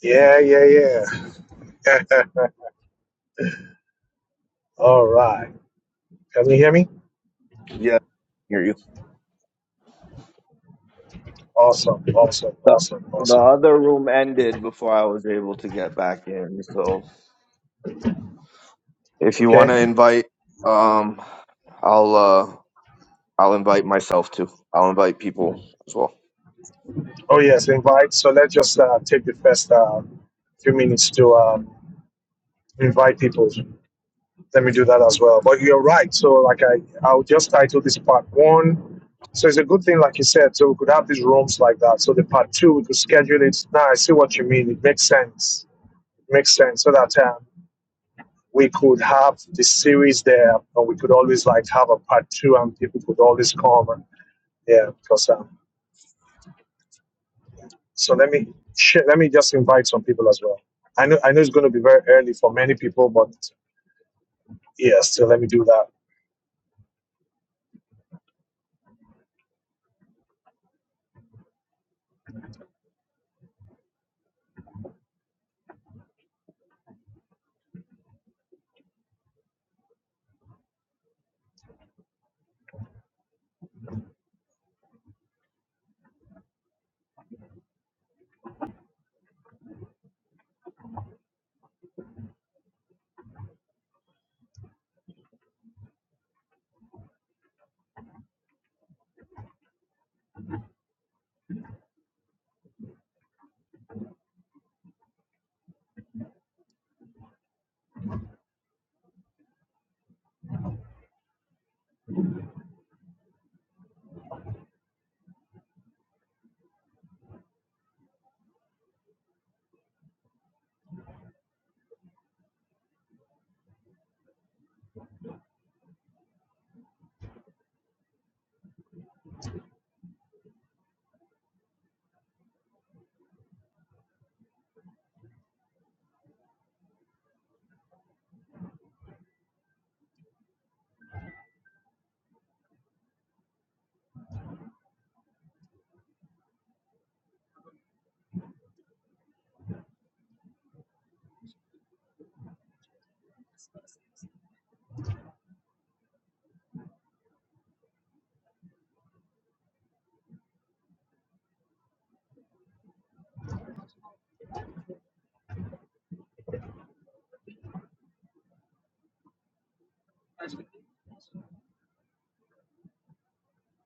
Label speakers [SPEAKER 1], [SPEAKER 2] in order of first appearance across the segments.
[SPEAKER 1] Yeah, yeah, yeah. All right. Can you hear me?
[SPEAKER 2] Yeah, I hear you.
[SPEAKER 1] Awesome, awesome,
[SPEAKER 2] The,
[SPEAKER 1] awesome,
[SPEAKER 2] the
[SPEAKER 1] awesome.
[SPEAKER 2] other room ended before I was able to get back in. So if you want
[SPEAKER 1] Okay.
[SPEAKER 2] to invite, um, I'll uh, I'll invite myself too. I'll invite people as well.
[SPEAKER 1] Oh, yes, invite. So let's just uh, take the first uh, few minutes to um, invite people. Let me do that as well. But you're right. So, like, I, I'll just title this part one. So, it's a good thing, like you said. So, we could have these rooms like that. So, the part two, we could schedule it. Now, I see what you mean. It makes sense. It makes sense. So that um, we could have the series there, or we could always like have a part two, and people could always come. And, yeah, because um, so let me let me just invite some people as well. I know I know it's going to be very early for many people, but yeah, still let me do that.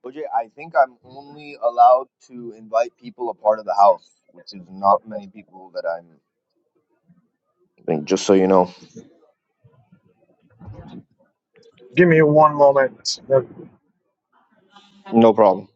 [SPEAKER 2] OJ, I think I'm only allowed to invite people a part of the house, which is not many people that I'm. I think just so you know,
[SPEAKER 1] Give me one moment.
[SPEAKER 2] no problem.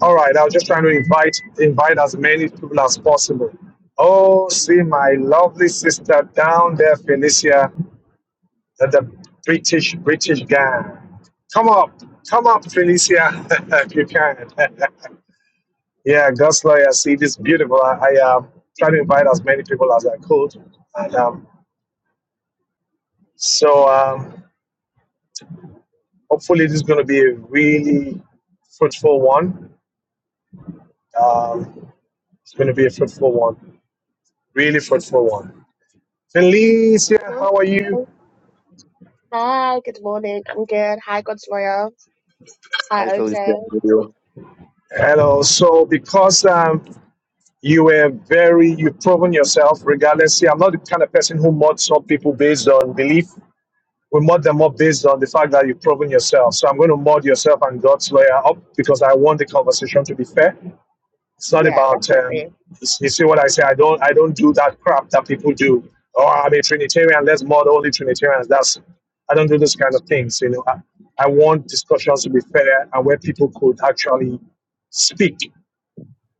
[SPEAKER 1] All right, I was just trying to invite invite as many people as possible. Oh, see my lovely sister down there, Felicia. that the British British guy. Come up, come up, Felicia, if you can. yeah, God's lawyer. See, this is beautiful. I, I um, try to invite as many people as I could, and um, so um, hopefully this is going to be a really fruitful one. Um, it's going to be a fruitful one, really fruitful one. Felicia,
[SPEAKER 3] Good
[SPEAKER 1] how are you?
[SPEAKER 3] morning. Hi, good morning. I'm good. Hi, God's lawyer.
[SPEAKER 2] Hi,
[SPEAKER 3] Hi, OJ.
[SPEAKER 2] Felicia.
[SPEAKER 1] Hello. So because um, You were very, you've proven yourself regardless. See, I'm not the kind of person who mods up people based on belief. We mod them up based on the fact that you've proven yourself. So I'm going to mod yourself and God's lawyer up because I want the conversation to be fair. It's not
[SPEAKER 3] Yeah,
[SPEAKER 1] about, um,
[SPEAKER 3] definitely.
[SPEAKER 1] you see what I say? I don't, I don't do that crap that people do. Oh, I'm a Trinitarian. Let's mod only Trinitarians. That's, I don't do those kind of things. You know, I, I want discussions to be fair and where people could actually speak.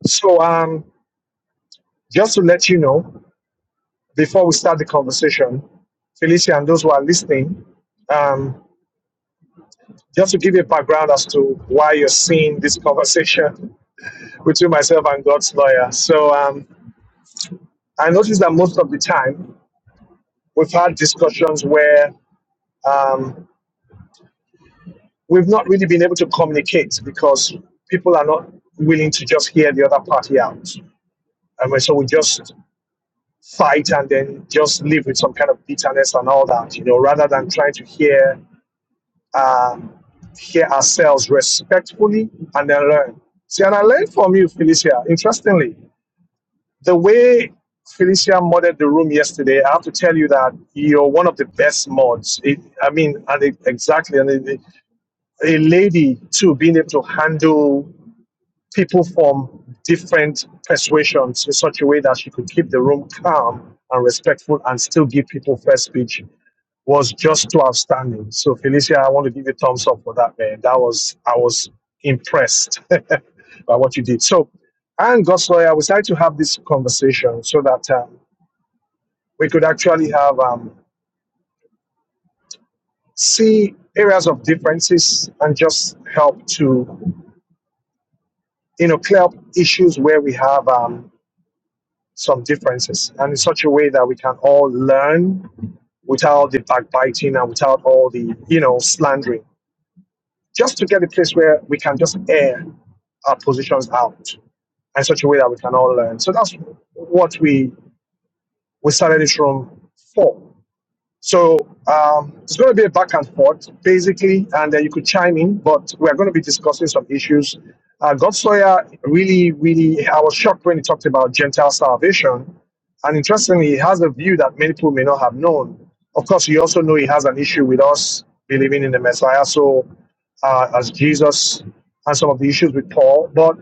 [SPEAKER 1] So, um, just to let you know, before we start the conversation, Felicia and those who are listening, um, just to give you a background as to why you're seeing this conversation between myself and God's lawyer. So um, I noticed that most of the time we've had discussions where um, we've not really been able to communicate because people are not willing to just hear the other party out. I mean, so we just fight and then just live with some kind of bitterness and all that, you know, rather than trying to hear um, hear ourselves respectfully and then learn. See, and I learned from you, Felicia. Interestingly, the way Felicia modded the room yesterday, I have to tell you that you're one of the best mods. It, I mean, and it, exactly, and it, it- a lady too, being able to handle people from different persuasions in such a way that she could keep the room calm and respectful and still give people fair speech was just too outstanding. So Felicia, I want to give you a thumbs up for that, man. That was I was impressed by what you did. So and God's lawyer, we started to have this conversation so that um, we could actually have um, see areas of differences and just help to you know clear up issues where we have um, some differences and in such a way that we can all learn without the backbiting and without all the you know slandering just to get a place where we can just air our positions out in such a way that we can all learn so that's what we we started this room for so um, it's going to be a back and forth, basically, and then you could chime in, but we're going to be discussing some issues. Uh, God Sawyer really, really, I was shocked when he talked about Gentile salvation. And interestingly, he has a view that many people may not have known. Of course, you also know he has an issue with us believing in the Messiah, so uh, as Jesus, and some of the issues with Paul. But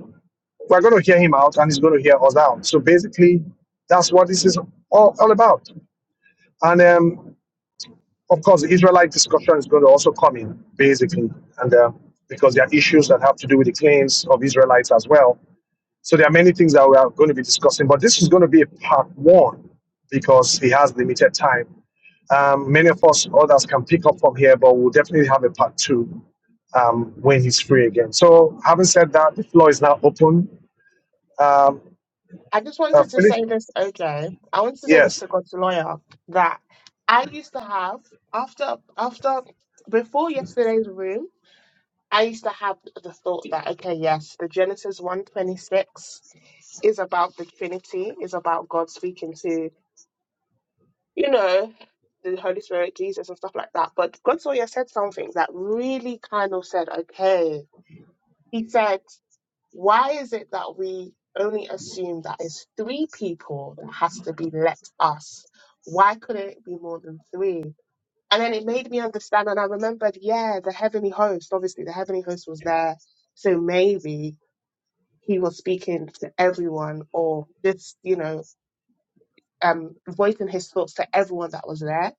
[SPEAKER 1] we're going to hear him out and he's going to hear us out. So basically, that's what this is all, all about. And um, of course, the Israelite discussion is going to also come in, basically, and uh, because there are issues that have to do with the claims of Israelites as well. So there are many things that we are going to be discussing, but this is going to be a part one because he has limited time. Um, many of us, others can pick up from here, but we'll definitely have a part two um, when he's free again. So, having said that, the floor is now open. Um,
[SPEAKER 3] I just
[SPEAKER 1] uh,
[SPEAKER 3] wanted to
[SPEAKER 1] Philip,
[SPEAKER 3] say this, OJ. I wanted to say this
[SPEAKER 1] yes.
[SPEAKER 3] to God's lawyer that I used to have after after before yesterday's room, I used to have the thought that okay, yes, the Genesis one twenty six is about the Trinity, is about God speaking to you know the Holy Spirit, Jesus, and stuff like that. But God's lawyer said something that really kind of said okay. He said, why is it that we only assume that it's three people that has to be let us? Why couldn't it be more than three? And then it made me understand, and I remembered, yeah, the heavenly host, obviously, the heavenly host was there. So maybe he was speaking to everyone or just, you know, um, voicing his thoughts to everyone that was there.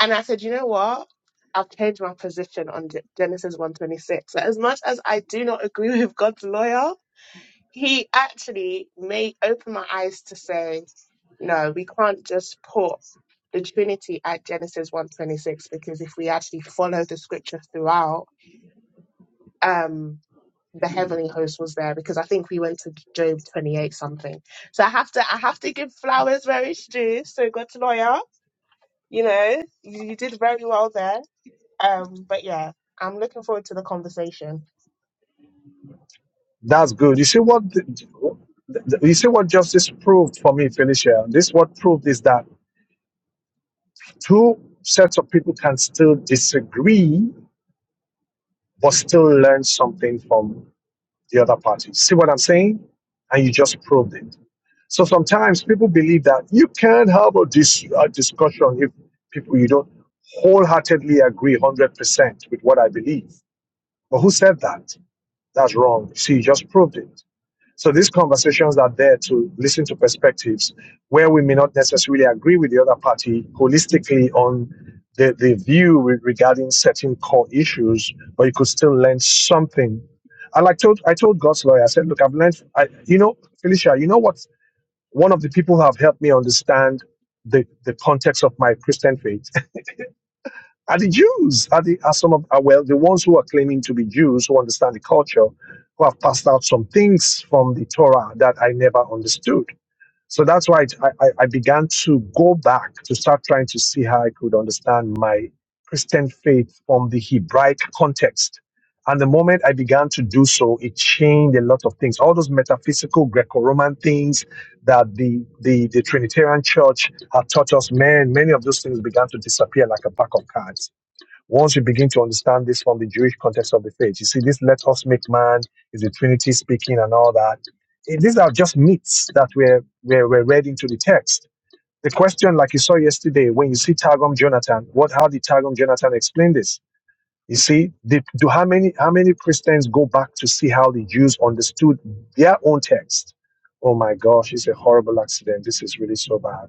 [SPEAKER 3] And I said, you know what? I've changed my position on Ge- Genesis 126. That as much as I do not agree with God's lawyer, he actually made open my eyes to say, no, we can't just put the Trinity at Genesis 126 because if we actually follow the scripture throughout, um, the heavenly host was there because I think we went to Job 28 something. So I have to I have to give flowers where it's due. So good lawyer, you know, you, you did very well there. Um, but yeah, I'm looking forward to the conversation.
[SPEAKER 1] That's good. You see what the- the- you see what justice proved for me, Felicia. This what proved is that two sets of people can still disagree but still learn something from the other party. See what I'm saying? And you just proved it. So sometimes people believe that you can't have a, dis- a discussion if people you don't wholeheartedly agree 100% with what I believe. But who said that? That's wrong. See, you just proved it. So these conversations are there to listen to perspectives where we may not necessarily agree with the other party holistically on the, the view re- regarding certain core issues, but you could still learn something. And like told, I told God's lawyer, I said, look, I've learned, I, you know, Felicia, you know what? One of the people who have helped me understand the, the context of my Christian faith are the Jews, are, the, are some of, are, well, the ones who are claiming to be Jews, who understand the culture, who have passed out some things from the Torah that I never understood. So that's why I, I, I began to go back to start trying to see how I could understand my Christian faith from the Hebraic context. And the moment I began to do so, it changed a lot of things. All those metaphysical Greco-Roman things that the, the, the Trinitarian Church had taught us, man, many of those things began to disappear like a pack of cards once you begin to understand this from the Jewish context of the faith, you see, this let us make man is the Trinity speaking and all that. Eh, These are just myths that were, were, were read into the text. The question, like you saw yesterday, when you see Targum Jonathan, what how did Targum Jonathan explain this? You see, did, do how many how many Christians go back to see how the Jews understood their own text? Oh my gosh, it's a horrible accident. This is really so bad.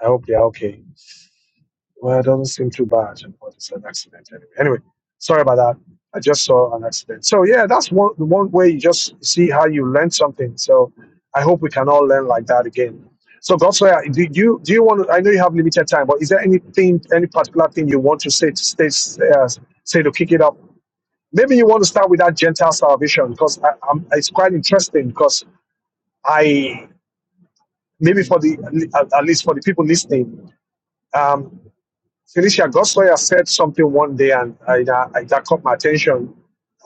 [SPEAKER 1] I hope they're okay. Well, it doesn't seem too bad, but it's an accident anyway. Anyway, sorry about that. I just saw an accident. So yeah, that's one the one way you just see how you learn something. So I hope we can all learn like that again. So Godsway, do you do you want? To, I know you have limited time, but is there anything, any particular thing you want to say to stay, uh, say to kick it up? Maybe you want to start with that Gentile salvation because I, I'm, it's quite interesting because I maybe for the at least for the people listening, um, Felicia Gossoya said something one day, and I, I, that caught my attention.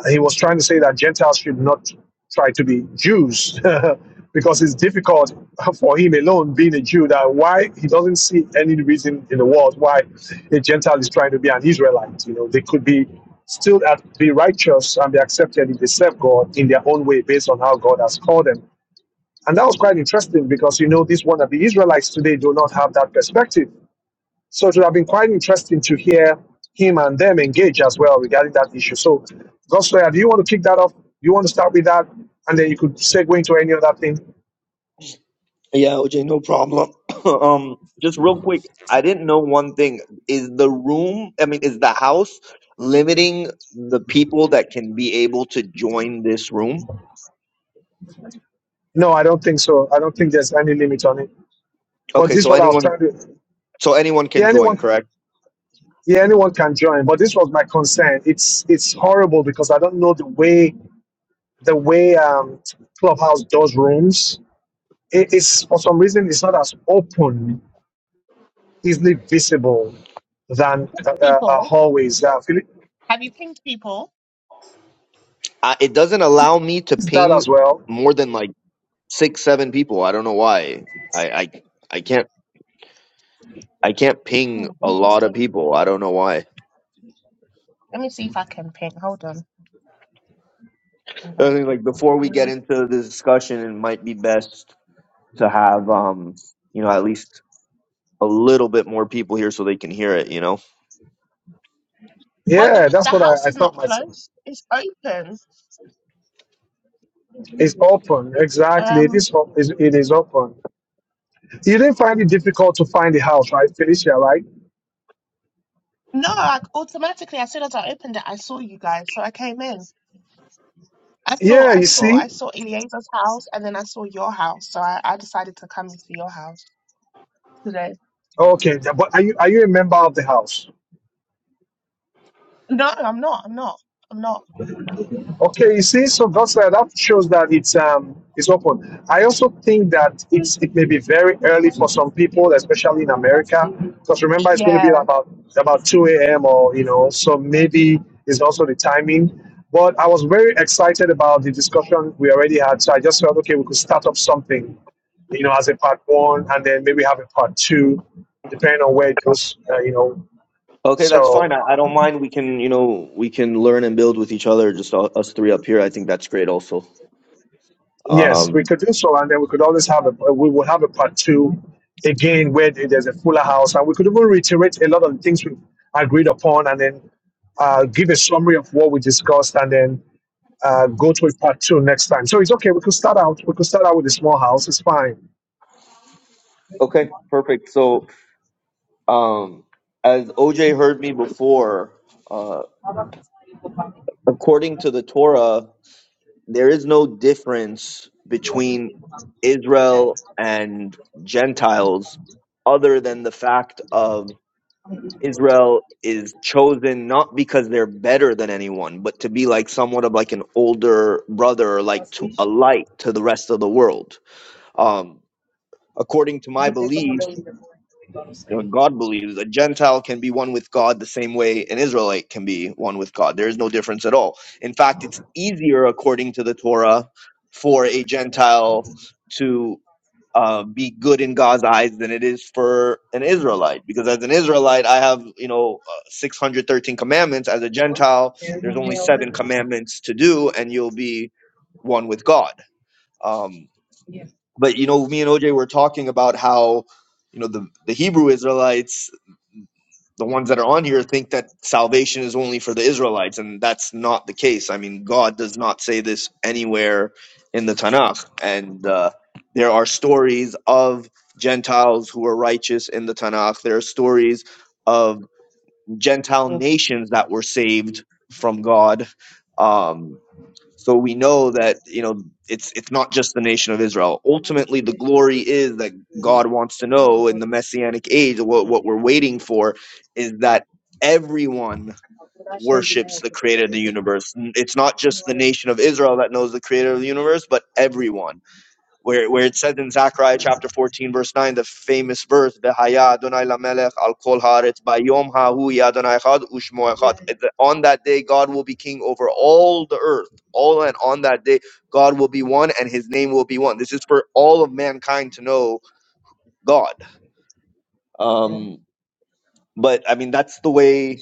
[SPEAKER 1] He was trying to say that Gentiles should not try to be Jews because it's difficult for him alone, being a Jew, that why he doesn't see any reason in the world why a Gentile is trying to be an Israelite. You know, they could be still at, be righteous and be accepted if they serve God in their own way based on how God has called them. And that was quite interesting because, you know, these wannabe Israelites today do not have that perspective so it would have been quite interesting to hear him and them engage as well regarding that issue. So, Gosloya, do you want to kick that off? Do you want to start with that? And then you could segue into any other thing.
[SPEAKER 2] Yeah, OJ, no problem. um, just real quick, I didn't know one thing. Is the room, I mean, is the house limiting the people that can be able to join this room?
[SPEAKER 1] No, I don't think so. I don't think there's any limit on it. But
[SPEAKER 2] Okay,
[SPEAKER 1] this is
[SPEAKER 2] so
[SPEAKER 1] what I was
[SPEAKER 2] anyone,
[SPEAKER 1] trying to.
[SPEAKER 2] so anyone can
[SPEAKER 1] Yeah,
[SPEAKER 2] join,
[SPEAKER 1] anyone.
[SPEAKER 2] correct?
[SPEAKER 1] Yeah, anyone can join. But this was my concern. It's it's horrible because I don't know the way the way um, Clubhouse does rooms. It, it's for some reason it's not as open, easily visible than uh, uh,
[SPEAKER 3] People.
[SPEAKER 1] uh, hallways. Uh, Philip,
[SPEAKER 3] Have you pinged people?
[SPEAKER 2] I, it doesn't allow me to
[SPEAKER 1] It's that
[SPEAKER 2] ping
[SPEAKER 1] as well.
[SPEAKER 2] more than like six, seven people. I don't know why. I, I, I can't. I can't ping
[SPEAKER 3] Hmm,
[SPEAKER 2] a lot of
[SPEAKER 3] interesting.
[SPEAKER 2] people. I don't know why.
[SPEAKER 3] Let me see if I can ping. Hold on.
[SPEAKER 2] I
[SPEAKER 3] Invite
[SPEAKER 2] think like
[SPEAKER 3] people.
[SPEAKER 2] before we get
[SPEAKER 3] Mm.
[SPEAKER 2] into the discussion, it might be best to have um you know at least a little bit more people here so they can hear it, you know?
[SPEAKER 3] Well,
[SPEAKER 1] Yeah,
[SPEAKER 3] the the
[SPEAKER 1] that's what I,
[SPEAKER 3] house
[SPEAKER 1] I
[SPEAKER 3] is
[SPEAKER 1] thought
[SPEAKER 3] not
[SPEAKER 1] myself.
[SPEAKER 3] closed. It's open.
[SPEAKER 1] It's open, exactly. It
[SPEAKER 3] Um,
[SPEAKER 1] is op- is- it is open. You didn't find it difficult to find the house, right, Felicia? Right?
[SPEAKER 3] no, I, automatically as soon as I opened it, I saw you guys, so I came in. I saw,
[SPEAKER 1] Yeah,
[SPEAKER 3] I
[SPEAKER 1] you
[SPEAKER 3] saw,
[SPEAKER 1] see.
[SPEAKER 3] I saw Elieza's house, and then I saw your house, so I, I decided to come into your house today.
[SPEAKER 1] Okay, but are you are you a member of the house?
[SPEAKER 3] No, I'm not. I'm not. I'm not.
[SPEAKER 1] Okay, you see, so that's uh, that shows that it's um it's open. I also think that it's it may be very early for some people, especially in America, because remember it's going to be
[SPEAKER 3] Yeah,
[SPEAKER 1] about about two a.m. or you know, so maybe it's also the timing. But I was very excited about the discussion we already had, so I just felt okay, we could start up something, you know, as a part one, and then maybe have a part two, depending on where it goes, uh, you know.
[SPEAKER 2] Okay, that's fine.
[SPEAKER 1] So
[SPEAKER 2] I, I don't mind. We can, you know, we can learn and build with each other, just all, us three up here. I think that's great also.
[SPEAKER 1] Yes, we
[SPEAKER 2] Um,
[SPEAKER 1] could do so, and then we could always have a we will have a part two again where there- there's a fuller house, and we could even reiterate a lot of the things we've agreed upon, and then uh, give a summary of what we discussed, and then uh, go to a part two next time. So it's okay. We could start out. We could start out with a small house. It's fine.
[SPEAKER 2] okay, perfect. So, um, as OJ heard me before, uh, according to the Torah, there is no difference between Israel and Gentiles other than the fact of Israel is chosen not because they're better than anyone, but to be like somewhat of like an older brother, like to, a light to the rest of the world. Um, according to my beliefs, you know, God believes a Gentile can be one with God the same way an Israelite can be one with God. There is no difference at all. In fact, it's easier according to the Torah for a Gentile to uh, be good in God's eyes than it is for an Israelite. Because as an Israelite, I have, you know, uh, 613 commandments. As a Gentile, there's only seven commandments to do, and you'll be one with God. Um, but, you know, me and OJ were talking about how, you know, the, the Hebrew Israelites the ones that are on here think that salvation is only for the Israelites, and that's not the case. I mean, God does not say this anywhere in the Tanakh, and uh, there are stories of Gentiles who were righteous in the Tanakh. There are stories of Gentile nations that were saved from God. Um, so we know that you know it's it's not just the nation of Israel. Ultimately, the glory is that God wants to know in the messianic age. What what we're waiting for is that everyone worships the Creator of the universe. N- It's not just the nation of Israel that knows the Creator of the universe, but everyone where, where it says in Zechariah chapter 14, verse 9, the famous verse, V'haya Adonai lamelech al kol haaretz bayom hahu yeh Adonai echad u'shmo echad." On that day, God will be king over all the earth. All and on that day, God will be one and his name will be one. This is for all of mankind to know God. Um, but I mean, that's the way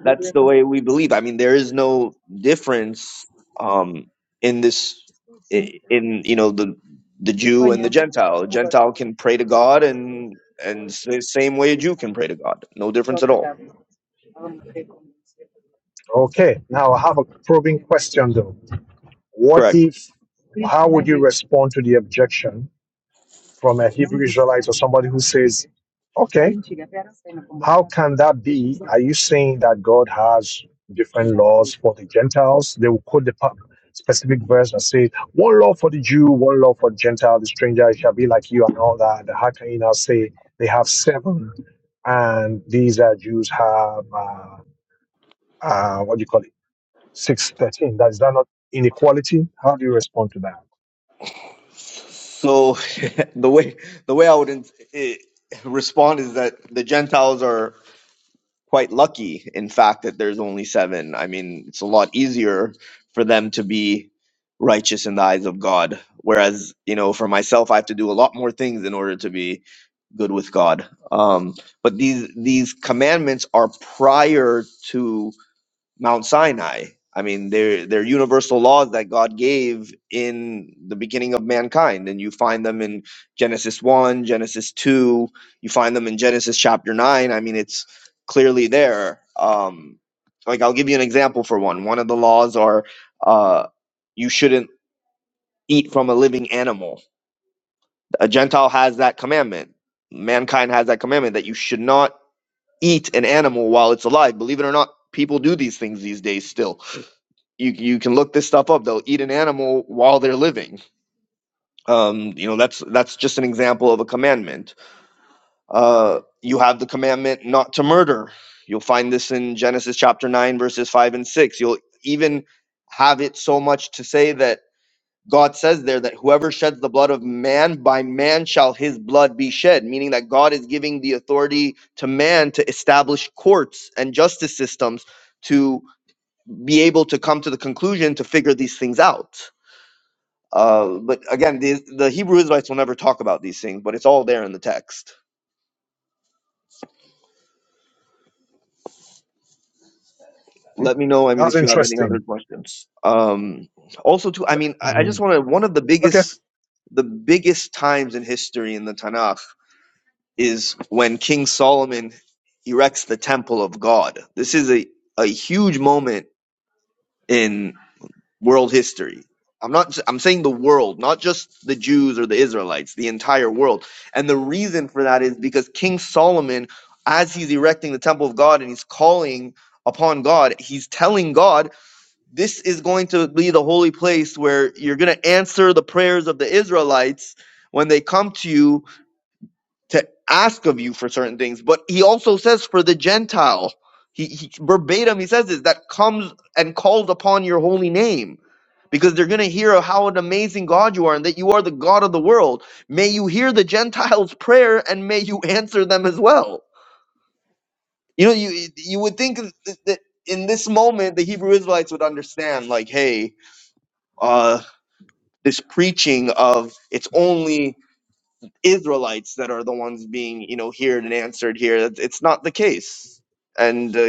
[SPEAKER 2] that's the way we believe. I mean, there is no difference um, in this i- in you know the the Jew and the Gentile. A Gentile can pray to God, and and s- the same way a Jew can pray to God. No difference at all.
[SPEAKER 1] Okay. Now I have a probing question though. What
[SPEAKER 2] Correct.
[SPEAKER 1] if? How would you respond to the objection from a Hebrew Israelite or somebody who says, okay, how can that be? Are you saying that God has different laws for the Gentiles? They will quote the pa- specific verse and say, one law for the Jew, one law for the Gentile, the stranger shall be like you, and all that. How can you now say they have seven and these uh, Jews have, uh, uh, what do you call it, 613? That, is that not inequality? How do you respond to that?
[SPEAKER 2] So the way the way I would in- i- respond is that the Gentiles are. quite lucky, in fact, that there's only seven. I mean, it's a lot easier for them to be righteous in the eyes of God. Whereas, you know, for myself, I have to do a lot more things in order to be good with God. Um, but these these commandments are prior to Mount Sinai. I mean, they're they're universal laws that God gave in the beginning of mankind, and you find them in Genesis one, Genesis two. You find them in Genesis chapter nine. I mean, it's clearly there. Um, like I'll give you an example for one. One of the laws are uh, you shouldn't eat from a living animal. A Gentile has that commandment. Mankind has that commandment that you should not eat an animal while it's alive. Believe it or not, people do these things these days still you you can look this stuff up. They'll eat an animal while they're living. Um, you know, that's that's just an example of a commandment. Uh, you have the commandment not to murder. You'll find this in Genesis chapter nine, verses five and six. You'll even have it so much to say that God says there that whoever sheds the blood of man, by man shall his blood be shed, meaning that God is giving the authority to man to establish courts and justice systems to be able to come to the conclusion to figure these things out Uh, but again, the, the Hebrew Israelites will never talk about these things, but it's all there in the text.
[SPEAKER 1] Hmm.
[SPEAKER 2] Let me know. I mean,
[SPEAKER 1] That's
[SPEAKER 2] if you have any other
[SPEAKER 1] interesting.
[SPEAKER 2] questions. Um, also, too, I mean, I, I just
[SPEAKER 1] Mhm.
[SPEAKER 2] want to. One of the
[SPEAKER 1] Okay.
[SPEAKER 2] biggest, the biggest times in history in the Tanakh is when King Solomon erects the Temple of God. This is a a huge moment in. world history. I'm not I'm saying the world, not just the Jews or the Israelites, the entire world. And the reason for that is because King Solomon as he's erecting the temple of God and he's calling upon God, he's telling God, this is going to be the holy place where you're going to answer the prayers of the Israelites when they come to you to ask of you for certain things, but he also says for the Gentile, he, he verbatim he says this that comes and calls upon your holy name because they're going to hear of how an amazing God you are and that you are the God of the world. May you hear the Gentiles' prayer and may you answer them as well. You know, you you would think that that in this moment the Hebrew Israelites would understand, like, hey, uh, this preaching of it's only Israelites that are the ones being, you know, heard and answered here. It's it's not the case. And, uh,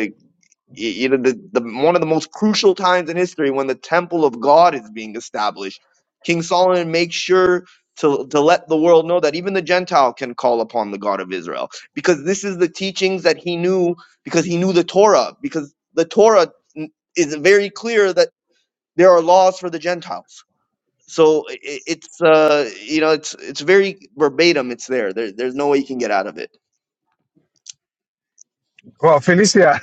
[SPEAKER 2] you know, the, the, one of the most crucial times in history when the temple of God is being established, King Solomon makes sure to, to let the world know that even the Gentile can call upon the God of Israel because this is the teachings that he knew because he knew the Torah, because the Torah n- is very clear that there are laws for the Gentiles so i i- it's uh, you know it's it's very verbatim. It's there. there. There's no way you can get out of it.
[SPEAKER 1] Well, Felicia,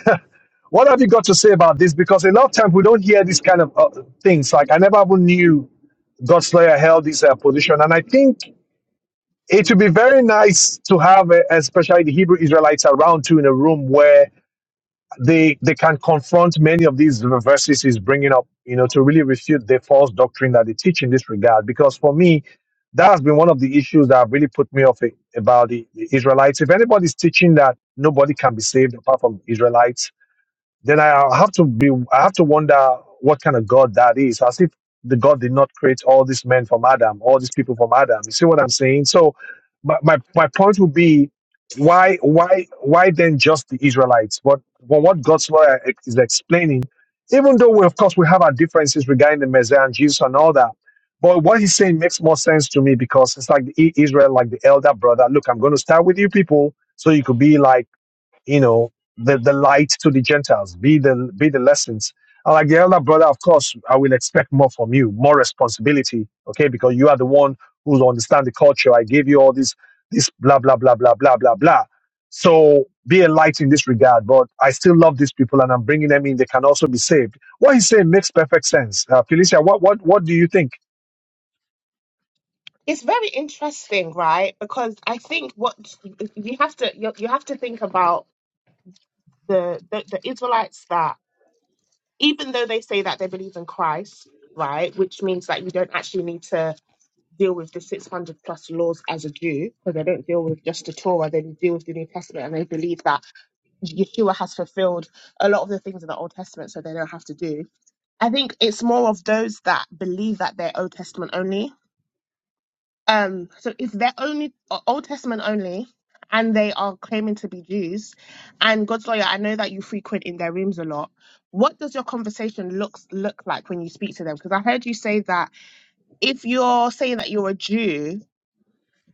[SPEAKER 1] what have you got to say about this? Because a lot of times we don't hear these kind of uh, things. Like I never even knew Godslayer held this uh, position, and I think it would be very nice to have, uh, especially the Hebrew Israelites around too, in a room where they they can confront many of these verses he's bringing up. You know, to really refute the false doctrine that they teach in this regard. Because for me. That has been one of the issues that have really put me off it, about the, the Israelites. If anybody's teaching that nobody can be saved apart from Israelites, then I have to be I have to wonder what kind of God that is. As if the God did not create all these men from Adam, all these people from Adam. You see what I'm saying? So my my, my point would be why why why then just the Israelites? But but what God's lawyer e, is explaining, even though we of course we have our differences regarding the Messiah and Jesus and all that. But what he's saying makes more sense to me because it's like the I- Israel, like the elder brother. Look, I'm going to start with you people, so you could be like you know, the, the light to the Gentiles, be the be the lessons. And like the elder brother, of course, I will expect more from you, more responsibility, okay? Because you are the one who understand the culture. I gave you all this, this blah blah blah blah blah blah blah. So be a light in this regard. But I still love these people, and I'm bringing them in. They can also be saved. What he's saying makes perfect sense. Uh, Felicia, what what what do you think?
[SPEAKER 3] it's very interesting, right? Because I think what you have to you, you have to think about. the, the the Israelites that even though they say that they believe in Christ, right, which means that you don't actually need to deal with the 600 plus laws as a Jew because they don't deal with just the Torah, they deal with the New Testament and they believe that Yeshua has fulfilled a lot of the things in the Old Testament so they don't have to do. I think it's more of those that believe that they're Old Testament only um, so if they're only uh, Old Testament only, and they are claiming to be Jews, and God's lawyer, I know that you frequent in their rooms a lot. What does your conversation looks look like when you speak to them? Because I heard you say that if you're saying that you're a Jew,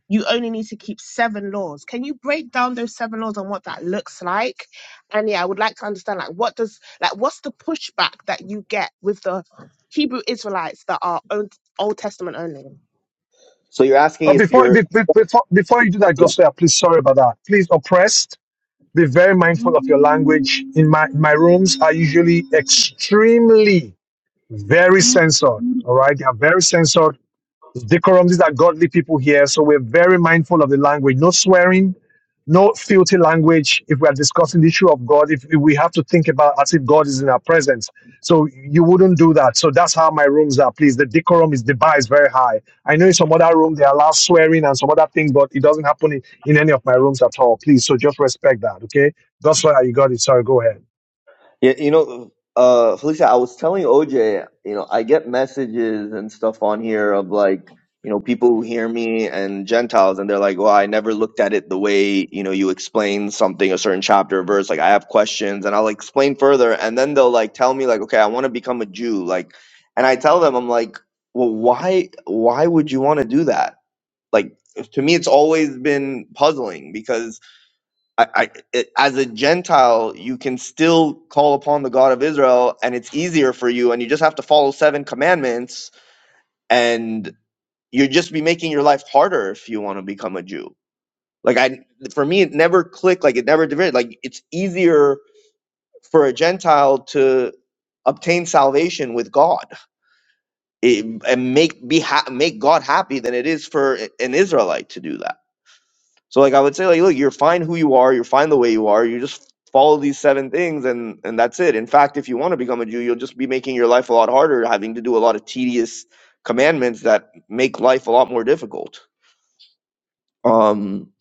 [SPEAKER 3] you only need to keep seven laws. Can you break down those seven laws and what that looks like? And yeah, I would like to understand like what does like what's the pushback that you get with the Hebrew Israelites that are Old Old Testament only?
[SPEAKER 2] So you're asking
[SPEAKER 1] Uh,
[SPEAKER 2] if
[SPEAKER 1] before
[SPEAKER 2] you're
[SPEAKER 1] be- be- before before you do that, Gospel, please sorry about that. Please oppressed. Be very mindful of your language. In my, my rooms are usually extremely very censored. All right. They are very censored decorum. These are godly people here, so we're very mindful of the language. No swearing, no filthy language. If we are discussing the issue of God, if, if we have to think about as if God is in our presence, so you wouldn't do that. So that's how my rooms are. Please, the decorum is the bar is very high. I know in some other room they allow swearing and some other things, but it doesn't happen in, in any of my rooms at all. Please, so just respect that, okay? That's why you got it. Sorry, go ahead.
[SPEAKER 2] Yeah, you know, uh, Felicia, I was telling OJ, you know, I get messages and stuff on here of like, you know, people who hear me and Gentiles, and they're like, well, I never looked at it the way, you know, you explain something, a certain chapter or verse. Like, I have questions and I'll explain further. And then they'll like tell me, like, okay, I want to become a Jew. Like, and I tell them, I'm like, well, why, why would you want to do that? Like, to me, it's always been puzzling because I, I, it, as a Gentile, you can still call upon the God of Israel, and it's easier for you, and you just have to follow seven commandments, and you'd just be making your life harder if you want to become a Jew. Like I, for me, it never clicked. Like it never divided. Like it's easier for a Gentile to obtain salvation with God it, and make be ha- make God happy than it is for an Israelite to do that So like I would say like look, you're fine who you are, you're fine the way you are. You just follow these seven things and and that's it. In fact, if you want to become a Jew, you'll just be making your life a lot harder, having to do a lot of tedious commandments that make life a lot more difficult. Um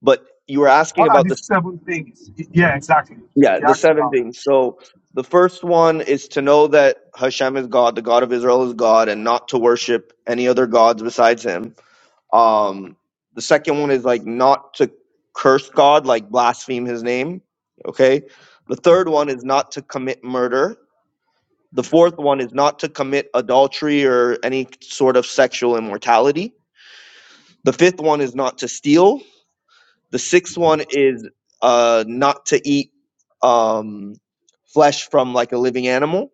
[SPEAKER 2] but you were asking
[SPEAKER 1] What are
[SPEAKER 2] about the
[SPEAKER 1] these
[SPEAKER 2] s-
[SPEAKER 1] seven things? Yeah, exactly.
[SPEAKER 2] yeah,
[SPEAKER 1] She
[SPEAKER 2] the
[SPEAKER 1] asked
[SPEAKER 2] seven
[SPEAKER 1] about. it.
[SPEAKER 2] things. So the first one is to know that Hashem is God, the God of Israel is God, and not to worship any other gods besides him Um, the second one is like not to curse God, like blaspheme his name. Okay. The third one is not to commit murder. The fourth one is not to commit adultery or any sort of sexual immortality. The fifth one is not to steal. The sixth one is uh, not to eat um, flesh from like a living animal.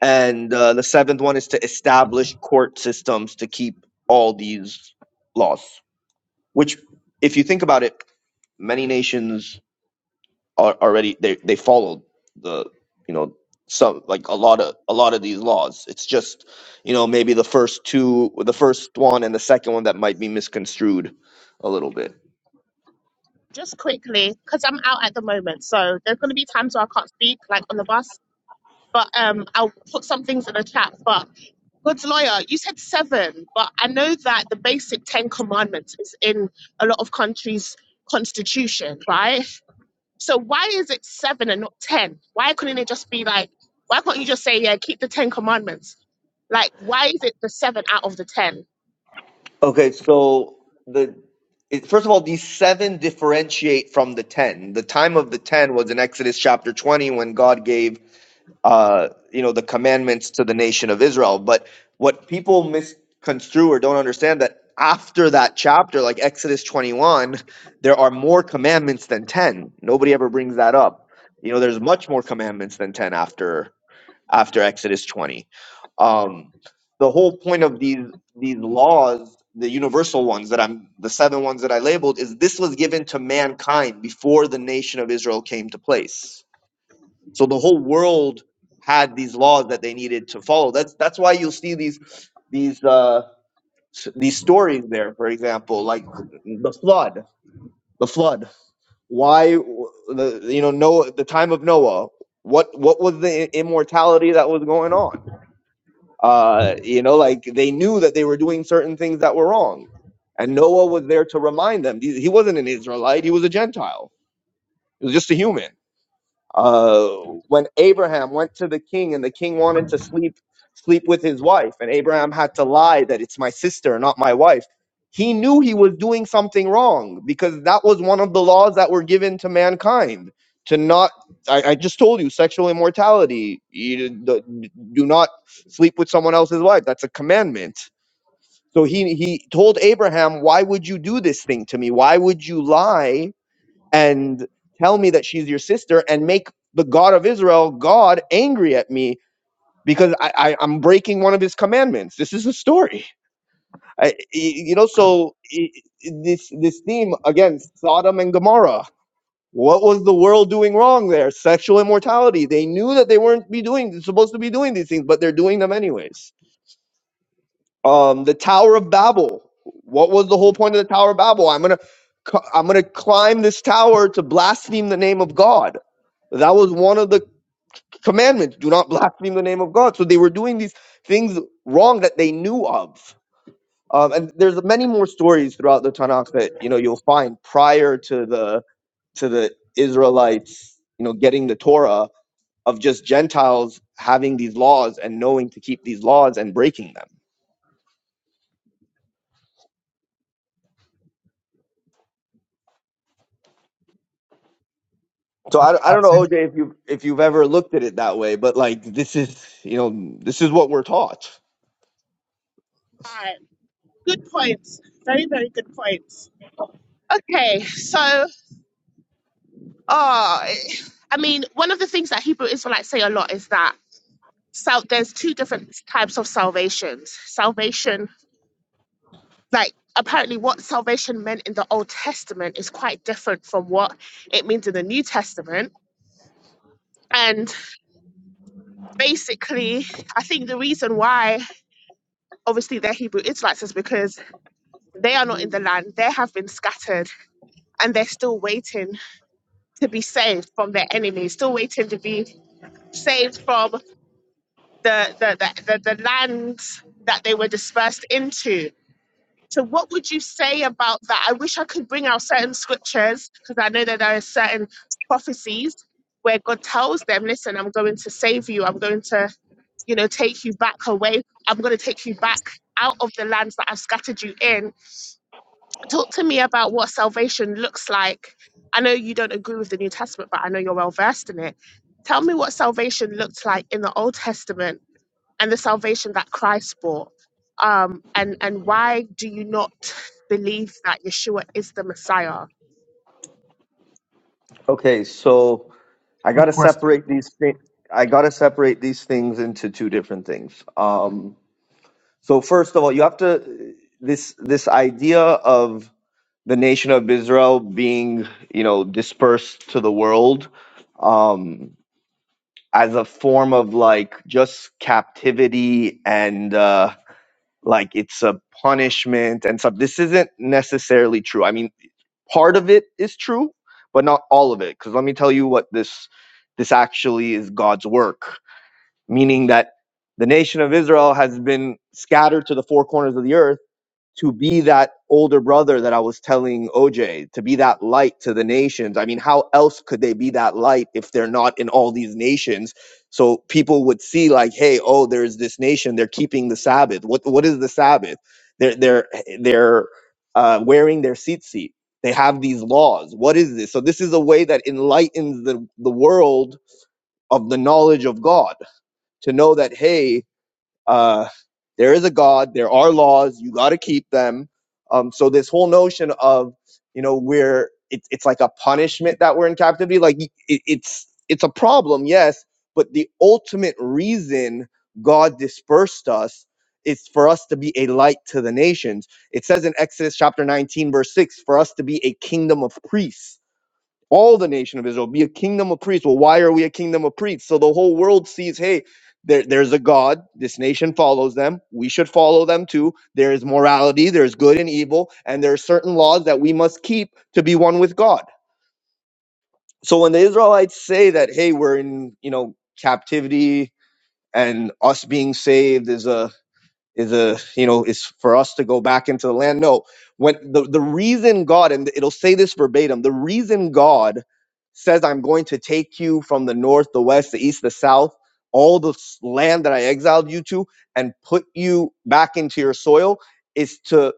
[SPEAKER 2] And uh, the seventh one is to establish court systems to keep all these laws. Which, if you think about it, many nations are already they they followed the you know some like a lot of a lot of these laws it's just you know maybe the first two the first one and the second one that might be misconstrued a little bit
[SPEAKER 3] Just quickly, because I'm out at the moment, so there's going to be times where I can't speak, like on the bus. But um, I'll put some things in the chat. But God's lawyer, you said seven, but I know that the basic Ten Commandments is in a lot of countries' constitution, right? So why is it seven and not ten? Why couldn't it just be like? Why can't you just say, yeah, keep the Ten Commandments? Like, why is it the seven out of the ten?
[SPEAKER 2] okay so the it, first of all these seven differentiate from the ten the time of the ten was in exodus chapter 20 when god gave uh, you know, the commandments to the nation of Israel. But what people misconstrue or don't understand that after that chapter, like Exodus 21, there are more commandments than 10. Nobody ever brings that up. You know, there's much more commandments than 10 after after Exodus 20. Um, the whole point of these these laws, the universal ones that I'm the seven ones that I labeled, is this was given to mankind before the nation of Israel came to place so the whole world had these laws that they needed to follow. That's that's why you'll see these these uh, s- these stories there. For example, like the flood, the flood. Why w- the you know Noah, the time of Noah. What what was the i- immortality that was going on? Uh, you know, like they knew that they were doing certain things that were wrong, and Noah was there to remind them. He he wasn't an Israelite; he was a Gentile. He was just a human Uh, when Abraham went to the king and the king wanted to sleep sleep with his wife, and Abraham had to lie that it's my sister, not my wife. He knew he was doing something wrong because that was one of the laws that were given to mankind to not. I, I just told you sexual immortality. You d- d- do not sleep with someone else's wife. That's a commandment. So he he told Abraham, "Why would you do this thing to me? Why would you lie?" and tell me that she's your sister and make the God of Israel, God, angry at me because I, I, I'm breaking one of his commandments. This is a story. I, y- you know, so i- i- this, this theme, again, Sodom and Gomorrah. What was the world doing wrong there? Sexual immortality. They knew that they weren't be doing supposed to be doing these things, but they're doing them anyways. Um, the Tower of Babel. What was the whole point of the Tower of Babel? I'm gonna, c- I'm gonna climb this tower to blaspheme the name of God That was one of the commandments. Do not blaspheme the name of God. So they were doing these things wrong that they knew of. Um, and there's many more stories throughout the Tanakh that you know you'll find prior to the to the Israelites, you know, getting the Torah of just Gentiles having these laws and knowing to keep these laws and breaking them. So
[SPEAKER 1] That,
[SPEAKER 2] I, I don't know
[SPEAKER 1] that's it.
[SPEAKER 2] OJ if you if you've ever looked at it that way, but like this is you know this is what we're taught.
[SPEAKER 3] Right. Good points. Very, very good points. Okay, so oh, I mean, one of the things that Hebrew Israelites say a lot is that sal- there's two different types of salvations. Salvation, like apparently what salvation meant in the Old Testament is quite different from what it means in the New Testament. And basically, I think the reason why obviously they're Hebrew Israelites is because they are not in the land, they have been scattered, and they're still waiting to be saved from their enemies, still waiting to be saved from the the, the, the, the lands that they were dispersed into. So, what would you say about that? I wish I could bring out certain scriptures because I know that there are certain prophecies where God tells them, "Listen, I'm going to save you. I'm going to, you know, take you back away. I'm going to take you back out of the lands that I've scattered you in." talk to me about what salvation looks like. I know you don't agree with the New Testament, but I know you're well versed in it. Tell me what salvation looked like in the Old Testament and the salvation that Christ brought. Um, and, and why do you not believe that Yeshua is the Messiah?
[SPEAKER 2] Okay, so I got
[SPEAKER 1] Good
[SPEAKER 2] to
[SPEAKER 1] question.
[SPEAKER 2] separate these things. I got to separate these things into two different things. Um, so first of all, you have to this this idea of the nation of Israel being, you know, dispersed to the world um, as a form of like just captivity and uh, like it's a punishment and stuff. This isn't necessarily true. I mean, part of it is true, but not all of it. Because let me tell you what this this actually is God's work meaning that the nation of Israel has been scattered to the four corners of the earth to be that older brother that I was telling OJ, to be that light to the nations. I mean, how else could they be that light if they're not in all these nations? So people would see like, hey, oh, there's this nation, they're keeping the Sabbath. What what is the Sabbath? They're they're they're uh, wearing their seat They have these laws. What is this? So this is a way that enlightens the, the world of the knowledge of God to know that hey uh there is a god there are laws you got to keep them um so this whole notion of you know we're it, it's like a punishment that we're in captivity like it, it's it's a problem yes but the ultimate reason god dispersed us is for us to be a light to the nations it says in exodus chapter 19 verse 6 for us to be a kingdom of priests all the nation of Israel, be a kingdom of priests. Well, why are we a kingdom of priests? So the whole world sees, hey, there, there's a God. This nation follows them. We should follow them too. There is morality, there's good and evil, and there are certain laws that we must keep to be one with God. So when the Israelites say that, hey, we're in, you know, captivity and us being saved is a is a you know is for us to go back into the land no when the, the reason god and it'll say this verbatim the reason god says i'm going to take you from the north the west the east the south all the s- land that i exiled you to and put you back into your soil is to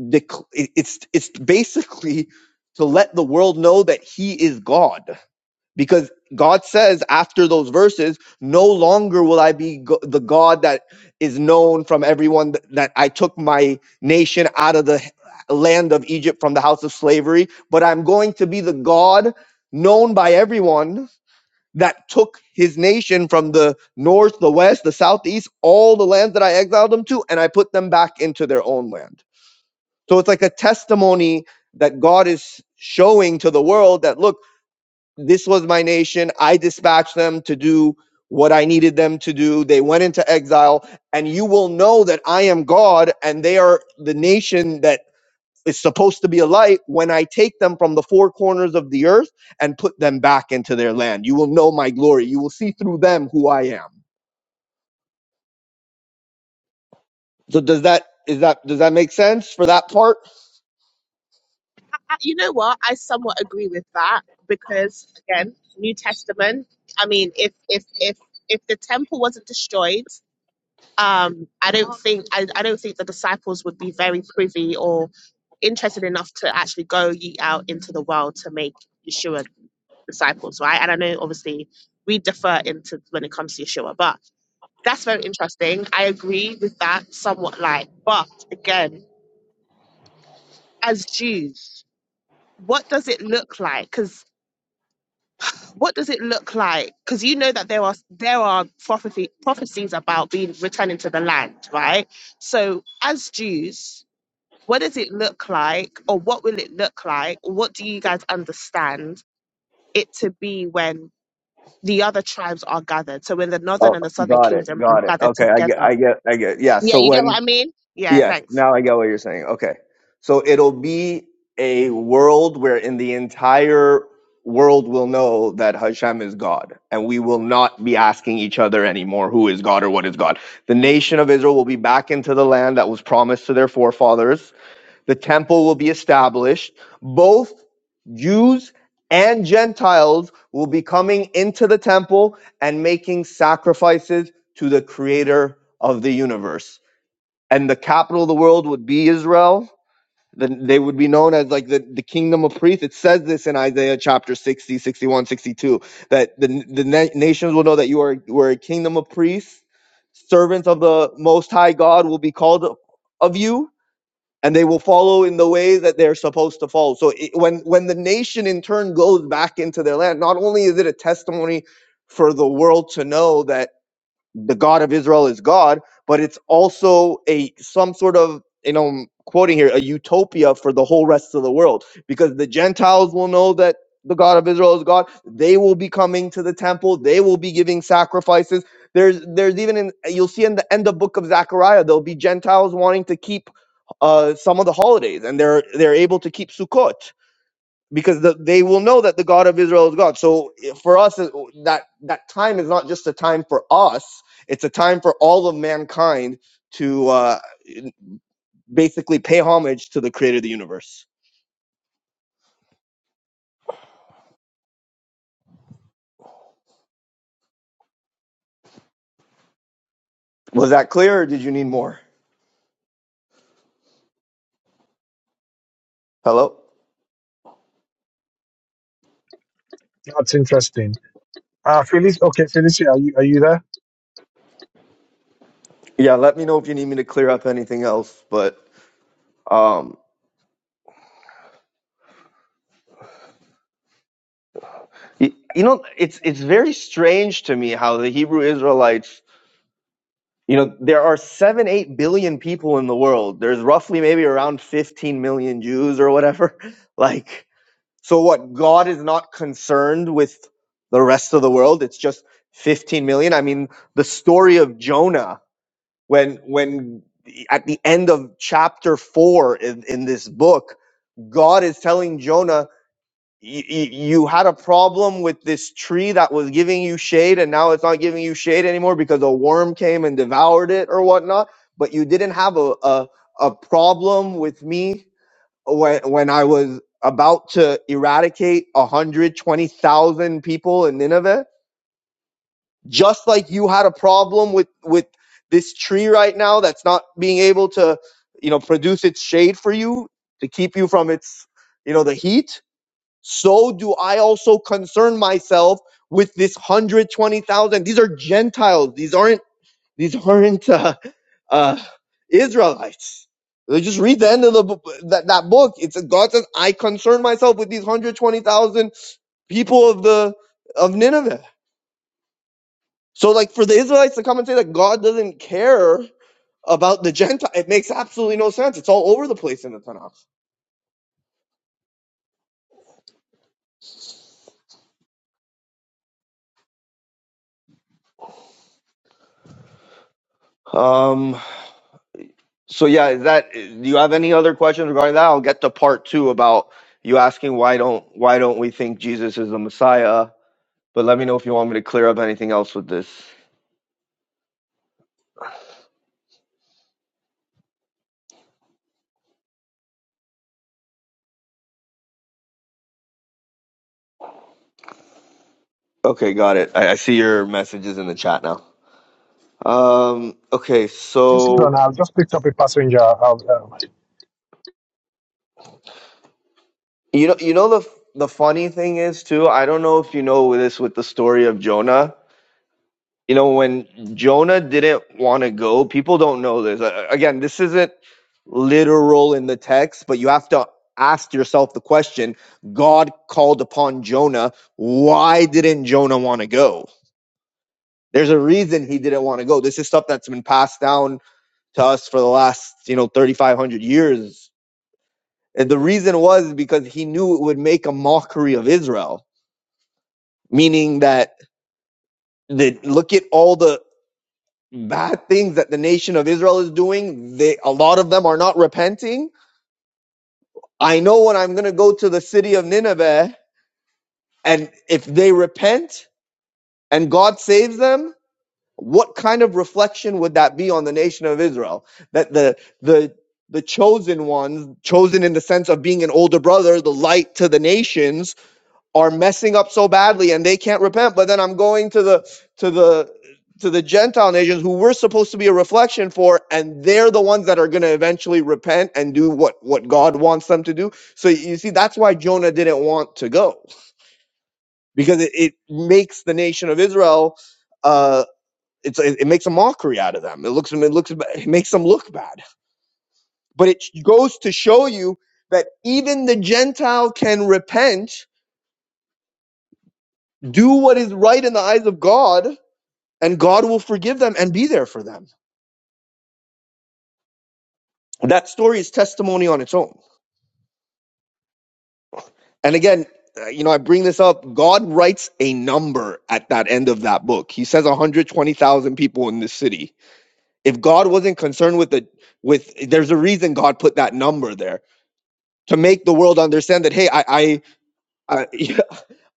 [SPEAKER 2] dec- it- it's it's basically to let the world know that he is god because God says after those verses, no longer will I be go- the God that is known from everyone th- that I took my nation out of the h- land of Egypt from the house of slavery, but I'm going to be the God known by everyone that took his nation from the north, the west, the southeast, all the lands that I exiled them to, and I put them back into their own land. So it's like a testimony that God is showing to the world that look this was my nation. I dispatched them to do what I needed them to do. They went into exile, and you will know that I am God, and they are the nation that is supposed to be a light when I take them from the four corners of the earth and put them back into their land. You will know my glory. You will see through them who I am. So does that is that does that make sense for that part?
[SPEAKER 3] You know what? I somewhat agree with that because again, New Testament. I mean, if if if if the temple wasn't destroyed, um, I don't think I, I don't think the disciples would be very privy or interested enough to actually go ye out into the world to make Yeshua disciples, right? And I know obviously we differ into when it comes to Yeshua, but that's very interesting. I agree with that somewhat like, but again, as Jews, what does it look like? Because what does it look like? Because you know that there are there are prophecy, prophecies about being returning to the land, right? So as Jews, what does it look like, or what will it look like? What do you guys understand it to be when the other tribes are gathered? So when the northern
[SPEAKER 2] Oh,
[SPEAKER 3] and the southern
[SPEAKER 2] got it,
[SPEAKER 3] kingdom are
[SPEAKER 2] got it.
[SPEAKER 3] gathered
[SPEAKER 2] Okay, I get,
[SPEAKER 3] together.
[SPEAKER 2] I get, I get. Yeah.
[SPEAKER 3] Yeah,
[SPEAKER 2] So
[SPEAKER 3] you get what
[SPEAKER 2] when
[SPEAKER 3] I mean? Yeah,
[SPEAKER 2] Yes,
[SPEAKER 3] thanks.
[SPEAKER 2] now I get what you're saying. Okay. So it'll be a world where in the entire world will know that Hashem is God, and we will not be asking each other anymore who is God or what is God. The nation of Israel will be back into the land that was promised to their forefathers. The temple will be established. Both Jews and Gentiles will be coming into the temple and making sacrifices to the creator of the universe and the capital of the world would be Israel. Then they would be known as like the, the kingdom of priests. It says this in Isaiah chapter 60, 61, 62. that the, the na- nations will know that you are, were a kingdom of priests. Servants of the Most High God will be called of you, and they will follow in the way that they're supposed to follow. So it, when, when the nation in turn goes back into their land, not only is it a testimony for the world to know that the God of Israel is God, but it's also a some sort of you know I'm quoting here a utopia for the whole rest of the world because the Gentiles will know that the God of Israel is God. They will be coming to the temple. They will be giving sacrifices. There's there's even in you'll see in the end of book of Zechariah there'll be Gentiles wanting to keep uh, some of the holidays and they're they're able to keep Sukkot because the, they will know that the God of Israel is God. So eh, for us, eh, oh, that that time is not just a time for us; it's a time for all of mankind to uh, basically pay homage to the Creator of the universe. Was that clear, or did you need more? Hello.
[SPEAKER 1] That's interesting. Uh, Felicia, okay, Felicia, are you are you there?
[SPEAKER 2] Yeah, let me know if you need me to clear up anything else. But um, y- you know, it's it's very strange to me how the Hebrew Israelites You know, there are seven, eight billion people in the world. There's roughly maybe around 15 million Jews or whatever. Like, so what? God is not concerned with the rest of the world. It's just 15 million. I mean, the story of Jonah, when, when at the end of chapter four in, in this book, God is telling Jonah, you, you had a problem with this tree that was giving you shade and now it's not giving you shade anymore because a worm came and devoured it or whatnot but you didn't have a, a, a problem with me when, when i was about to eradicate 120000 people in nineveh just like you had a problem with with this tree right now that's not being able to you know produce its shade for you to keep you from its you know the heat so do I also concern myself with this 120,000. These are Gentiles. These aren't, these aren't, uh, uh, Israelites. They Just read the end of the, that, that book. It's, God says, I concern myself with these 120,000 people of the, of Nineveh. So like for the Israelites to come and say that God doesn't care about the Gentile, it makes absolutely no sense. It's all over the place in the Tanakh. Um, So yeah, is that do you have any other questions regarding that? I'll get to part two about you asking why don't why don't we think Jesus is the Messiah? But let me know if you want me to clear up anything else with this. Okay, got it. I, I see your messages in the chat now. Um, okay,
[SPEAKER 1] Just hold
[SPEAKER 2] so
[SPEAKER 1] on. I've just picked up a passenger. I've, um,
[SPEAKER 2] you know you know the the funny thing is too, I don't know if you know this with the story of Jonah. You know, when Jonah didn't want to go, people don't know this. Uh, Again, this isn't literal in the text, but you have to ask yourself the question God called upon Jonah. Why didn't Jonah want to go? There's a reason he didn't want to go. This is stuff that's been passed down to us for the last, you know, 3,500 years. And the reason was because he knew it would make a mockery of Israel, meaning that the, look at all the bad things that the nation of Israel is doing, they a lot of them are not repenting. I know when I'm going to go to the city of Nineveh and if they repent and God saves them, what kind of reflection would that be on the nation of Israel? That the the the chosen ones, chosen in the sense of being an older brother, the light to the nations, are messing up so badly and they can't repent but then i'm going to the to the to the gentile nations who we're supposed to be a reflection for and they're the ones that are going to eventually repent and do what what god wants them to do so you see that's why jonah didn't want to go because it, it makes the nation of israel uh it's, it, it makes a mockery out of them. It looks, it looks, it makes them look bad. But it goes to show you that even the Gentile can repent, do what is right in the eyes of God, and God will forgive them and be there for them. That story is testimony on its own. And again, uh, you know, I bring this up. God writes a number at that end of that book. He says 120,000 people in this city. If God wasn't concerned with the with, there's a reason God put that number there to make the world understand that hey, I I, I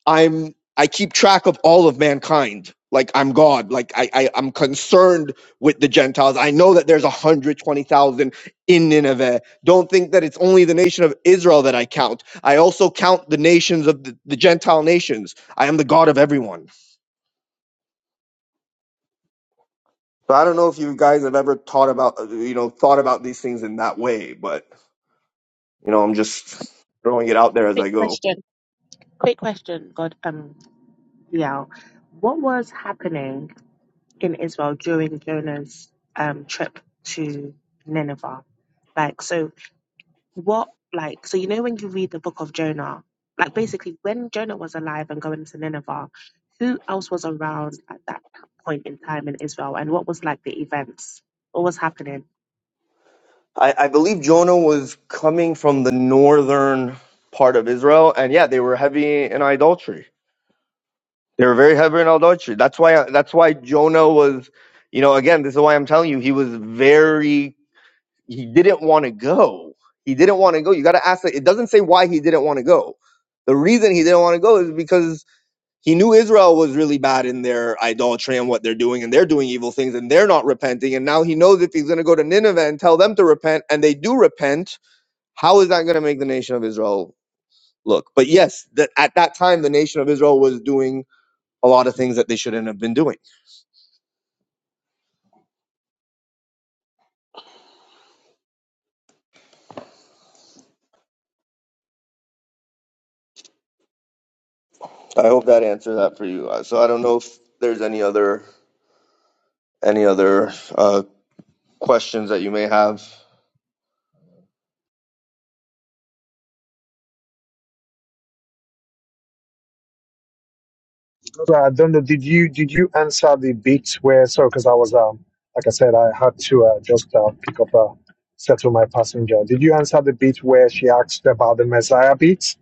[SPEAKER 2] I'm I keep track of all of mankind. Like I'm God. Like I, I I'm concerned with the Gentiles. I know that there's 120,000 in Nineveh. Don't think that it's only the nation of Israel that I count. I also count the nations of the, the Gentile nations. I am the God of everyone. So I don't know if you guys have ever thought about uh, you know thought about these things in that way, but you know I'm just throwing it out there as
[SPEAKER 3] Quick
[SPEAKER 2] I go.
[SPEAKER 3] question. Quick question, God um Liao. What was happening? in Israel during Jonah's um, trip to Nineveh. Like, so what like so you know when you read the book of Jonah, like basically when Jonah was alive and going to Nineveh, who else was around at that point in time in Israel and what was like the events? What was happening?
[SPEAKER 2] I, I believe Jonah was coming from the northern part of Israel, and yeah, they were heavy in idolatry. They were very heavy in idolatry. That's why. That's why Jonah was, you know, again, this is why I'm telling you, he was very. He didn't want to go. He didn't want to go. You got to ask. It doesn't say why he didn't want to go. The reason he didn't want to go is because he knew Israel was really bad in their idolatry and what they're doing, and they're doing evil things, and they're not repenting. And now he knows if he's going to go to Nineveh and tell them to repent, and they do repent, how is that going to make the nation of Israel look? But yes, that at that time the nation of Israel was doing a lot of things that they shouldn't have been doing. I hope that answers that for you. Uh, So I don't know if there's any other any other uh, questions that you may have.
[SPEAKER 1] so I don't know. Did you did you answer the bit where? Sorry, because I was um, like I said, I had to uh, just uh, pick up uh, settle my passenger. Did you answer the bit where she asked about the Messiah bit,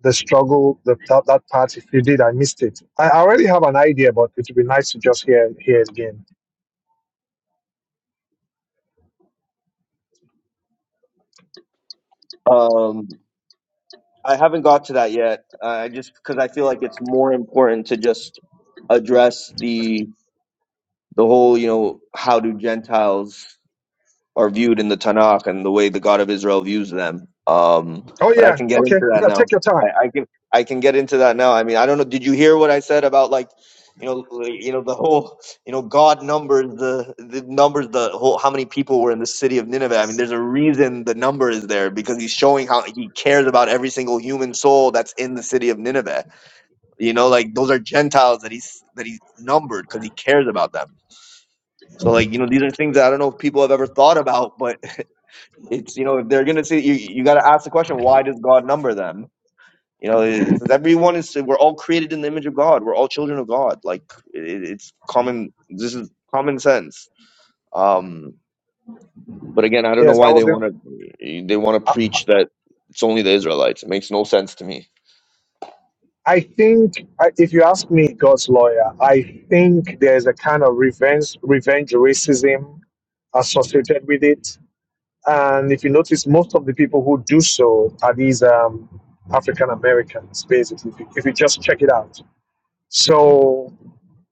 [SPEAKER 1] the struggle, the, that that part? If you did, I missed it. I I already have an idea, but it would be nice to just hear hear it again.
[SPEAKER 2] Um, I haven't got to that yet. uh, I just because I feel like it's more important to just address the the whole you know how do Gentiles are viewed in the Tanakh and the way the God of Israel views them. Um,
[SPEAKER 1] Oh
[SPEAKER 2] but I
[SPEAKER 1] yeah,
[SPEAKER 2] can get
[SPEAKER 1] okay,
[SPEAKER 2] into that
[SPEAKER 1] yeah.
[SPEAKER 2] now.
[SPEAKER 1] Take your time.
[SPEAKER 2] I, I can I can get into that now. I mean, I don't know. Did you hear what I said about like, you know, like, you know the whole, you know, God numbers the the numbers the whole how many people were in the city of Nineveh. I mean, there's a reason the number is there because he's showing how he cares about every single human soul that's in the city of Nineveh. You know, like those are Gentiles that he's that he's numbered because he cares about them. So like, you know, these are things that I don't know if people have ever thought about, but it's you know if they're gonna say you you got to ask the question why does god number them you know because everyone is we're all created in the image of god we're all children of god like it, it's common this is common sense um but again, I don't know
[SPEAKER 1] Yes, I
[SPEAKER 2] why they
[SPEAKER 1] was in.
[SPEAKER 2] want to they want to preach that it's only the Israelites. It makes no sense to me.
[SPEAKER 1] I think, I- if you ask me, God's lawyer, I think there's a kind of revenge, revenge racism associated with it. And if you notice, most of the people who do so are these um, African Americans, basically, if you, if you just check it out. So,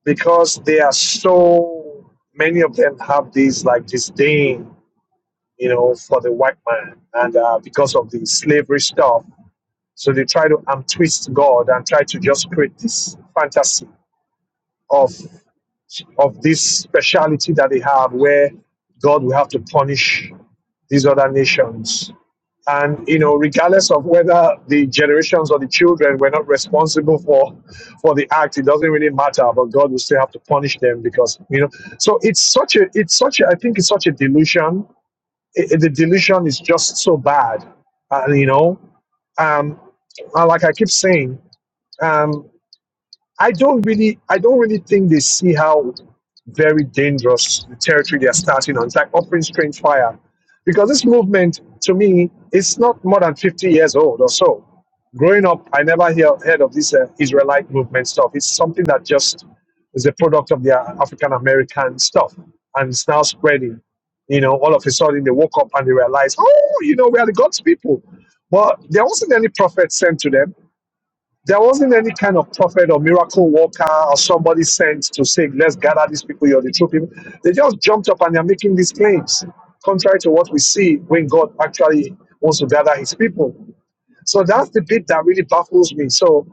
[SPEAKER 1] because they are so, many of them have these like disdain, you know, for the white man. And uh, because of the slavery stuff, so they try to um, twist God and try to just create this fantasy of of this speciality that they have where God will have to punish these other nations. And you know, regardless of whether the generations or the children were not responsible for for the act, it doesn't really matter, but God will still have to punish them because you know. So it's such a it's such a I think it's such a delusion. I- the delusion is just so bad. And you know, um, and like I keep saying, um, I don't really, I don't really think they see how very dangerous the territory they're starting on. It's like offering strange fire, because this movement, to me, it's not more than 50 years old or so. Growing up, I never hear, heard of this uh, Israelite movement stuff. It's something that just is a product of their African American stuff, and it's now spreading. You know, all of a sudden they woke up and they realized, oh, you know, we are the God's people. But there wasn't any prophet sent to them there wasn't any kind of prophet or miracle worker or somebody sent to say, let's gather these people, you're the true people. They just jumped up and they're making these claims, contrary to what we see when God actually wants to gather his people. So that's the bit that really baffles me. So,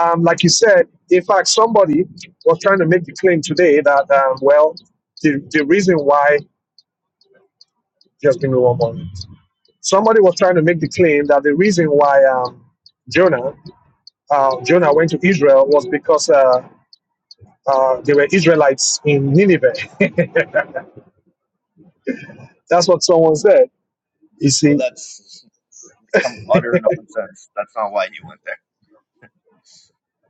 [SPEAKER 1] um, like you said, in fact, somebody was trying to make the claim today that, um, well, the, the reason why, just give me one moment. Somebody was trying to make the claim that the reason why um, Jonah uh, Jonah went to Israel was because uh, Uh, they were Israelites in Nineveh. That's what someone said. You
[SPEAKER 2] So
[SPEAKER 1] see,
[SPEAKER 2] that's become utter nonsense. That's not why he went there.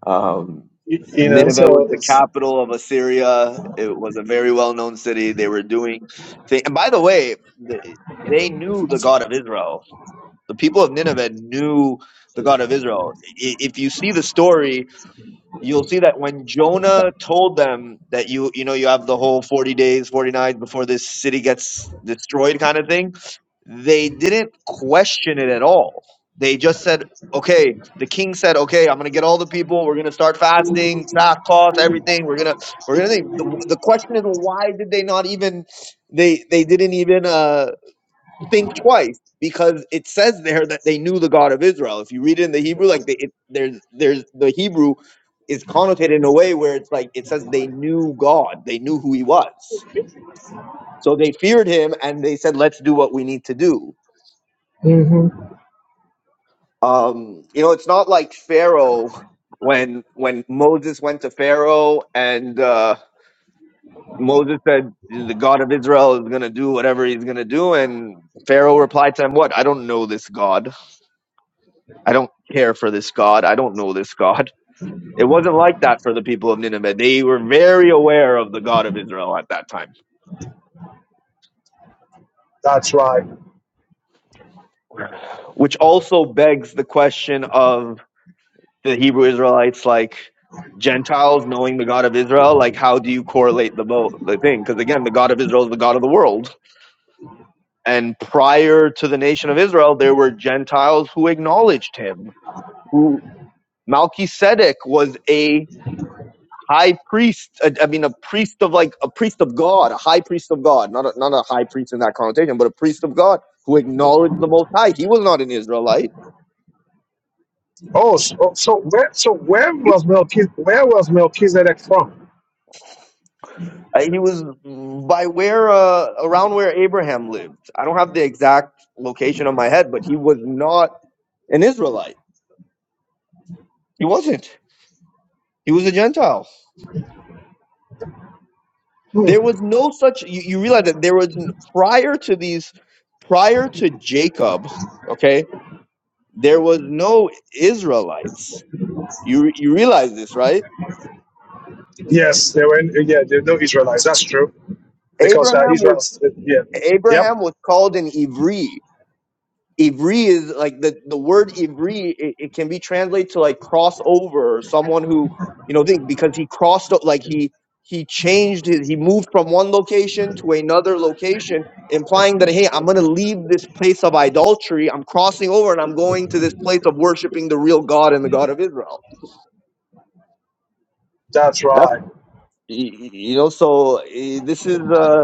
[SPEAKER 2] Um,
[SPEAKER 1] you know,
[SPEAKER 2] Nineveh was
[SPEAKER 1] so
[SPEAKER 2] the
[SPEAKER 1] it's,
[SPEAKER 2] capital of Assyria. It was a very well-known city. They were doing things. And by the way, the, they knew the God of Israel. The people of Nineveh knew the God of Israel. I- If you see the story, you'll see that when Jonah told them that you you know you have the whole 40 days 40 nights before this city gets destroyed kind of thing they didn't question it at all they just said okay the king said okay i'm going to get all the people we're going to start fasting sackcloth everything we're going to we're going to the, the question is why did they not even they they didn't even uh think twice because it says there that they knew the God of Israel. If you read it in the Hebrew, like they, it, there's there's the Hebrew is connotated in a way where it's like it says they knew God, they knew who He was, so they feared Him and they said, "Let's do what we need to do."
[SPEAKER 1] hmm
[SPEAKER 2] Um, you know, it's not like Pharaoh when when Moses went to Pharaoh and uh, Moses said, "The God of Israel is going to do whatever He's going to do," and Pharaoh replied to him, "What? I don't know this God." I don't care for this God. I don't know this God. It wasn't like that for the people of Nineveh. They were very aware of the God of Israel at that time,
[SPEAKER 1] that's right.
[SPEAKER 2] which also begs the question of the Hebrew Israelites, like Gentiles knowing the God of Israel. Like, how do you correlate the both the thing? Because again, the God of Israel is the God of the world, and prior to the nation of Israel, there were Gentiles who acknowledged Him, who Melchizedek was a high priest. I, I mean, a priest of like a priest of God, a high priest of God, not a, not a high priest in that connotation, but a priest of God who acknowledged the Most High. He was not an Israelite.
[SPEAKER 1] Oh, so, so where, so where was Melchizedek? Where was Melchizedek from?
[SPEAKER 2] Uh, He was by where uh, around where Abraham lived. I don't have the exact location on my head, but he was not an Israelite. He wasn't. He was a Gentile. There was no such. You, you realize that there was n- prior to these, prior to Jacob. Okay, there was no Israelites You re- you realize this, right?
[SPEAKER 1] Yes, they were. In, yeah, they were no Israelites. That's true, because uh,
[SPEAKER 2] Abraham was
[SPEAKER 1] Israel's. Yeah, yep,
[SPEAKER 2] Abraham was called an Ivri. Ivri is like the the word Ivri. It, it can be translated to like crossover or someone who you know think because he crossed o- like he he changed his, he moved from one location to another location, implying that hey, I'm gonna leave this place of idolatry. I'm crossing over and I'm going to this place of worshiping the real God and the God of Israel.
[SPEAKER 1] that's
[SPEAKER 2] That's
[SPEAKER 1] right.
[SPEAKER 2] y- y- you know so eh, this is uh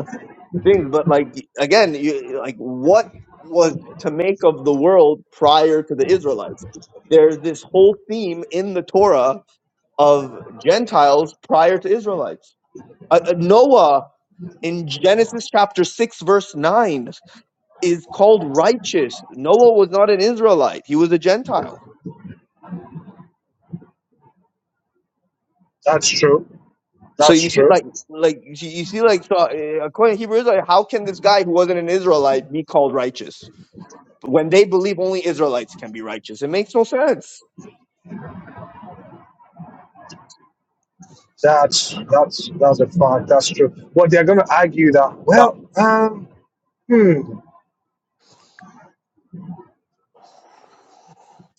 [SPEAKER 2] things, but like again, you, like what was to make of the world prior to the Israelites? There's this whole theme in the Torah of Gentiles prior to Israelites. Uh, uh, Noah in Genesis chapter 6 verse 9 is called righteous. Noah was not an Israelite. He was a Gentile.
[SPEAKER 1] That's true.
[SPEAKER 2] So
[SPEAKER 1] That's
[SPEAKER 2] you see
[SPEAKER 1] true.
[SPEAKER 2] like like you see you see, like so, uh, according to Hebrew Israelite, how can this guy who wasn't an Israelite be called righteous? when they believe only Israelites can be righteous. It makes no sense.
[SPEAKER 1] That's that's that's a fact. That's true. Well, they're going to argue that. Well, um, hmm.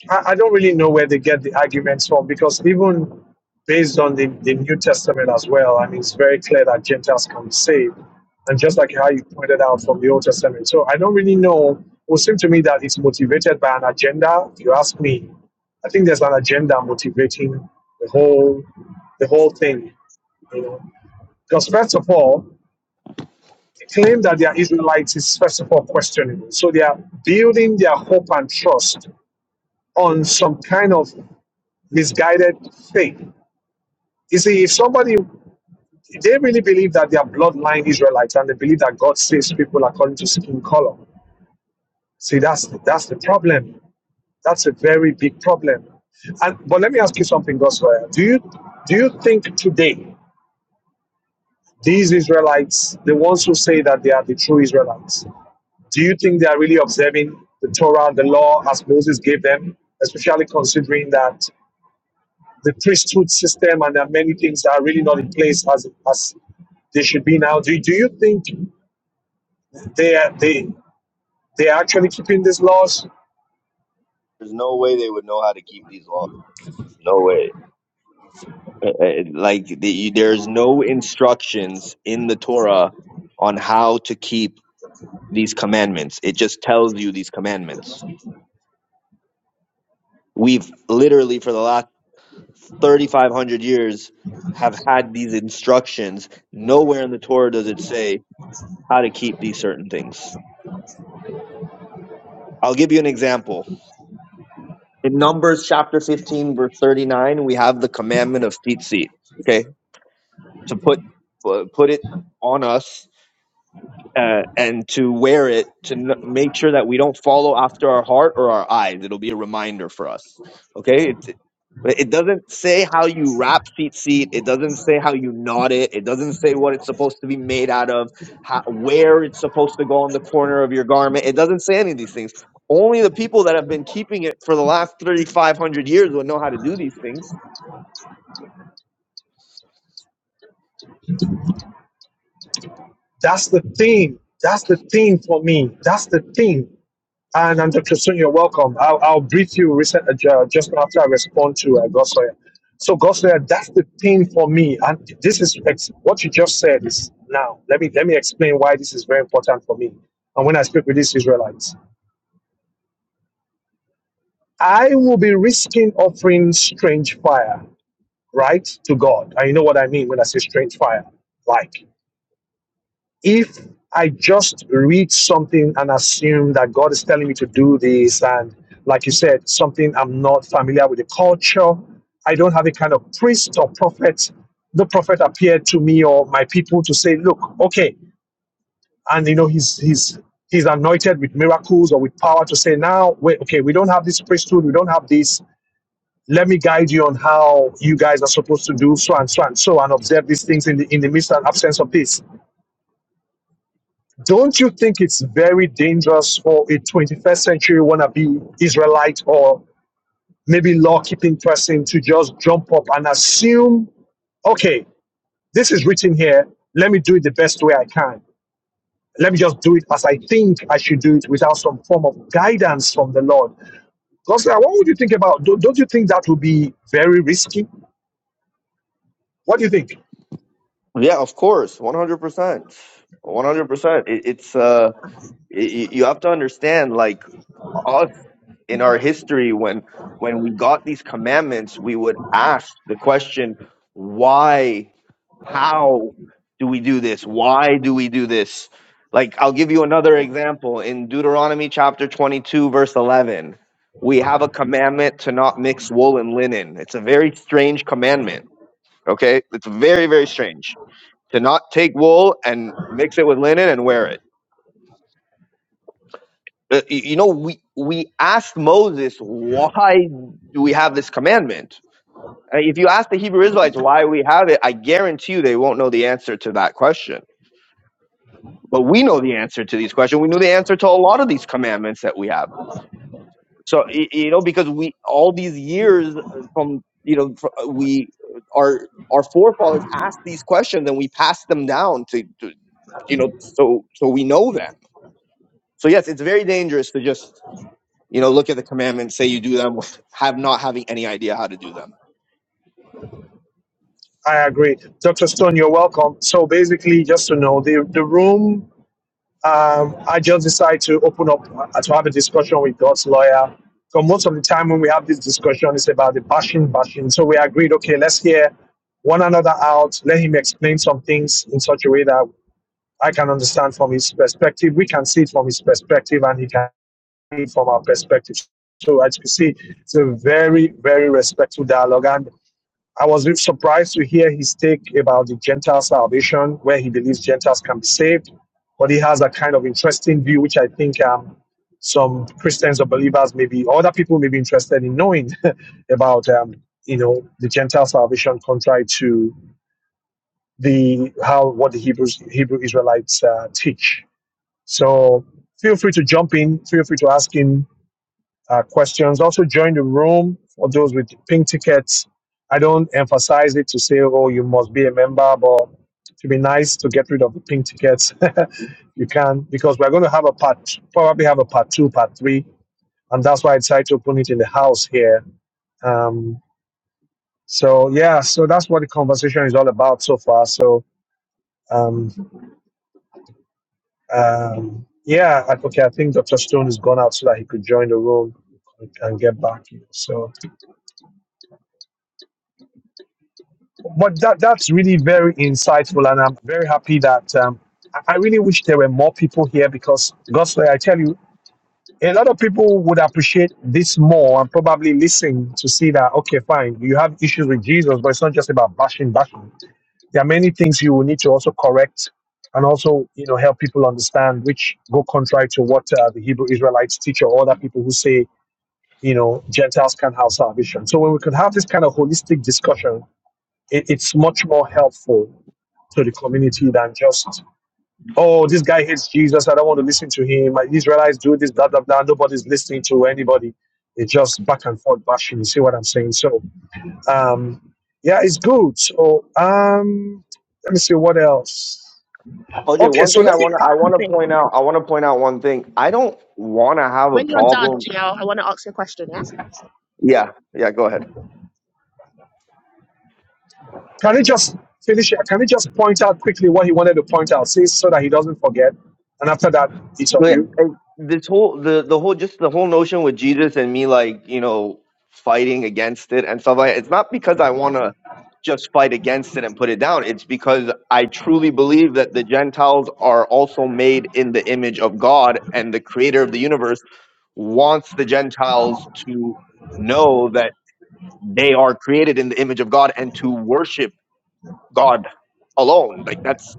[SPEAKER 1] I, I don't really know where they get the arguments from because even based on the, the New Testament as well, I mean, it's very clear that Gentiles can be saved. And just like how you pointed out from the Old Testament. So I don't really know. It would seem to me that it's motivated by an agenda. If you ask me, I think there's an agenda motivating the whole the whole thing, you know. Because first of all, the claim that they are Israelites is first of all questionable. So they are building their hope and trust on some kind of misguided faith. You see, if somebody they really believe that they are bloodline Israelites and they believe that God saves people according to skin color. See, that's that's the problem. That's a very big problem. And but let me ask you something, Gospel. Do you do you think today these Israelites, the ones who say that they are the true Israelites, do you think they are really observing the Torah and the law as Moses gave them, especially considering that the priesthood system, and there are many things that are really not in place as as they should be now. Do, do you think they are they they are actually keeping these laws?
[SPEAKER 2] There's no way they would know how to keep these laws. No way. Uh, uh, Like the, there's no instructions in the Torah on how to keep these commandments. It just tells you these commandments. We've literally for the last 3500 years have had these instructions. Nowhere in the Torah does it say how to keep these certain things. I'll give you an example. In Numbers chapter 15, verse 39, we have the commandment of tzitzit. Okay, to put uh, put it on us uh, and to wear it to n- make sure that we don't follow after our heart or our eyes. It'll be a reminder for us. Okay. It, it doesn't say how you wrap seat seat. It doesn't say how you knot it. It doesn't say what it's supposed to be made out of, how, where it's supposed to go on the corner of your garment. It doesn't say any of these things. Only the people that have been keeping it for the last 3,500 years would know how to do these things.
[SPEAKER 1] That's the thing. That's the thing for me. That's the thing. And and Dr. Sun, you're welcome. I'll, I'll brief you recent, uh, just after I respond to uh, Gossoya. So Gossoya, that's the thing for me. And this is ex- what you just said is now. Let me let me explain why this is very important for me. And when I speak with these Israelites. I will be risking offering strange fire, right, to God. And you know what I mean when I say strange fire. Like, if I just read something and assume that God is telling me to do this, and like you said, something I'm not familiar with the culture, I don't have a kind of priest or prophet. The prophet appeared to me or my people to say, look, okay, and you know, he's he's he's anointed with miracles or with power to say, now, wait, okay, we don't have this priesthood, we don't have this let me guide you on how you guys are supposed to do so and so and so and observe these things in the in the midst and absence of this. Don't you think it's very dangerous for a 21st century wannabe Israelite or maybe law keeping person to just jump up and assume, okay, this is written here. Let me do it the best way I can. Let me just do it as I think I should do it without some form of guidance from the Lord. Because what would you think about? Don't don't you think that would be very risky? What do you think?
[SPEAKER 2] Yeah, of course. 100%. 100%. it's, uh, y- y- you have to understand like us in our history when when we got these commandments we would ask the question why how do we do this why do we do this like i'll give you another example in deuteronomy chapter 22 verse 11 we have a commandment to not mix wool and linen it's a very strange commandment okay it's very very strange to not take wool and mix it with linen and wear it Uh, y- you know, we we asked Moses why do we have this commandment. Uh, If you ask the Hebrew Israelites why we have it, I guarantee you they won't know the answer to that question. But we know the answer to these questions. We know the answer to a lot of these commandments that we have. So y- you know, because we all these years uh, from you know fr- uh, we uh, our our forefathers asked these questions and we passed them down to, to you know so so we know them. So yes, it's very dangerous to just You know, look at the commandments, say you do them, have not having any idea how to do them.
[SPEAKER 1] I agree. Dr. Stone, you're welcome. So basically, just to know, the, the room, um, I just decided to open up uh, to have a discussion with God's lawyer. So most of the time when we have this discussion, it's about the bashing, bashing. So we agreed, okay, let's hear one another out. Let him explain some things in such a way that I can understand from his perspective. We can see it from his perspective and he can see it from our perspective. So as you see, it's a very, very respectful dialogue. And I was a surprised to hear his take about the Gentile salvation, where he believes Gentiles can be saved. But he has a kind of interesting view, which I think um, some Christians or believers, maybe other people, may be interested in knowing about, um, you know, the Gentile salvation contrary to the how what the Hebrews Hebrew Israelites uh, teach. So feel free to jump in. Feel free to ask him uh, questions. Also, join the room for those with pink tickets. I don't emphasize it to say, oh, you must be a member, but to be nice to get rid of the pink tickets, you can, because we're going to have a part, probably have a part two, part three, and that's why I decided to open it in the house here. Um, so yeah, so that's what the conversation is all about so far. So um, um, yeah, I, okay, I think Dr. Stone is gone out so that he could join the room and get back. So. But that that's really very insightful, and I'm very happy that um, I I really wish there were more people here because, Gosler, I tell you, a lot of people would appreciate this more and probably listen to see that. Okay, fine, you have issues with Jesus, but it's not just about bashing, bashing. There are many things you will need to also correct and also, you know, help people understand, which go contrary to what uh, the Hebrew Israelites teach or other people who say, you know, Gentiles can't have salvation. So when we could have this kind of holistic discussion it, it's much more helpful to the community than just, oh, this guy hates Jesus. I don't want to listen to him. Israelites do this, blah, blah, blah. Nobody's listening to anybody. It's just back and forth bashing. You see what I'm saying? So, um, yeah, it's good. So, um, let me see what else.
[SPEAKER 2] OJ,
[SPEAKER 1] Okay,
[SPEAKER 2] one
[SPEAKER 1] so
[SPEAKER 2] thing I
[SPEAKER 1] let me,
[SPEAKER 2] want to
[SPEAKER 1] uh,
[SPEAKER 2] I want to
[SPEAKER 3] Thank
[SPEAKER 2] point out
[SPEAKER 3] you.
[SPEAKER 2] I want to point out one thing. I don't want to have a
[SPEAKER 3] When you're done,
[SPEAKER 2] problem.
[SPEAKER 3] Jill, I want to ask you a question, yeah?
[SPEAKER 2] Yeah, yeah, go ahead.
[SPEAKER 1] can I just finish here? Can I just point out quickly what he wanted to point out, see, so that he doesn't forget? And after that, it's on
[SPEAKER 2] But
[SPEAKER 1] you.
[SPEAKER 2] I, this whole the the whole just the whole notion with Jesus and me like you know fighting against it and stuff like that, it's not because I want to just fight against it and put it down. It's because I truly believe that the Gentiles are also made in the image of God and the Creator of the universe wants the Gentiles to know that they are created in the image of God and to worship God alone. Like that's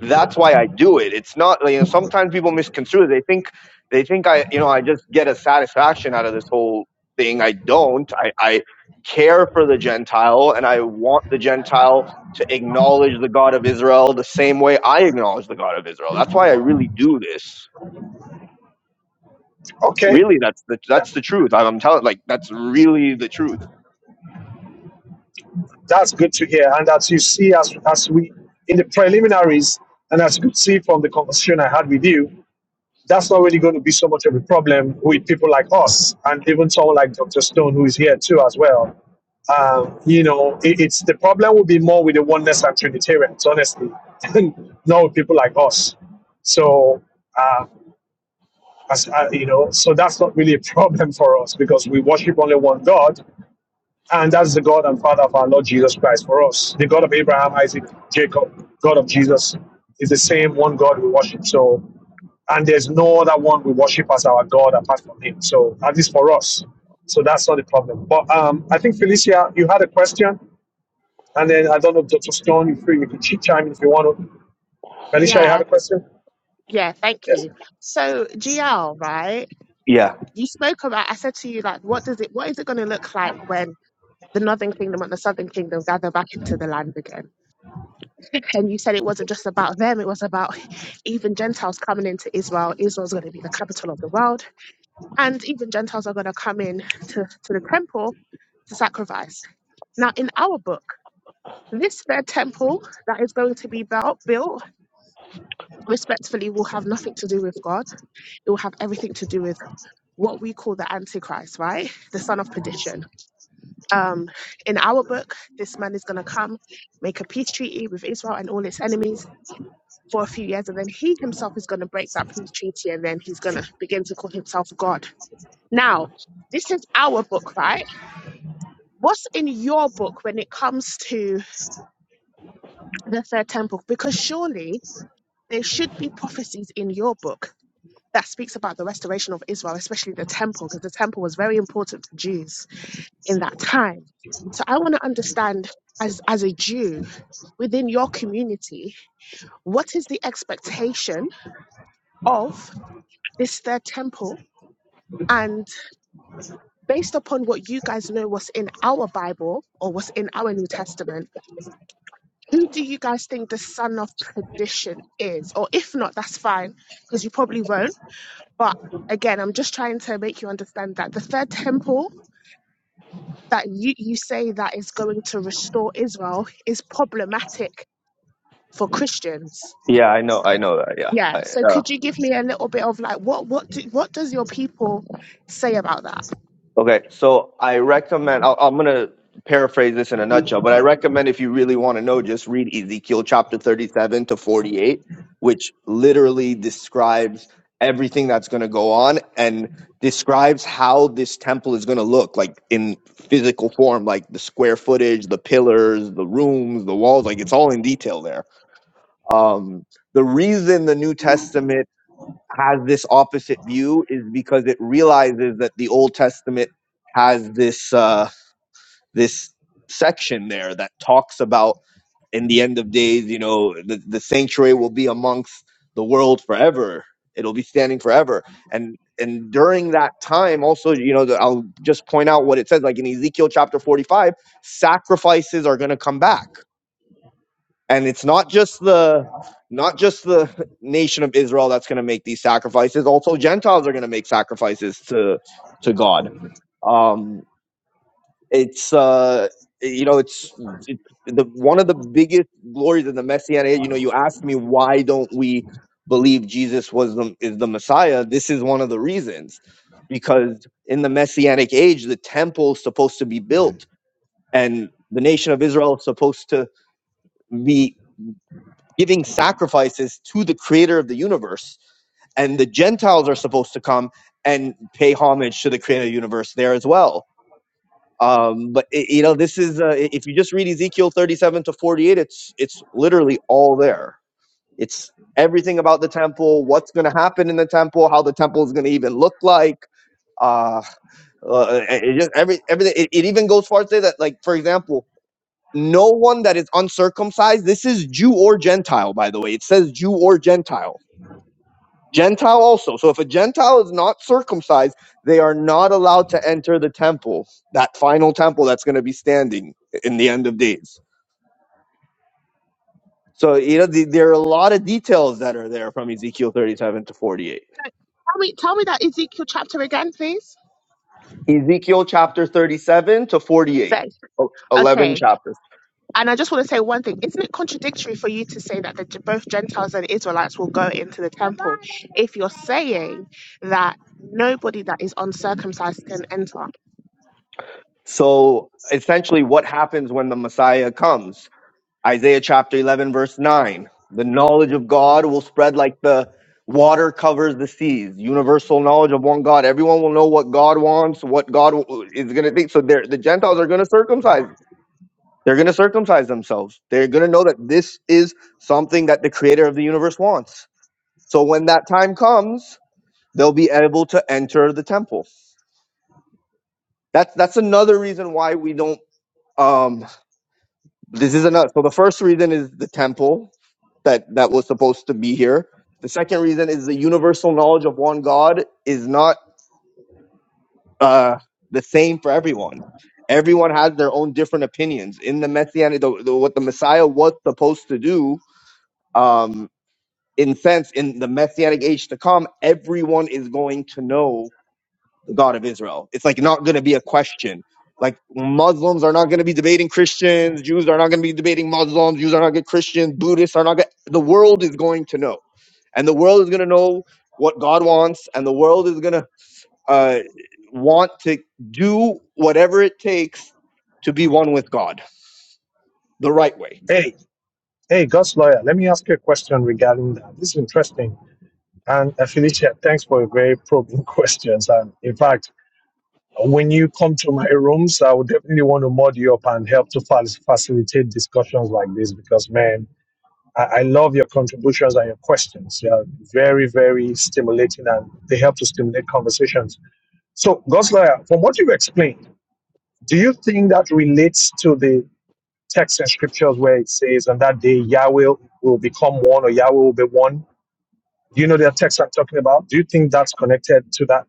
[SPEAKER 2] that's why I do it. It's not like, you know sometimes people misconstrue. it. They think they think I you know I just get a satisfaction out of this whole thing. I don't. I, I care for the Gentile and I want the Gentile to acknowledge the God of Israel the same way I acknowledge the God of Israel. That's why I really do this.
[SPEAKER 1] Okay.
[SPEAKER 2] Really, that's the
[SPEAKER 1] That,
[SPEAKER 2] that's the truth. I'm telling, like that's really the truth.
[SPEAKER 1] That's good to hear. And as you see, as, as we in the preliminaries, and as you could see from the conversation I had with you, that's not really going to be so much of a problem with people like us, and even someone like Dr. Stone, who is here too, as well. Um, you know, it, it's the problem will be more with the oneness and Trinitarians, honestly, and not with people like us. So, uh, as, uh, you know, so that's not really a problem for us because we worship only one God and that's the God and Father of our Lord Jesus Christ for us. The God of Abraham, Isaac, Jacob, God of Jesus is the same one God we worship. So, and there's no other one we worship as our God apart from Him. So, at least for us. So, that's not a problem. But um, I think, Felicia, you had a question. And then I don't know, Dr. Stone, you free, you can chime in if you want to. Felicia, you had
[SPEAKER 3] Yeah,
[SPEAKER 1] a question?
[SPEAKER 3] yeah, thank
[SPEAKER 1] Yes.
[SPEAKER 3] you. So GL, right?
[SPEAKER 2] Yeah,
[SPEAKER 3] You spoke about, I said to you, like, what does it, what is it going to look like when the Northern Kingdom and the Southern Kingdom gather back into the land again? And you said it wasn't just about them, it was about even Gentiles coming into Israel. Israel's going to be the capital of the world. And even Gentiles are going to come in to, to the temple to sacrifice. Now, in our book, this third temple that is going to be built, built respectfully will have nothing to do with God. It will have everything to do with what we call the antichrist right the son of perdition um in our book this man is going to come make a peace treaty with israel and all its enemies for a few years and then he himself is going to break that peace treaty and then he's going to begin to call himself god now this is our book right what's in your book when it comes to the third temple because surely there should be prophecies in your book that speaks about the restoration of israel especially the temple because the temple was very important to jews in that time. So I want to understand as, as a Jew within your community, what is the expectation of this third temple? And based upon what you guys know was in our Bible or was in our New Testament, who do you guys think the son of perdition is? Or if not, that's fine, because you probably won't. But again, I'm just trying to make you understand that the third temple that you, you say that is going to restore Israel is problematic for Christians.
[SPEAKER 2] yeah, I know, I know that. Yeah,
[SPEAKER 3] Yeah.
[SPEAKER 2] I
[SPEAKER 3] So
[SPEAKER 2] uh,
[SPEAKER 3] could you give me a little bit of like what what do, what does your people say about that?
[SPEAKER 2] okay. So I recommend. I'll, I'm gonna paraphrase this in a nutshell, but I recommend if you really want to know, just read Ezekiel chapter 37 to 48, which literally describes everything that's gonna go on and describes how this temple is gonna look like in physical form, like the square footage, the pillars, the rooms, the walls. Like it's all in detail there. Um, the reason the New Testament has this opposite view is because it realizes that the Old Testament has this uh, this section there that talks about in the end of days, you know, the, the sanctuary will be amongst the world forever. It'll be standing forever, and and during that time, also, you know, the, I'll just point out what it says, like in Ezekiel chapter forty-five, sacrifices are going to come back and it's not just the not just the nation of Israel that's going to make these sacrifices. Also, Gentiles are going to make sacrifices to to God. Um, it's uh, you know, it's, it's the one of the biggest glories of the Messianic. age. You know, you ask me why don't we believe Jesus was the is the Messiah? This is one of the reasons because in the Messianic age, the temple is supposed to be built and the nation of Israel is supposed to be giving sacrifices to the creator of the universe and the Gentiles are supposed to come and pay homage to the creator of the universe there as well. Um, but i you know, this is uh, if you just read Ezekiel 37 to 48, it's it's literally all there. It's everything about the temple, what's going to happen in the temple, how the temple is going to even look like. Uh, uh, it just every everything. It, it even goes far to say that, like for example, no one that is uncircumcised. This is Jew or Gentile, by the way. It says Jew or Gentile. Gentile also. So if a Gentile is not circumcised, they are not allowed to enter the temple, that final temple that's going to be standing in the end of days. So, you know, the, there are a lot of details that are there from Ezekiel 37 to 48.
[SPEAKER 3] Tell me tell me that Ezekiel chapter again, please.
[SPEAKER 2] Ezekiel chapter 37 to 48,
[SPEAKER 3] Say.
[SPEAKER 2] o- eleven
[SPEAKER 3] Okay.
[SPEAKER 2] chapters.
[SPEAKER 3] And I just want to say one thing. Isn't it contradictory for you to say that the, both Gentiles and Israelites will go into the temple if you're saying that nobody that is uncircumcised can enter?
[SPEAKER 2] So essentially, what happens when the Messiah comes? Isaiah chapter 11, verse 9. The knowledge of God will spread like the water covers the seas. Universal knowledge of one God. Everyone will know what God wants, what God w- is going to think. So they're, the Gentiles are going to circumcise. They're going to circumcise themselves. They're going to know that this is something that the creator of the universe wants. So when that time comes, they'll be able to enter the temple. That's that's another reason why we don't um This is another. So the first reason is the temple that that was supposed to be here. The second reason is the universal knowledge of one God is not uh, the same for everyone. Everyone has their own different opinions in the messianic. The, the, what the Messiah was supposed to do, um, in sense, in the messianic age to come, everyone is going to know the God of Israel. It's like not going to be a question. Like Muslims are not going to be debating Christians, Jews are not going to be debating Muslims, Jews are not going to Christians, Buddhists are not going. The world is going to know, and the world is going to know what God wants, and the world is going to uh, want to do whatever it takes to be one with God the right way.
[SPEAKER 1] Hey, hey, God's lawyer, let me ask you a question regarding that. This is interesting. And uh, Felicia, thanks for your very probing questions. And in fact, When you come to my rooms, I would definitely want to mod you up and help to fa- facilitate discussions like this because, man, I, I love your contributions and your questions. They are very, very stimulating and they help to stimulate conversations. So, Gosler, from what you've explained, do you think that relates to the text and scriptures where it says, on that day Yahweh will become one or Yahweh will be one? Do you know the text I'm talking about? Do you think that's connected to that?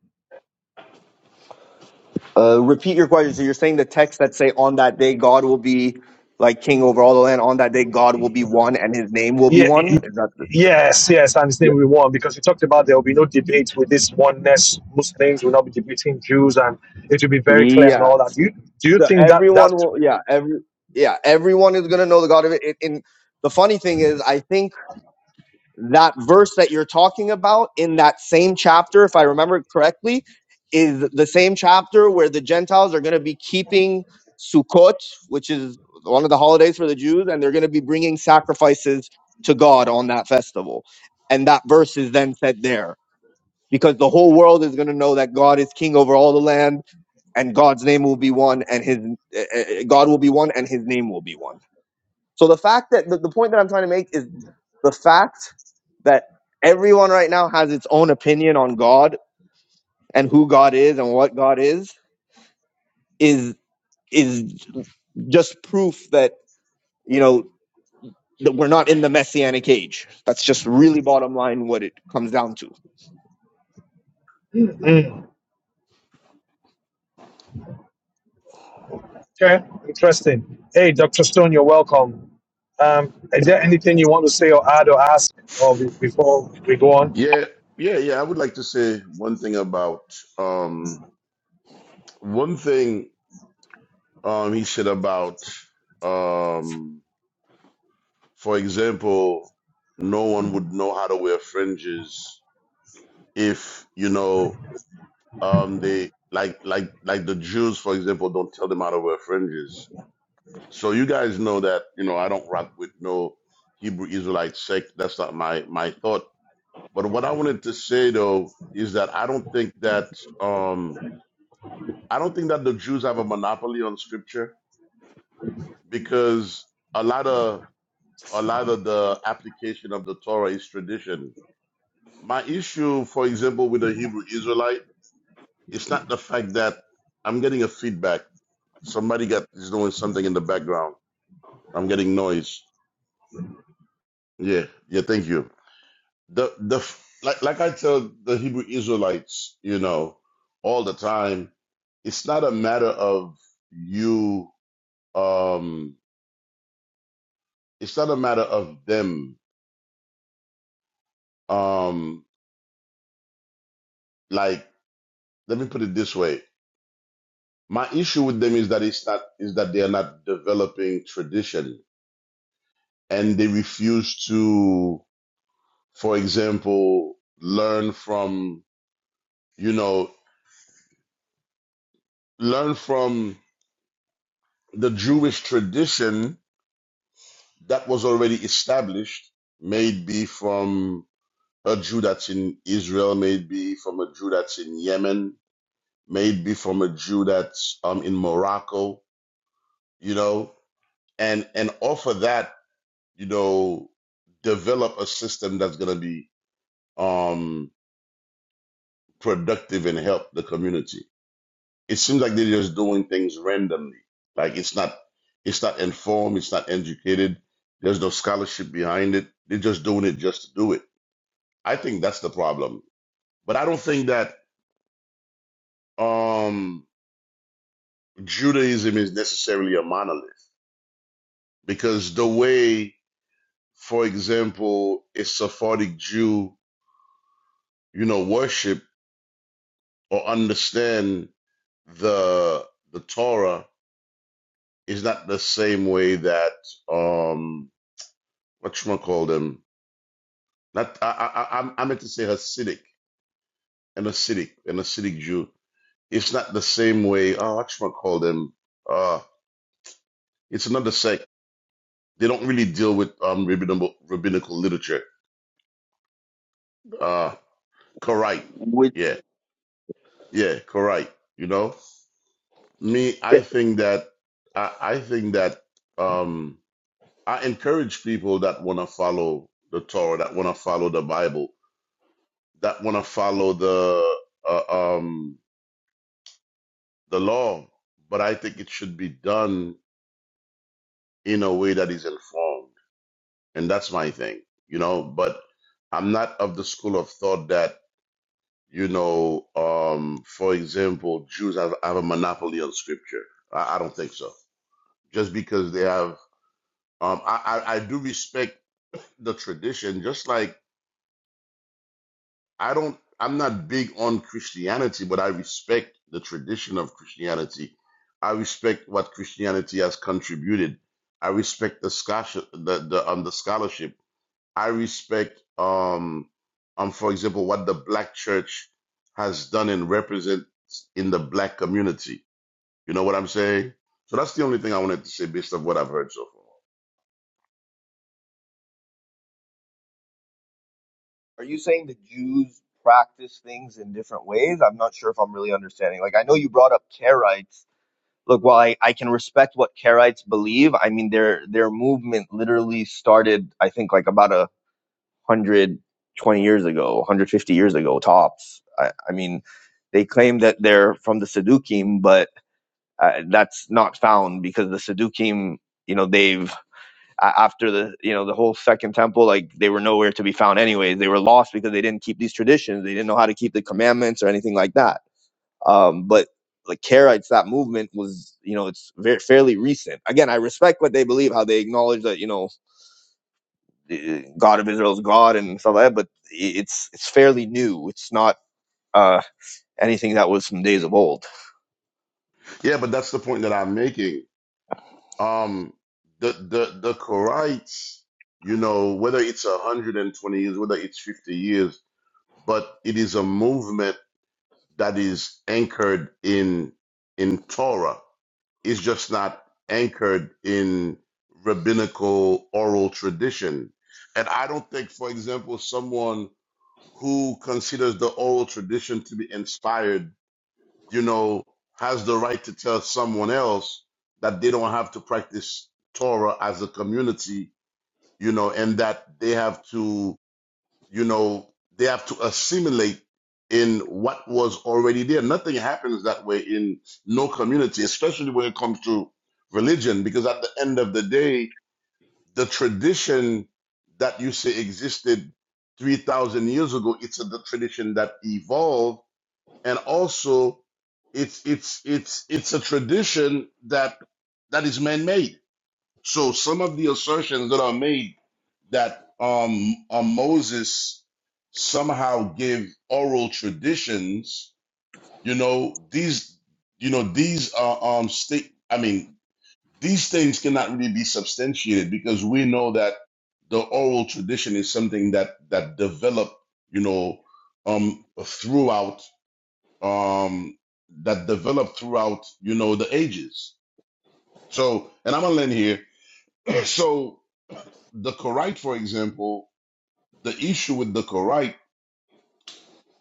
[SPEAKER 2] Uh, repeat your question. So you're saying the text that say on that day God will be like king over all the land. On that day God will be one, and His name will be
[SPEAKER 1] Yeah,
[SPEAKER 2] one.
[SPEAKER 1] y-
[SPEAKER 2] Is that the,
[SPEAKER 1] yes, yes, I understand we want because we talked about there will be no debate with this oneness. Muslims will not be debating Jews, and it will be very clear
[SPEAKER 2] yeah.
[SPEAKER 1] and all that. Do you do you
[SPEAKER 2] the
[SPEAKER 1] think that that
[SPEAKER 2] everyone will yeah every yeah everyone is going to know the god of it and, and the funny thing is i think that verse that you're talking about in that same chapter if i remember correctly is the same chapter where the gentiles are going to be keeping sukkot which is one of the holidays for the jews and they're going to be bringing sacrifices to god on that festival and that verse is then said there because the whole world is going to know that god is king over all the land and God's name will be one, and His uh, uh, God will be one, and His name will be one. So the fact that the, the point that I'm trying to make is the fact that everyone right now has its own opinion on God and who God is and what God is is is just proof that you know that we're not in the messianic age. That's just really bottom line what it comes down to.
[SPEAKER 1] okay? Interesting. Hey, Doctor Stone, you're welcome. Um, is there anything you want to say or add or ask or be, before we go on?
[SPEAKER 4] Yeah, yeah, yeah. I would like to say one thing about um one thing um he said about um for example, no one would know how to wear fringes if, you know, um they like like like the Jews, for example, don't tell them how to wear fringes. So you guys know that, you know, I don't rock with no Hebrew Israelite sect. That's not my my thought. But what I wanted to say though is that I don't think that Um, I don't think that the Jews have a monopoly on scripture because a lot of a lot of the application of the Torah is tradition. My issue, for example, with the Hebrew Israelite, it's not the fact that I'm getting a feedback. Somebody got is doing something in the background. I'm getting noise. Yeah, yeah. Thank you. The the like like I tell the Hebrew Israelites, you know, all the time. It's not a matter of you. Um, it's not a matter of them. Um, like let me put it this way: my issue with them is that it's not is that they are not developing tradition, and they refuse to, for example, learn from you know learn from the Jewish tradition that was already established, maybe from a Jew that's in Israel, maybe from a Jew that's in Yemen, maybe from a Jew that's um, in Morocco you know, and and off of that, you know, develop a system that's going to be um productive and help the community. It seems like they're just doing things randomly. Like it's not it's not informed, it's not educated. There's no scholarship behind it. They're just doing it just to do it. I think that's the problem. But I don't think that um Judaism is necessarily a monolith because the way, for example, a Sephardic Jew you know, worship or understand the the Torah is not the same way that um what you call them. Not I I I I meant to say Hasidic, an Hasidic, an Hasidic Jew. It's not the same way. Oh, what you call them? Uh, it's another sect. They don't really deal with um rabbinical rabbinical literature. Uh, correct.
[SPEAKER 2] Which
[SPEAKER 4] Yeah, yeah, correct. You know, me,
[SPEAKER 2] Yeah.
[SPEAKER 4] I think that I I think that. um I encourage people that want to follow the Torah, that want to follow the Bible, that want to follow the uh, um, the law, but I think it should be done in a way that is informed, and that's my thing, you know. But I'm not of the school of thought that you know, um, for example, Jews have, have a monopoly on Scripture. I, I don't think so. Just because they have, um, I, I, I do respect the tradition, just like I don't, I'm not big on Christianity, but I respect the tradition of Christianity. I respect what Christianity has contributed. I respect the scholarship, the, the, um, the scholarship. I respect, um, um, for example, what the black church has done and represents in the black community. You know what I'm saying? So that's the only thing I wanted to say based on what I've heard so far.
[SPEAKER 2] are you saying the Jews practice things in different ways? I'm not sure if I'm really understanding. Like I know you brought up Karaites look, while I, I can respect what Karaites believe, I mean their their movement literally started, I think, like about a hundred twenty years ago, 150 years ago tops. I, I mean, they claim that they're from the Sadukim, but uh, that's not found because the Sadukim, you know, they've a- after the you know the whole second temple like they were nowhere to be found anyways they were lost because they didn't keep these traditions they didn't know how to keep the commandments or anything like that um, but like Karaites, that movement was, you know, it's very, fairly recent. Again, I respect what they believe, how they acknowledge that, you know, God of Israel is God and stuff like that, but it's it's fairly new. It's not uh, anything that was from days of old.
[SPEAKER 4] Yeah, but that's the point that I'm making. Um, the the the Karaites, you know, whether it's a hundred and twenty years, whether it's fifty years, but it is a movement that is anchored in in Torah. It's just not anchored in rabbinical oral tradition. And I don't think, for example, someone who considers the oral tradition to be inspired you know, has the right to tell someone else that they don't have to practice Torah as a community, you know, and that they have to, you know, they have to assimilate in what was already there. Nothing happens that way in no community, especially when it comes to religion, because at the end of the day, the tradition that you say existed 3,000 years ago, it's a, the tradition that evolved and also it's it's it's it's a tradition that that is man-made. So some of the assertions that are made that um, uh, Moses somehow gave oral traditions, you know, these you know these are um state. I mean, these things cannot really be substantiated because we know that the oral tradition is something that that developed, you know, um, throughout um, that develop throughout, you know, the ages. So, and I'm gonna end here. So, the Korite, for example, the issue with the Korite,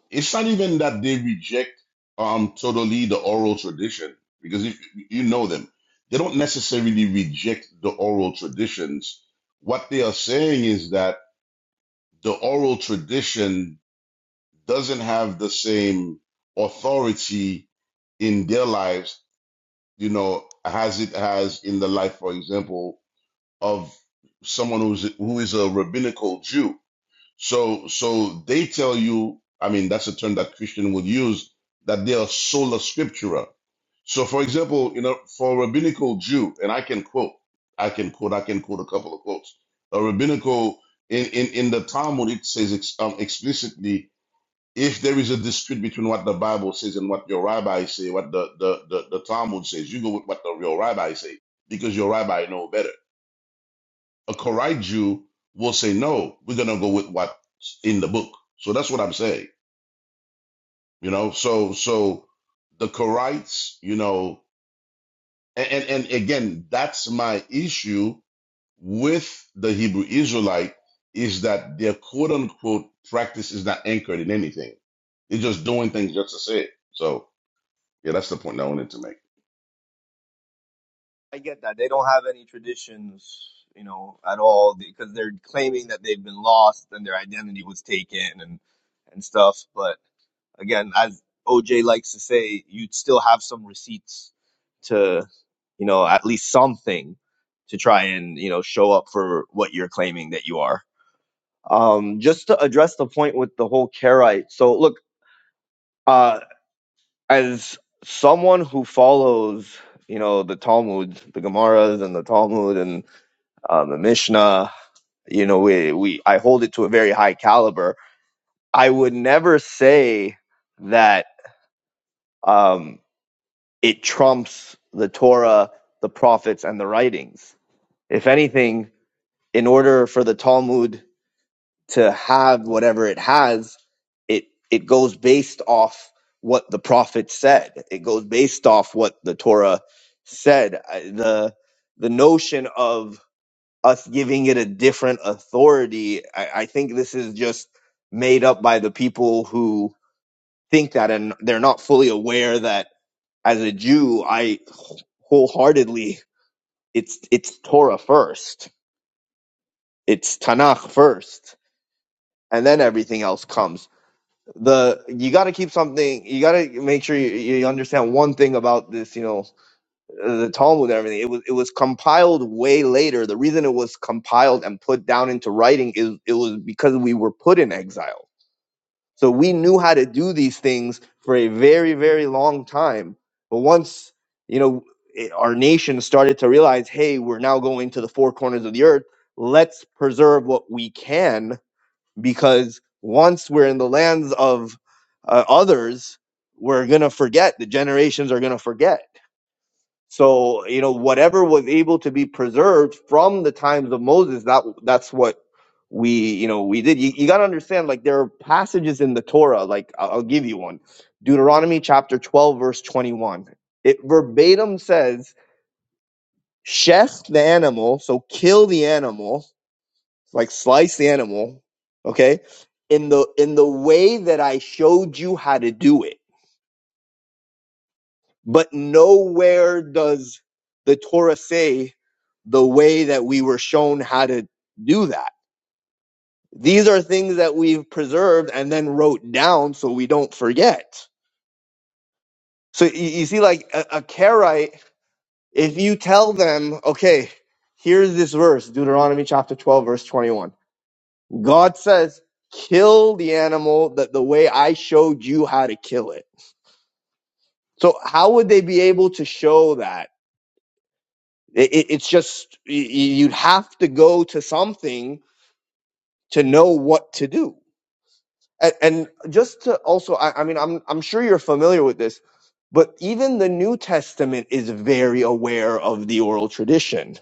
[SPEAKER 4] it's not even that they reject um totally the oral tradition because if you know them, they don't necessarily reject the oral traditions. What they are saying is that the oral tradition doesn't have the same authority in their lives you know, as it has in the life, for example, of someone who's who is a rabbinical Jew. So so they tell you, I mean, that's a term that Christian would use, that they are sola scriptura. So for example, you know, for a rabbinical Jew, and I can quote, I can quote, I can quote a couple of quotes. A rabbinical in in, in the Talmud it says ex, um, explicitly if there is a dispute between what the Bible says and what your rabbi say, what the, the, the, the Talmud says, you go with what the, your rabbi say because your rabbi know better. A correct Jew will say, no, we're going to go with what's in the book. So that's what I'm saying, you know? So, so the Karaites, you know, and, and, and again, that's my issue with the Hebrew Israelite is that their quote unquote practice is not anchored in anything. They're just doing things just to say it. So. Yeah, that's the point I wanted to make.
[SPEAKER 2] I get that they don't have any traditions, you know, at all because they're claiming that they've been lost and their identity was taken and and stuff. But again, as OJ likes to say, you'd still have some receipts to, you know, at least something to try and you know show up for what you're claiming that you are. Um, just to address the point with the whole Karite. So look, uh, as someone who follows, you know, the Talmud, the Gemaras, and the Talmud, and um, the Mishnah. You know, we, we I hold it to a very high caliber. I would never say that um, it trumps the Torah, the prophets, and the writings. If anything, in order for the Talmud to have whatever it has, it it goes based off what the prophets said. It goes based off what the Torah said. I- The the notion of us giving it a different authority. I, I think this is just made up by the people who think that and they're not fully aware that as a Jew, I wholeheartedly it's it's Torah first. It's Tanakh first. And then everything else comes. The you gotta keep something you gotta make sure you, you understand one thing about this, you know, the Talmud and everything. It was it was compiled way later. The reason it was compiled and put down into writing is it was because we were put in exile. So we knew how to do these things for a very very long time. But once you know it, our nation started to realize, hey, we're now going to the four corners of the earth. Let's preserve what we can because once we're in the lands of uh, others, we're gonna forget. The generations are gonna forget so, you know, whatever was able to be preserved from the times of Moses, that that's what we, you know, we did. You, you got to understand, like, there are passages in the Torah, like, I'll, I'll give you one Deuteronomy chapter 12, verse 21. It verbatim says, "Shech the animal, so kill the animal, like, slice the animal, okay? In the in the way that I showed you how to do it But nowhere does the Torah say the way that we were shown how to do that. These are things that we've preserved and then wrote down so we don't forget. So you, you see, like a, a Karite, if you tell them, okay, here's this verse, Deuteronomy chapter 12, verse 21. God says, kill the animal that the way I showed you how to kill it. So how would they be able to show that? It, it, it's just y- you'd have to go to something to know what to do. And, and just to also, I, I mean, I'm I'm sure you're familiar with this, but even the New Testament is very aware of the oral tradition.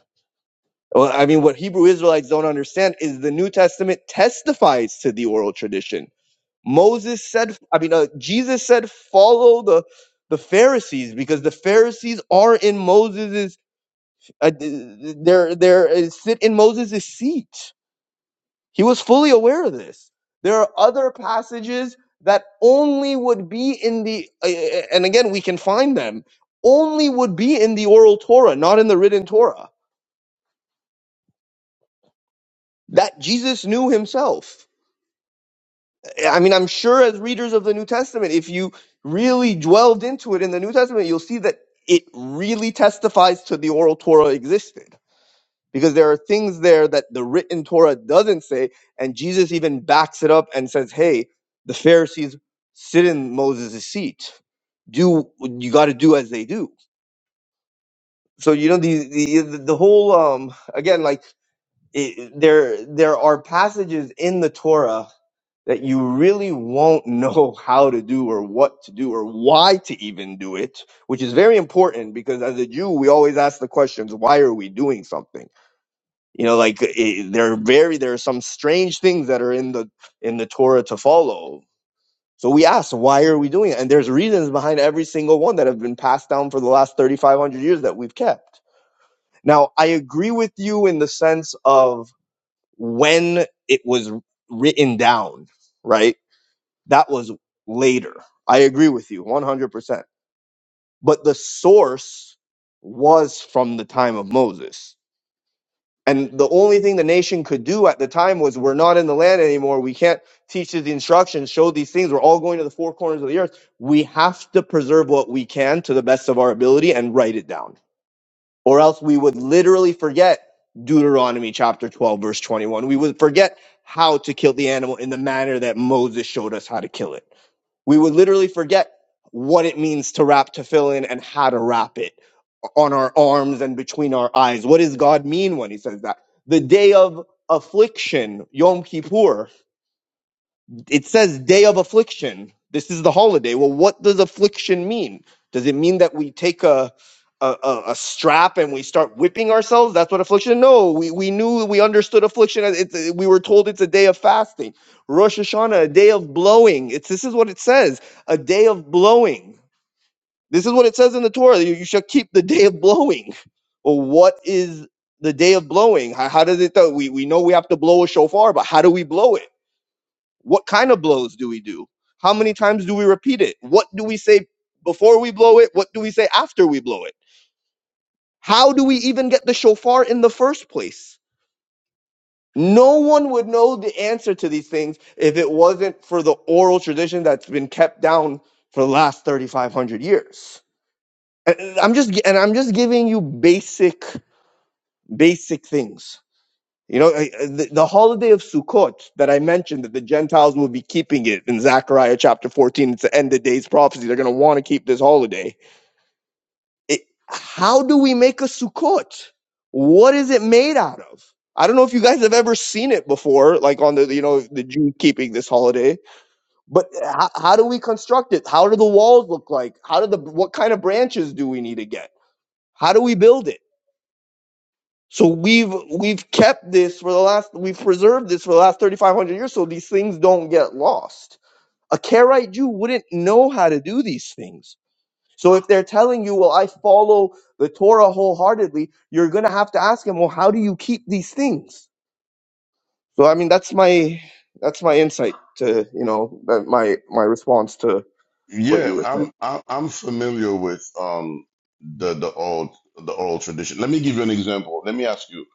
[SPEAKER 2] Well, I mean, what Hebrew Israelites don't understand is the New Testament testifies to the oral tradition. Moses said, I mean, uh, Jesus said, follow the the Pharisees because the Pharisees are in Moses' Uh, they're they're uh, sit in Moses' seat. He was fully aware of this. There are other passages that only would be in the, uh, uh, and again we can find them only would be in the oral Torah, not in the written Torah. That Jesus knew himself. I mean, I'm sure as readers of the New Testament, if you really dwelled into it in the New Testament, you'll see that it really testifies to the oral Torah existed because there are things there that the written Torah doesn't say, and Jesus even backs it up and says, "Hey, the Pharisees sit in Moses' seat. Do you got to do as they do?" So you know the the, the whole um again like it, there there are passages in the Torah that you really won't know how to do or what to do or why to even do it, which is very important because as a Jew we always ask the questions, "Why are we doing something?" you know like it, there are very there are some strange things that are in the in the torah to follow so we ask why are we doing it and there's reasons behind every single one that have been passed down for the last 3500 years that we've kept now i agree with you in the sense of when it was written down right that was later i agree with you 100% but the source was from the time of moses And the only thing the nation could do at the time was, we're not in the land anymore. We can't teach the instructions, show these things. We're all going to the four corners of the earth. We have to preserve what we can to the best of our ability and write it down, or else we would literally forget Deuteronomy chapter 12, verse 21. We would forget how to kill the animal in the manner that Moses showed us how to kill it. We would literally forget what it means to wrap tefillin and how to wrap it on our arms and between our eyes. What does God mean when he says that? The day of affliction, Yom Kippur. It says day of affliction. This is the holiday. Well, what does affliction mean? Does it mean that we take a a, a, a strap and we start whipping ourselves? That's what affliction. No, we, we knew we understood affliction. as It's, we were told it's a day of fasting. Rosh Hashanah, a day of blowing. It's this is what it says: a day of blowing this is what it says in the Torah. You, you shall keep the day of blowing. Well, what is the day of blowing? How, how does it do? We, we know we have to blow a shofar, but how do we blow it? What kind of blows do we do? How many times do we repeat it? What do we say before we blow it? What do we say after we blow it? How do we even get the shofar in the first place? No one would know the answer to these things if it wasn't for the oral tradition that's been kept down for the last 3,500 years And- I'm just and I'm just giving you basic basic things. You know, I- I- the, the holiday of Sukkot that I mentioned that the Gentiles will be keeping it in Zechariah chapter 14. It's the end of days prophecy. They're going to want to keep this holiday. It, how do we make a Sukkot? What is it made out of? I don't know if you guys have ever seen it before, like on the you know the Jews keeping this holiday. But how, how do we construct it? How do the walls look like? How do the what kind of branches do we need to get? How do we build it? So we've we've kept this for the last we've preserved this for the last 3500 years so these things don't get lost. A Karaite Jew wouldn't know how to do these things. So if they're telling you, "Well, I follow the Torah wholeheartedly," you're going to have to ask him, "Well, how do you keep these things?" So I mean, that's my that's my insight to, you know, that my my response to what
[SPEAKER 4] Yeah,
[SPEAKER 2] you were saying.
[SPEAKER 4] I'm I'm I'm familiar with um the the old the old tradition. Let me give you an example. Let me ask you.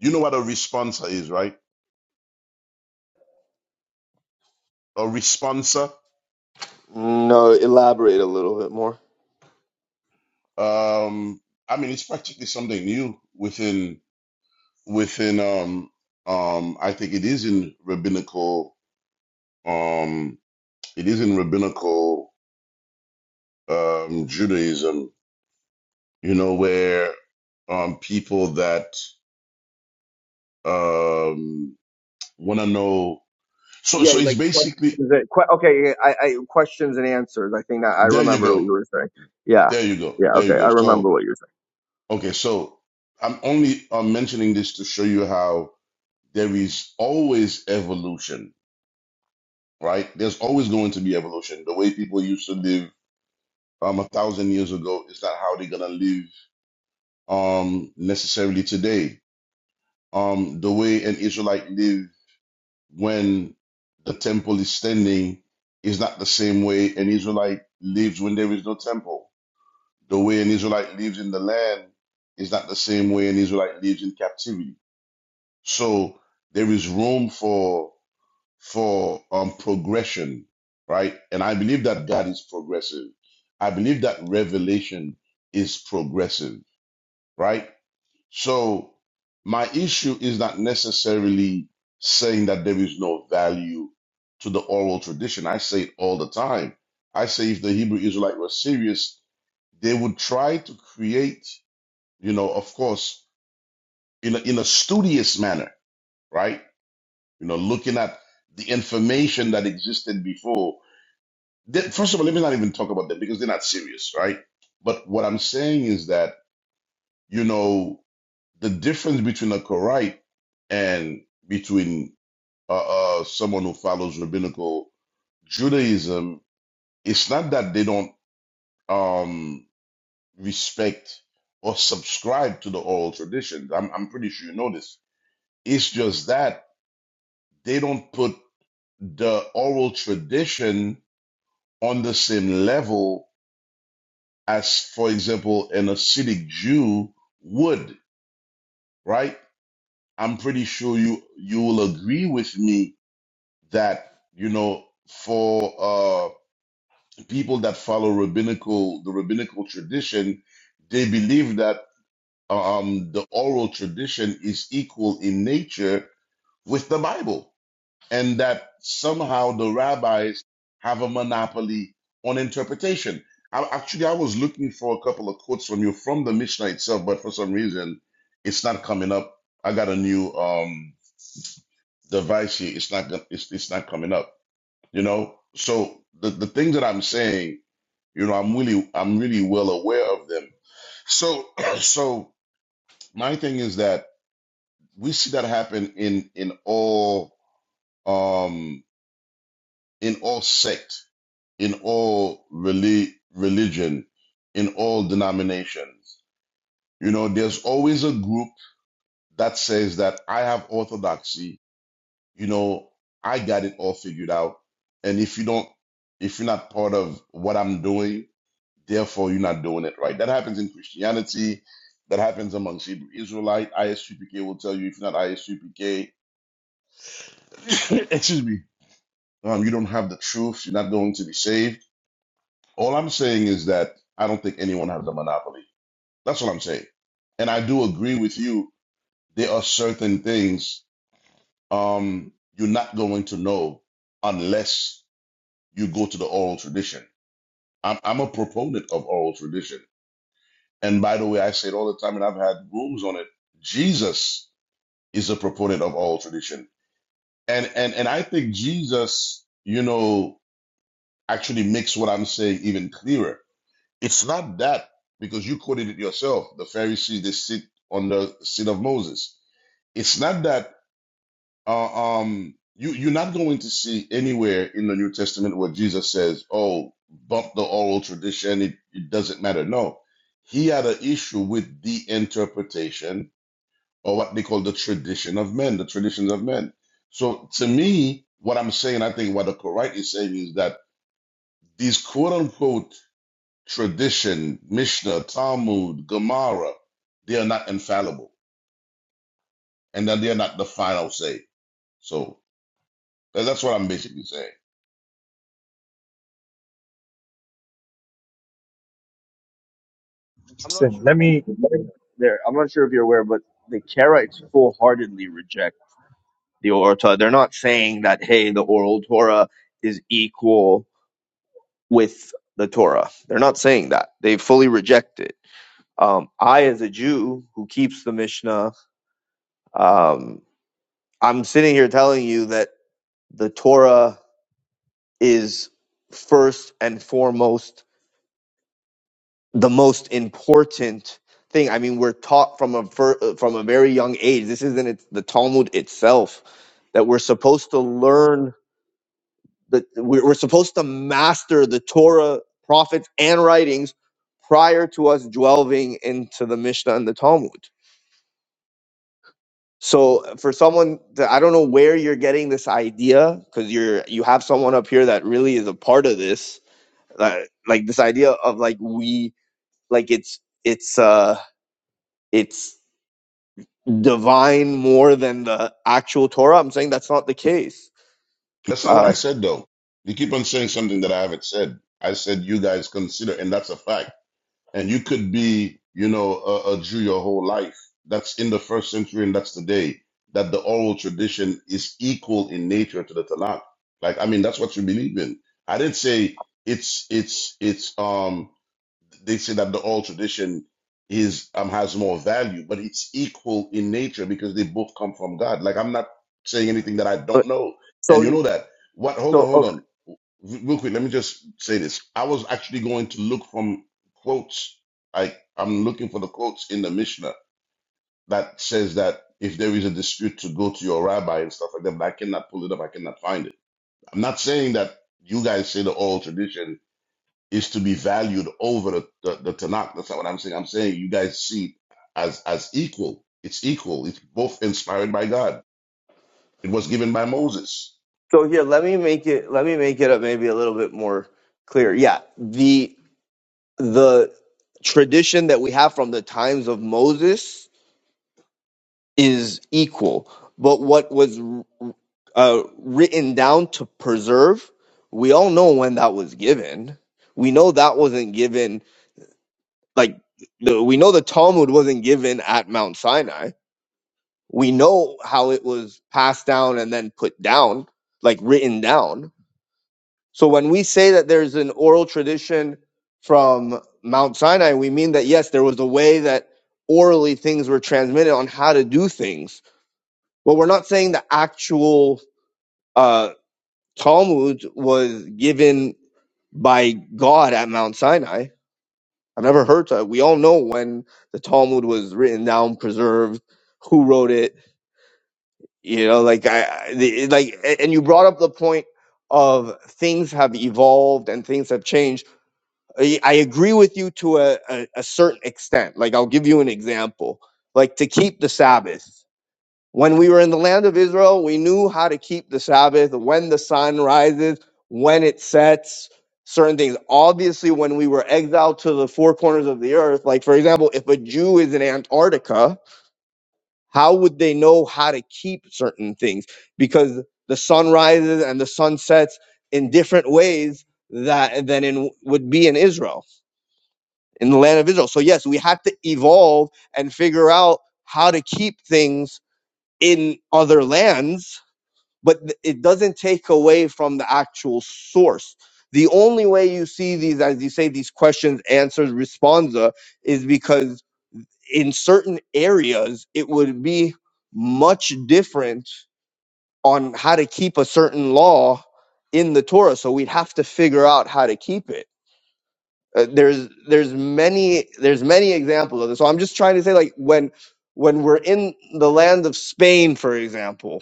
[SPEAKER 4] You know what a responsa is, right? A responsa.
[SPEAKER 2] No, elaborate a little bit more.
[SPEAKER 4] Um, I mean, it's practically something new within within um um. I think it is in rabbinical um. It is in rabbinical um Judaism. You know where um people that um want to know So
[SPEAKER 2] Yeah,
[SPEAKER 4] so it's
[SPEAKER 2] like questions.
[SPEAKER 4] basically
[SPEAKER 2] and- que- Okay, yeah, I, I questions and answers. I think that I
[SPEAKER 4] there. You
[SPEAKER 2] remember what
[SPEAKER 4] go.
[SPEAKER 2] you were saying. Yeah,
[SPEAKER 4] There you go.
[SPEAKER 2] yeah.
[SPEAKER 4] There you
[SPEAKER 2] Okay, I
[SPEAKER 4] go. So
[SPEAKER 2] remember what you were saying.
[SPEAKER 4] okay. So I'm only uh, mentioning this to show you how there is always evolution, right? There's always going to be evolution. The way people used to live um a thousand years ago is not how they're gonna live um necessarily today. Um, the way an Israelite lived when the temple is standing is not the same way an Israelite lives when there is no temple The way an Israelite lives in the land is not the same way an Israelite lives in captivity. So there is room for for um, progression, right? And I believe that God is progressive. I believe that revelation is progressive, right? So my issue is not necessarily saying that there is no value to the oral tradition. I say it all the time. I say if the Hebrew Israelite were serious, they would try to create you know, of course, in a, in a studious manner, right? You know, looking at the information that existed before. Th- First of all, let me not even talk about them because they're not serious, right? But what I'm saying is that, you know, the difference between a Korite and between uh, uh, someone who follows rabbinical Judaism, it's not that they don't um, respect or subscribe to the oral traditions. I'm, I'm pretty sure you know this. It's just that they don't put the oral tradition on the same level as, for example, an Hasidic Jew would, right? I'm pretty sure you you will agree with me that you know for uh, people that follow rabbinical the rabbinical tradition, they believe that um, the oral tradition is equal in nature with the Bible and that somehow the rabbis have a monopoly on interpretation. I, actually, I was looking for a couple of quotes from you from the Mishnah itself, but for some reason, it's not coming up. I got a new um, device here; it's not gon- it's, it's not coming up. You know, so the the things that I'm saying, you know, I'm really I'm really well aware of them. So so my thing is that we see that happen in in all um in all sects in all reli- religion, in all denominations. You know, there's always a group that says that I have orthodoxy. You know, I got it all figured out. And if you don't, if you're not part of what I'm doing, therefore you're not doing it right. That happens in Christianity. That happens amongst Hebrew Israelite. ISUPK will tell you if you're not ISUPK, excuse me, um, you don't have the truth. You're not going to be saved. All I'm saying is that I don't think anyone has a monopoly That's what I'm saying. And I do agree with you. There are certain things um, you're not going to know unless you go to the oral tradition. I'm, I'm a proponent of oral tradition. And by the way, I say it all the time, and I've had rooms on it. Jesus is a proponent of oral tradition. And, and, and I think Jesus, you know, actually makes what I'm saying even clearer. It's not that, because you quoted it yourself. The Pharisees, they sit on the seat of Moses. It's not that Uh, um, you you're not going to see anywhere in the New Testament where Jesus says, "Oh, bump the oral tradition; it, it doesn't matter." No, he had an issue with the interpretation or what they call the tradition of men, the traditions of men. So, to me, what I'm saying, I think what the Korite is saying is that these quote unquote tradition, Mishnah, Talmud, Gemara, they are not infallible, and that they are not the final say. So that- that's what I'm basically saying.
[SPEAKER 2] I'm not
[SPEAKER 1] Interesting.
[SPEAKER 2] sure.
[SPEAKER 1] Let
[SPEAKER 2] if
[SPEAKER 1] me.
[SPEAKER 2] you're aware- There, I'm not sure if you're aware, but the Karaites full-heartedly reject the Oral Torah. They're not saying that hey, the Oral Torah is equal with the Torah. They're not saying that. They fully reject it. Um, I, as a Jew who keeps the Mishnah, um, I'm sitting here telling you that the Torah is first and foremost the most important thing. I mean, we're taught from a fir- uh, from a very young age. This isn't it, the Talmud itself that we're supposed to learn that we're we're supposed to master the Torah, prophets, and writings prior to us delving into the Mishnah and the Talmud. So uh, for someone to, I don't know where you're getting this idea because you're you have someone up here that really is a part of this uh, like this idea of like we Like it's it's uh it's divine more than the actual Torah. I'm saying that's not the case.
[SPEAKER 4] That's not what
[SPEAKER 2] Uh,
[SPEAKER 4] I said, though. You keep on saying something that I haven't said. I said you guys consider, and that's a fact. And you could be, you know, a, a Jew your whole life. That's in the first century, and that's today. That the oral tradition is equal in nature to the Tanakh. Like, I mean, that's what you believe in. I didn't say it's it's it's um they say that the oral tradition is um has more value, but it's equal in nature because they both come from God. Like I'm not saying anything that I
[SPEAKER 2] but
[SPEAKER 4] don't know, and you
[SPEAKER 2] so
[SPEAKER 4] know that. What? Hold on,
[SPEAKER 2] so
[SPEAKER 4] hold
[SPEAKER 2] oh,
[SPEAKER 4] on, R- real quick. Let me just say this. I was actually going to look from quotes. I I'm looking for the quotes in the Mishnah that says that if there is a dispute, to go to your rabbi and stuff like that. But I cannot pull it up. I cannot find it. I'm not saying that you guys say the oral tradition is to be valued over the, the, the Tanakh. That's not what I'm saying. I'm saying you guys see as as equal. It's equal. It's both inspired by God. It was given by Moses.
[SPEAKER 2] so here, let me make it let me make it up maybe a little bit more clear. Yeah, the the tradition that we have from the times of Moses is equal, but what was uh, written down to preserve, we all know when that was given. We know that wasn't given like the, we know the Talmud wasn't given at Mount Sinai. We know how it was passed down and then put down, like written down. So when we say that there's an oral tradition from Mount Sinai, we mean that yes, there was a way that orally things were transmitted on how to do things. But we're not saying the actual uh, Talmud was given by God at Mount Sinai. I have never heard that. We all know when the Talmud was written down, preserved, who wrote it. You know, like I I- the- like, a- and you brought up the point of things have evolved and things have changed. I, I agree with you to a, a, a certain extent. Like I'll give you an example. Like to keep the Sabbath. When we were in the land of Israel, we knew how to keep the Sabbath, when the sun rises, when it sets, certain things. Obviously, when we were exiled to the four corners of the earth, like for example, if a Jew is in Antarctica, how would they know how to keep certain things? Because the sun rises and the sun sets in different ways that than in would be in Israel, in the land of Israel. So yes, we had to evolve and figure out how to keep things in other lands but it doesn't take away from the actual source. The only way you see these, as you say, these questions, answers, responsa, is because in certain areas it would be much different on how to keep a certain law in the Torah. So we'd have to figure out how to keep it. Uh, there's there's many there's many examples of this. So I'm just trying to say, like when when we're in the land of Spain, for example,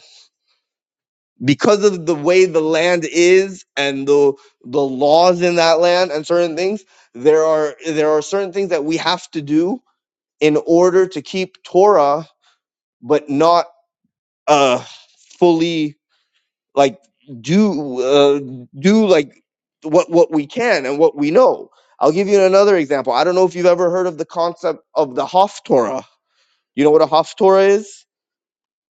[SPEAKER 2] because of the way the land is and the the laws in that land and certain things there are there are certain things that we have to do in order to keep torah but not uh fully like do uh, do like what what we can and what we know i'll give you another example i don't know if you've ever heard of the concept of the haftorah you know what a haftorah is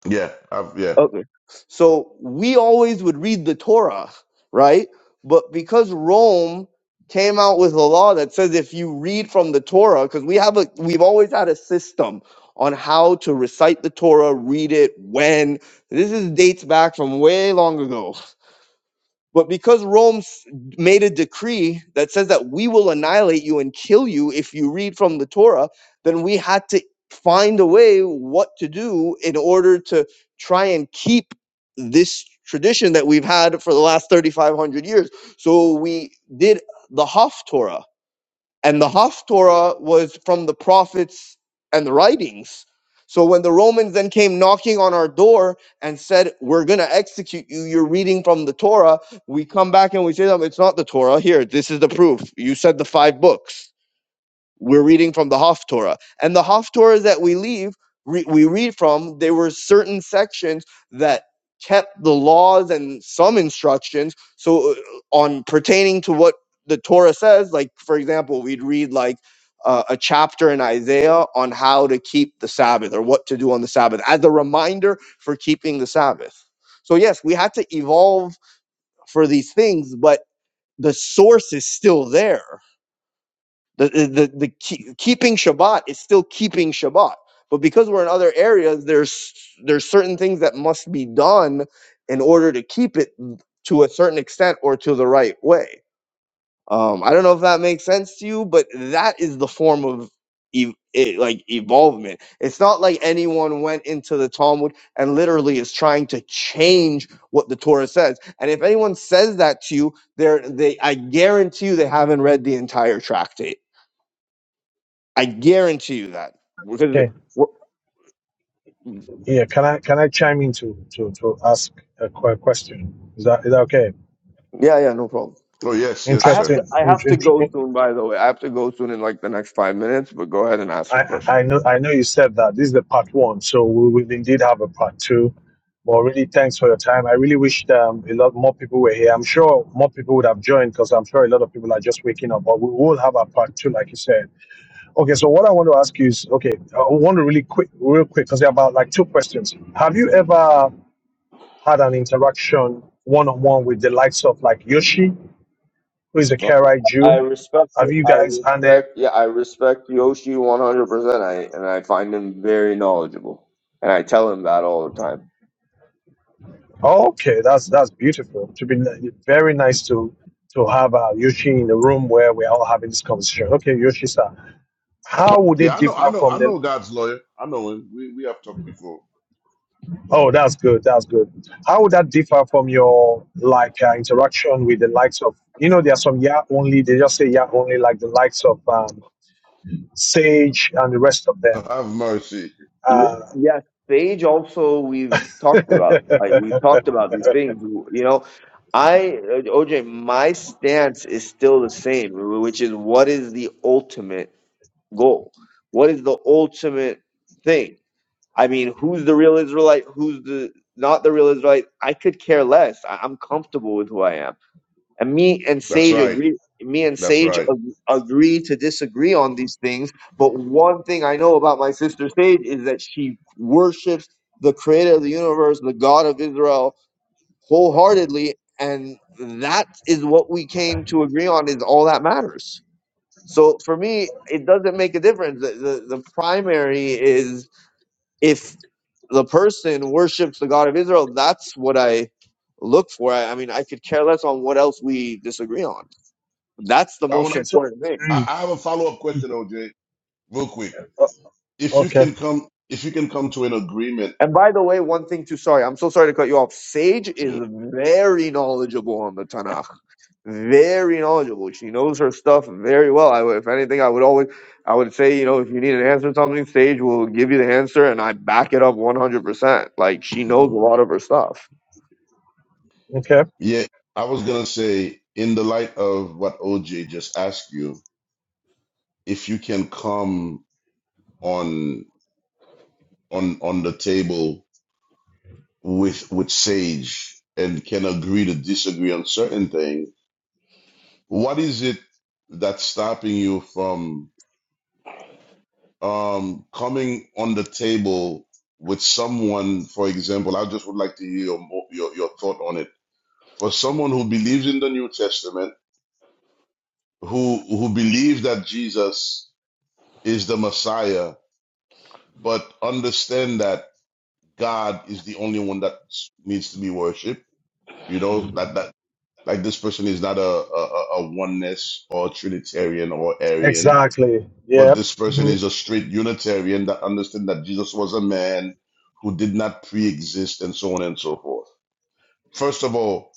[SPEAKER 4] Yeah, I've, yeah.
[SPEAKER 2] Okay. So we always would read the Torah, right? But because Rome came out with a law that says if you read from the Torah, because we have a we've always had a system on how to recite the Torah, read it, when. This is dates back from way long ago. But because Rome s- made a decree that says that we will annihilate you and kill you if you read from the Torah, then we had to find a way what to do in order to try and keep this tradition that we've had for the last 3,500 years. So we did the Haftorah, and the Haftorah was from the prophets and the writings. So when the Romans then came knocking on our door and said, "We're going to execute you. You're reading from the Torah," we come back and we say to them, "It's not the Torah. Here, this is the proof. You said the five books." We're reading from the Haftorah, and the Haftorah that we leave re- we read from there were certain sections that kept the laws and some instructions so uh, on pertaining to what the Torah says like for example we'd read like uh, a chapter in Isaiah on how to keep the Sabbath or what to do on the Sabbath as a reminder for keeping the Sabbath. So yes, we had to evolve for these things, but the source is still there. The the the, keep, keeping Shabbat is still keeping Shabbat, but because we're in other areas, there's there's certain things that must be done in order to keep it to a certain extent or to the right way. Um, I don't know if that makes sense to you, but that is the form of ev- it, like evolvement. It's not like anyone went into the Talmud and literally is trying to change what the Torah says. And if anyone says that to you, they're they I guarantee you they haven't read the entire tractate I guarantee you that because
[SPEAKER 1] Okay.
[SPEAKER 2] wh-
[SPEAKER 1] Yeah. Can I can I chime in to to, to ask a que- question? Is that is that okay?
[SPEAKER 2] yeah, yeah, no problem.
[SPEAKER 4] Oh yes, yes,
[SPEAKER 2] I have
[SPEAKER 4] sir.
[SPEAKER 2] to
[SPEAKER 1] Interesting.
[SPEAKER 2] I have to go
[SPEAKER 1] Interesting.
[SPEAKER 2] soon. By the way, I have to go soon in like the next five minutes. But go ahead and ask
[SPEAKER 1] I,
[SPEAKER 2] your question.
[SPEAKER 1] I know I know you said that this is the part one, so we will indeed have a part two. But really, thanks for your time. I really wish um, a lot more people were here. I'm sure more people would have joined because I'm sure a lot of people are just waking up. But we will have our part two, like you said. Okay, so what I want to ask you is, okay, I want to really quick, real quick, because there are about like two questions. Have you ever had an interaction one on one with the likes of like Yoshi, who is a Karaite
[SPEAKER 2] I
[SPEAKER 1] Jew?
[SPEAKER 2] respect
[SPEAKER 1] Have
[SPEAKER 2] you.
[SPEAKER 1] you
[SPEAKER 2] I
[SPEAKER 1] guys? And then
[SPEAKER 2] respect. Yeah, I respect Yoshi one hundred percent. I and I find him very knowledgeable, and I tell him that all the time.
[SPEAKER 1] Okay, that's that's beautiful. To be ni- very nice to to have uh, Yoshi in the room where we're all having this conversation. Okay, Yoshi sir, how would it
[SPEAKER 4] Yeah, I know, I
[SPEAKER 1] differ
[SPEAKER 4] know, I
[SPEAKER 1] from the?
[SPEAKER 4] know God's lawyer. I know him. We we have talked before.
[SPEAKER 1] Oh, that's good. That's good. How would that differ from your like uh, interaction with the likes of? You know, there are some yeah only. They just say yeah only, like the likes of um, Sage and the rest of them.
[SPEAKER 4] Have mercy.
[SPEAKER 2] Ye-
[SPEAKER 1] Uh,
[SPEAKER 2] Yes, Sage. Also, we've talked
[SPEAKER 1] okay,
[SPEAKER 2] about. Like we talked about these things. You know, I uh, OJ. My stance is still the same, which is what is the ultimate goal? What is the ultimate thing? I mean, who's the real Israelite? Who's the not the real Israelite? I could care less. I, I'm comfortable with who I am. And me and
[SPEAKER 4] That's
[SPEAKER 2] Sage
[SPEAKER 4] right.
[SPEAKER 2] agree. Me and
[SPEAKER 4] That's
[SPEAKER 2] Sage
[SPEAKER 4] right.
[SPEAKER 2] ag- agree to disagree on these things. But one thing I know about my sister Sage is that she worships the Creator of the universe, the God of Israel, wholeheartedly, and that is what we came to agree on. Is all that matters. So for me, it doesn't make a difference. The, the, the primary is if the person worships the God of Israel, that's what I look for. I, I mean, I could care less on what else we disagree on. That's the
[SPEAKER 4] I want.
[SPEAKER 2] most
[SPEAKER 1] so
[SPEAKER 2] important thing.
[SPEAKER 4] I,
[SPEAKER 1] mm,
[SPEAKER 4] I have a follow up
[SPEAKER 1] mm,
[SPEAKER 4] question, OJ, real quick.
[SPEAKER 1] uh,
[SPEAKER 4] If you
[SPEAKER 1] okay,
[SPEAKER 4] can come, if you can come to an agreement.
[SPEAKER 2] And by the way, one thing too, sorry, I'm so sorry to cut you off. Sage is very knowledgeable on the Tanakh. Very knowledgeable. She knows her stuff very well. I, would- if anything, I would always, I would say, you know, if you need an answer to something, Sage will give you the answer and I back it up 100%. Like she knows a lot of her stuff.
[SPEAKER 1] okay,
[SPEAKER 4] Yeah, I was gonna say in the light of what OJ just asked you if you can come on on on the table with with sage and can agree to disagree on certain things what is it that's stopping you from um coming on the table with someone for example i just would like to hear your your, your thought on it for someone who believes in the new testament who who believes that jesus is the messiah but understand that God is the only one that needs to be worshipped. You know that that like this person is not a a, a oneness or Trinitarian or Arian,
[SPEAKER 1] exactly.
[SPEAKER 4] but
[SPEAKER 1] Yeah.
[SPEAKER 4] this person is a straight Unitarian that understood that Jesus was a man who did not pre-exist and so on and so forth. First of all,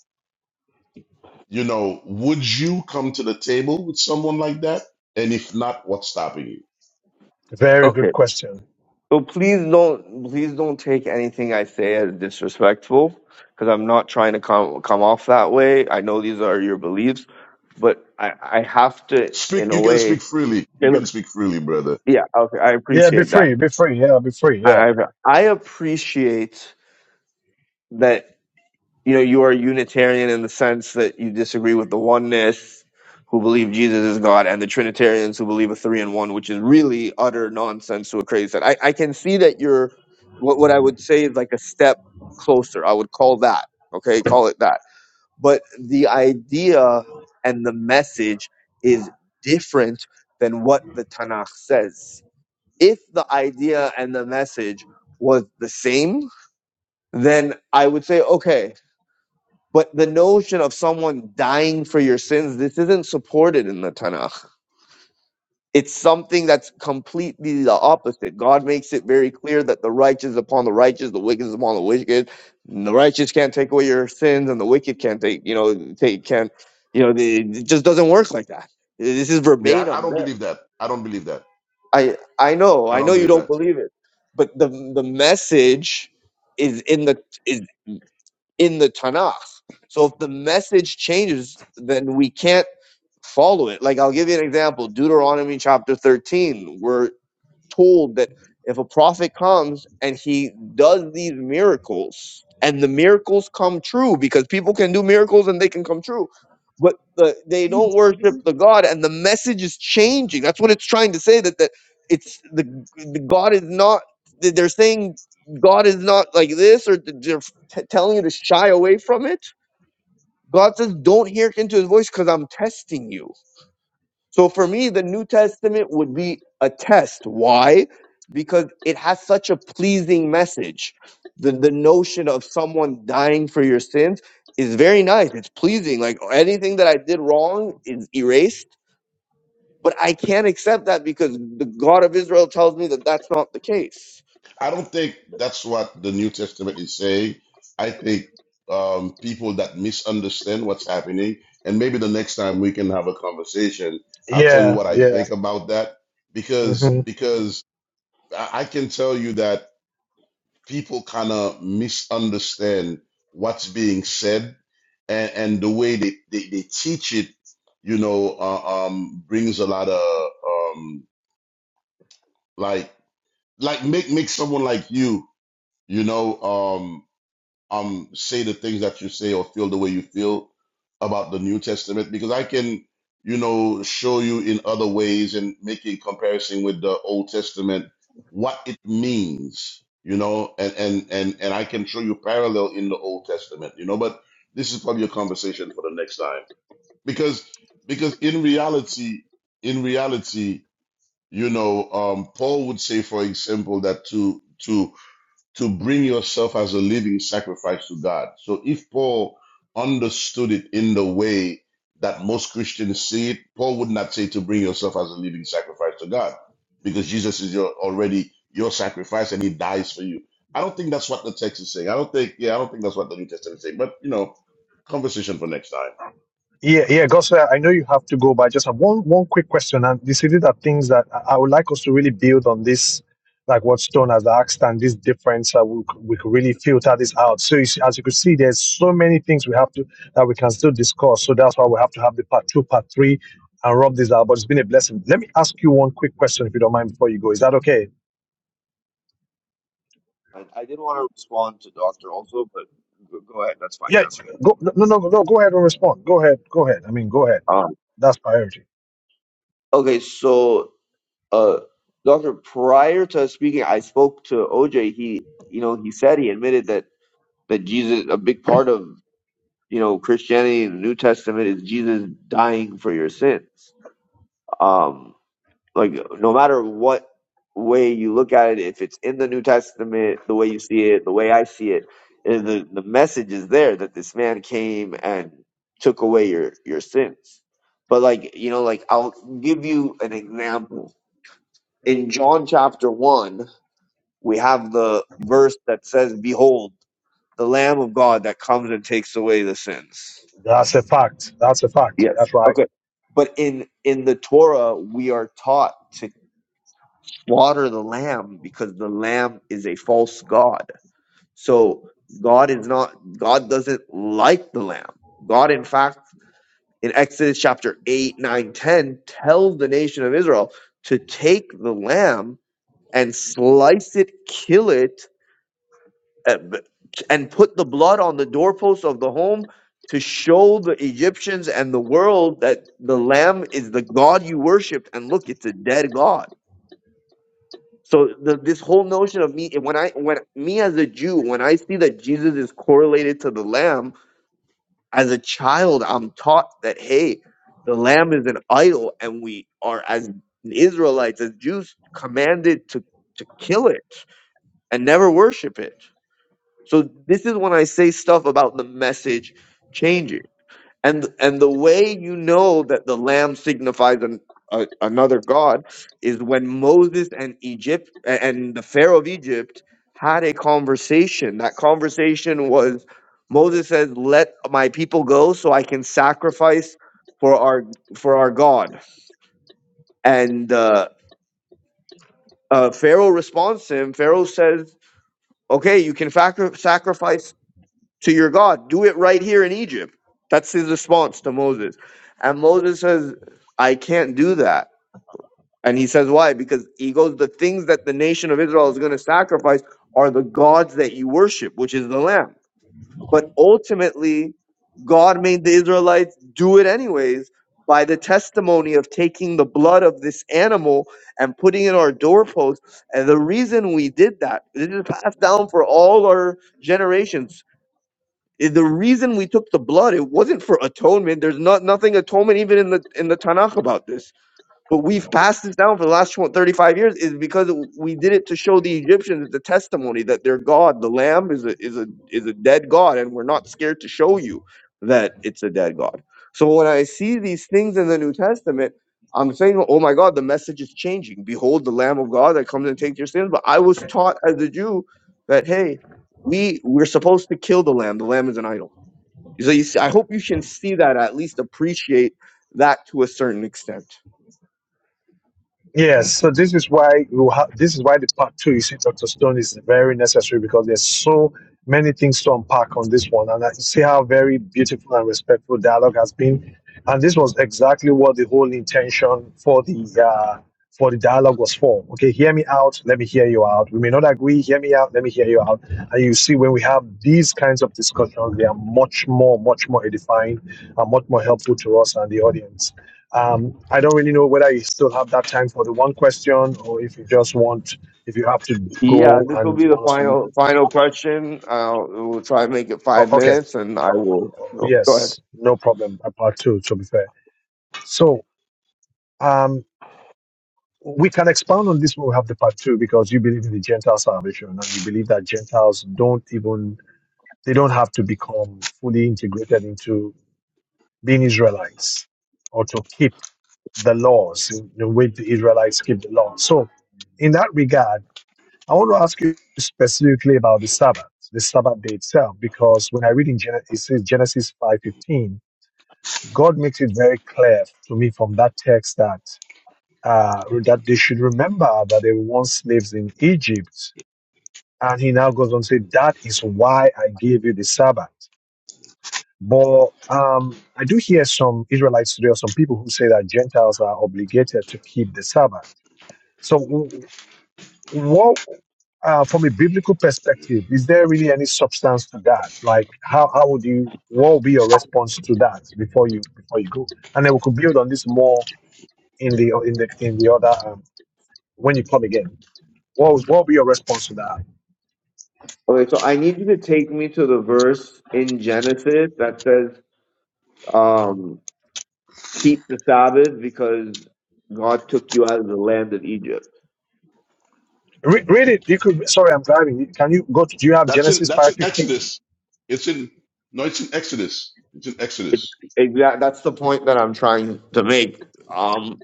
[SPEAKER 4] you know, would you come to the table with someone like that? And if not, what's stopping you?
[SPEAKER 1] Very good
[SPEAKER 2] Okay.
[SPEAKER 1] question.
[SPEAKER 2] So please don't, please don't take anything I say as disrespectful because I'm not trying to come, come off that way. I know these are your beliefs, but I, I have to,
[SPEAKER 4] Speak.
[SPEAKER 2] in a
[SPEAKER 4] You can speak
[SPEAKER 2] way,
[SPEAKER 4] freely. You can speak freely, brother.
[SPEAKER 2] Yeah, okay. I
[SPEAKER 1] Yeah, be
[SPEAKER 2] appreciate that.
[SPEAKER 1] free, be free. Yeah, be free. Yeah,
[SPEAKER 2] I, I I appreciate that you know you are Unitarian in the sense that you disagree with the oneness who believe Jesus is God and the Trinitarians who believe a three in one, which is really utter nonsense to a crazy set. I, I can see that you're what what I would say is like a step closer. I would call that okay, call it that. But the idea and the message is different than what the Tanakh says if the idea and the message was the same, then I would say, okay. But the notion of someone dying for your sins, this isn't supported in the Tanakh. It's something that's completely the opposite. God makes it very clear that the righteous upon the righteous, the wicked is upon the wicked. And The righteous can't take away your sins, and the wicked can't take, you know, take can't, you know, the- it just doesn't work like that. This is
[SPEAKER 4] Yeah, I, I
[SPEAKER 2] verbatim
[SPEAKER 4] don't
[SPEAKER 2] there.
[SPEAKER 4] believe that. I don't believe that.
[SPEAKER 2] I I know,
[SPEAKER 4] I
[SPEAKER 2] I know
[SPEAKER 4] don't
[SPEAKER 2] you
[SPEAKER 4] believe that.
[SPEAKER 2] don't believe it, but the the message is in the is in the Tanakh. So if the message changes, then we can't follow it. Like I'll give you an example: Deuteronomy chapter thirteen. where told that if a prophet comes and he does these miracles and the miracles come true because people can do miracles and they can come true but the, they don't worship the god and the message is changing that's what it's trying to say that that it's the, the god is not that they're saying god is not like this or th- they're t- telling you to shy away from it god says don't hear into his voice because i'm testing you so for me, the New Testament would be a test. Why? Because it has such a pleasing message. The, the notion of someone dying for your sins is very nice. It's pleasing. Like anything that I did wrong is erased, but I can't accept that because the God of Israel tells me that that's not the case.
[SPEAKER 4] I don't think that's what the New Testament is saying. I think um, people that misunderstand what's happening, and maybe the next time we can have a conversation, I'll tell you
[SPEAKER 1] yeah,
[SPEAKER 4] what I
[SPEAKER 1] yeah.
[SPEAKER 4] think about that because
[SPEAKER 1] hmm
[SPEAKER 4] because I I can tell you that people kind of misunderstand what's being said, and, and the way they, they, they teach it, you know, uh, um, brings a lot of um, like like make make someone like you you know um, um say the things that you say or feel the way you feel about the New Testament because I can you know show you in other ways and make a comparison with the Old Testament what it means you know and and and and I can show you parallel in the Old Testament you know but this is probably a conversation for the next time because because in reality in reality you know um Paul would say for example that to to to bring yourself as a living sacrifice to God. So if Paul understood it in the way that most Christians see it, Paul would not say to bring yourself as a living sacrifice to God because Jesus is your already your sacrifice and he dies for you. I don't think that's what the text is saying. I don't think yeah, I don't think that's what the New Testament is saying. But you know, conversation for next time.
[SPEAKER 1] Yeah, yeah. Gospel, I know you have to go, but I just have one one quick question, and this is are things that I I would like us to really build on this, like what Stone has asked, and this difference that we c- we could really filter this out. So you see, as you can see, there's so many things we have to that we can still discuss. So that's why we have to have the part two, part three, and rub this out. But it's been a blessing. Let me ask you one quick question, if you don't mind, before you go. Is that okay?
[SPEAKER 2] I, I did want to respond to Doctor also, but go, go ahead. That's fine.
[SPEAKER 1] Yeah,
[SPEAKER 2] Answer.
[SPEAKER 1] go, no, no, no, no, go ahead and respond. Go ahead, go ahead. I mean, go ahead.
[SPEAKER 2] Um,
[SPEAKER 1] That's priority.
[SPEAKER 2] okay, so uh, doctor, prior to speaking, I spoke to OJ. He, you know, he said he admitted that that Jesus, a big part of you know Christianity and the New Testament is Jesus dying for your sins. Um, like no matter what way you look at it, if it's in the New Testament, the way you see it, the way I see it, eh, the the message is there that this man came and took away your your sins. But like you know, like I'll give you an example in John chapter one we have the verse that says, Behold, the Lamb of God that comes and takes away the sins.
[SPEAKER 1] That's a fact. That's a fact.
[SPEAKER 2] Yes.
[SPEAKER 1] That's right.
[SPEAKER 2] Okay. But in, in the Torah, we are taught to slaughter the lamb because the lamb is a false God. So God is not, God doesn't like the lamb. God, in fact, in Exodus chapter 8, 9, 10, tells the nation of Israel to take the lamb and slice it, kill it, uh, and put the blood on the doorposts of the home to show the Egyptians and the world that the lamb is the god you worshiped and look it's a dead god so the, this whole notion of me when i when me as a jew when i see that jesus is correlated to the lamb as a child i'm taught that hey the lamb is an idol and we are as israelites as jews commanded to to kill it and never worship it So this is when I say stuff about the message changing. And and the way you know that the lamb signifies an, a, another god is when Moses and Egypt a- and the Pharaoh of Egypt had a conversation. That conversation was Moses says, "Let my people go, so I can sacrifice for our for our God." And uh, uh, Pharaoh responds to him. Pharaoh says, "Okay, you can sacri- sacrifice to your God. Do it right here in Egypt. That's his response to Moses. And Moses says, I can't do that. And he says, Why? Because he goes, The things that the nation of Israel is going to sacrifice are the gods that you worship, which is the Lamb. But ultimately, God made the Israelites do it anyways by the testimony of taking the blood of this animal and putting it on our doorposts. And the reason we did that, this is passed down for all our generations the reason we took the blood it wasn't for atonement there's not nothing atonement even in the in the tanakh about this but we've passed this down for the last what, 35 years is because we did it to show the Egyptians it's a testimony that their God, the Lamb, is a is a is a dead God, and we're not scared to show you that it's a dead God. So when I see these things in the New Testament, I'm saying, oh my God, the message is changing. Behold, the Lamb of God that comes and takes your sins. But I was taught as a Jew that hey, we we're supposed to kill the Lamb. The Lamb is an idol. So you see, I hope you can see that at least appreciate that to a certain extent.
[SPEAKER 1] Yes, so this is why you ha- this is why the part two you see, Doctor Stone is very necessary because there's so many things to unpack on this one, and I see how very beautiful and respectful dialogue has been, and this was exactly what the whole intention for the uh, for the dialogue was for. Okay, hear me out. Let me hear you out. We may not agree. Hear me out. Let me hear you out. And you see, when we have these kinds of discussions, they are much more, much more edifying and much more helpful to us and the audience. Um, I don't really know whether you still have that time for the one question or if you just want, if you have to
[SPEAKER 2] Yeah,
[SPEAKER 1] go
[SPEAKER 2] this will
[SPEAKER 1] and
[SPEAKER 2] be
[SPEAKER 1] you
[SPEAKER 2] the
[SPEAKER 1] want us to leave.
[SPEAKER 2] final final question. Uh, we'll try and make it
[SPEAKER 1] Oh,
[SPEAKER 2] five
[SPEAKER 1] okay.
[SPEAKER 2] minutes, and I will
[SPEAKER 1] Oh,
[SPEAKER 2] go, go ahead.
[SPEAKER 1] Yes, no problem. A part two, to be fair. So um, we can expound on this when we have the part two because you believe in the Gentile salvation and you believe that Gentiles don't even, they don't have to become fully integrated into being Israelites or to keep the laws in the way the Israelites keep the law. So in that regard, I want to ask you specifically about the Sabbath, the Sabbath day itself, because when I read in Gen- it says Genesis 5.15, God makes it very clear to me from that text that uh, that they should remember that they were once slaves in Egypt. And he now goes on to say, that is why I gave you the Sabbath. But um, I do hear some Israelites today or some people who say that Gentiles are obligated to keep the Sabbath. So, w- what uh, from a biblical perspective is there really any substance to that like how, how would you what would be your response to that before you before you go and then we could build on this more in the in the in the other um, when you come again what would, what would be your response to that
[SPEAKER 2] Okay, so I need you to take me to the verse in Genesis that says, um, "Keep the Sabbath because God took you out of the land of Egypt."
[SPEAKER 1] Re- read it you could sorry i'm driving can you go to do you have
[SPEAKER 4] That's in
[SPEAKER 1] genesis
[SPEAKER 4] that's in
[SPEAKER 1] 5.15
[SPEAKER 4] Exodus. It's in no, it's in Exodus. It's in
[SPEAKER 2] It,
[SPEAKER 4] Exodus.
[SPEAKER 2] exact. That's the point that I'm trying to make. Um,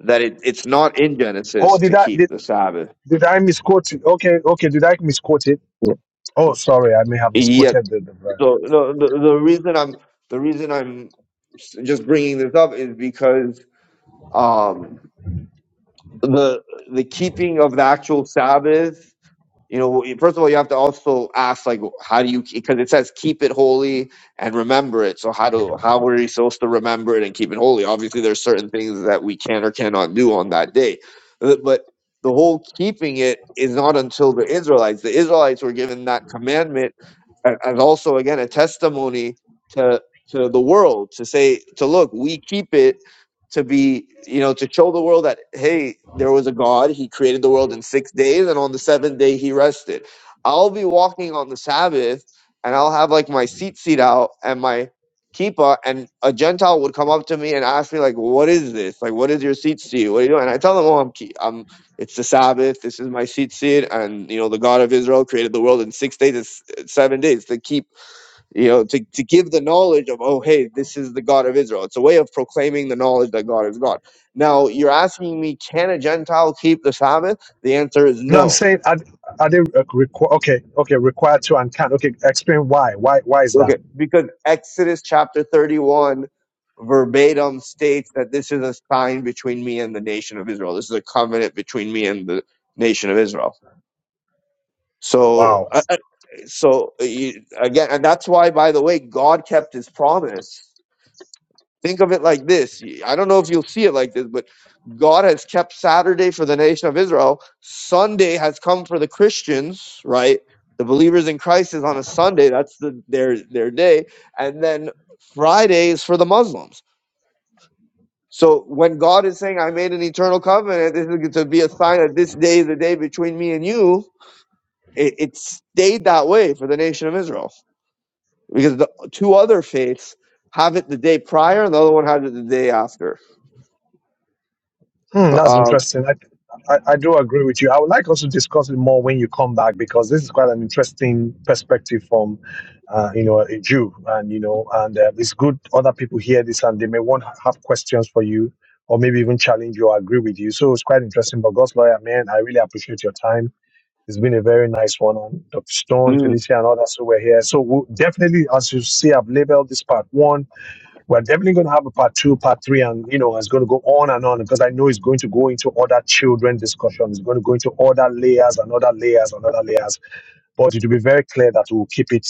[SPEAKER 2] that it, it's not in
[SPEAKER 1] oh
[SPEAKER 2] Genesis
[SPEAKER 1] did
[SPEAKER 2] to
[SPEAKER 1] i
[SPEAKER 2] keep
[SPEAKER 1] did,
[SPEAKER 2] the Sabbath.
[SPEAKER 1] did i misquote it okay okay did i misquote it oh sorry i may have
[SPEAKER 2] Yes.
[SPEAKER 1] misquoted the, the verse
[SPEAKER 2] So the, the the reason I'm the reason I'm s- just bringing this up is because um, the the keeping of the actual Sabbath. You know, first of all, you have to also ask like, how do you? Because it says keep it holy and remember it. So how do how are you supposed to remember it and keep it holy? Obviously, there's certain things that we can or cannot do on that day, Uh, but the whole keeping it is not until the Israelites. The Israelites were given that commandment a- as also again a testimony to to the world to say to look, we keep it to be, you know, to show the world that, hey, there was a God. He created the world in six days, and on the seventh day, he rested. I'll be walking on the Sabbath, and I'll have like my seat seat out and my kippah, and a Gentile would come up to me and ask me, like, what is this? Like, what is your seat seat? What are you doing? And I tell them, oh, I'm, ki- I'm it's the Sabbath. This is my seat seat, and you know, the God of Israel created the world in six days, it's it's seven days to keep you know to, to give the knowledge of oh hey this is the god of israel it's a way of proclaiming the knowledge that god is god now you're asking me can a gentile keep the sabbath the answer is
[SPEAKER 1] No, I'm
[SPEAKER 2] no
[SPEAKER 1] saying are, are they uh, requ- okay? Okay, required to and can. Okay, explain why. Why? Why is
[SPEAKER 2] okay
[SPEAKER 1] that?
[SPEAKER 2] because exodus chapter 31 verbatim states that this is a sign between me and the nation of israel this is a covenant between me and the nation of israel so
[SPEAKER 1] Wow,
[SPEAKER 2] I- so uh, you, again and that's why by the way god kept his promise Think of it like this. I I don't know if you'll see it like this, but God has kept Saturday for the nation of Israel. Sunday has come for the Christians, right? The believers in Christ is on a Sunday. That's the, their their day, and then Friday is for the Muslims. So when God is saying, "I made an eternal covenant," this is going to be a sign that this day is the day between me and you. It, it stayed that way for the nation of Israel because the two other faiths have it the day prior, and the other one has it the day after.
[SPEAKER 1] hmm, that's
[SPEAKER 2] Uh,
[SPEAKER 1] interesting. I, I I do agree with you. I would like us to discuss it more when you come back because this is quite an interesting perspective from, uh, you know, a Jew, and you know, and uh, it's good other people hear this and they may want to have questions for you or maybe even challenge you or agree with you. So it's quite interesting. But God's lawyer, man, I really appreciate your time It's been a very nice one. And Dr. Stone,
[SPEAKER 2] Mm,
[SPEAKER 1] Felicia, and others who were here. So we'll definitely, as you see, I've labeled this part one. We're definitely going to have a part two, part three, and you know, it's going to go on and on because I know it's going to go into other children discussion. It's going to go into other layers and other layers and other layers. But it will be very clear that we'll keep it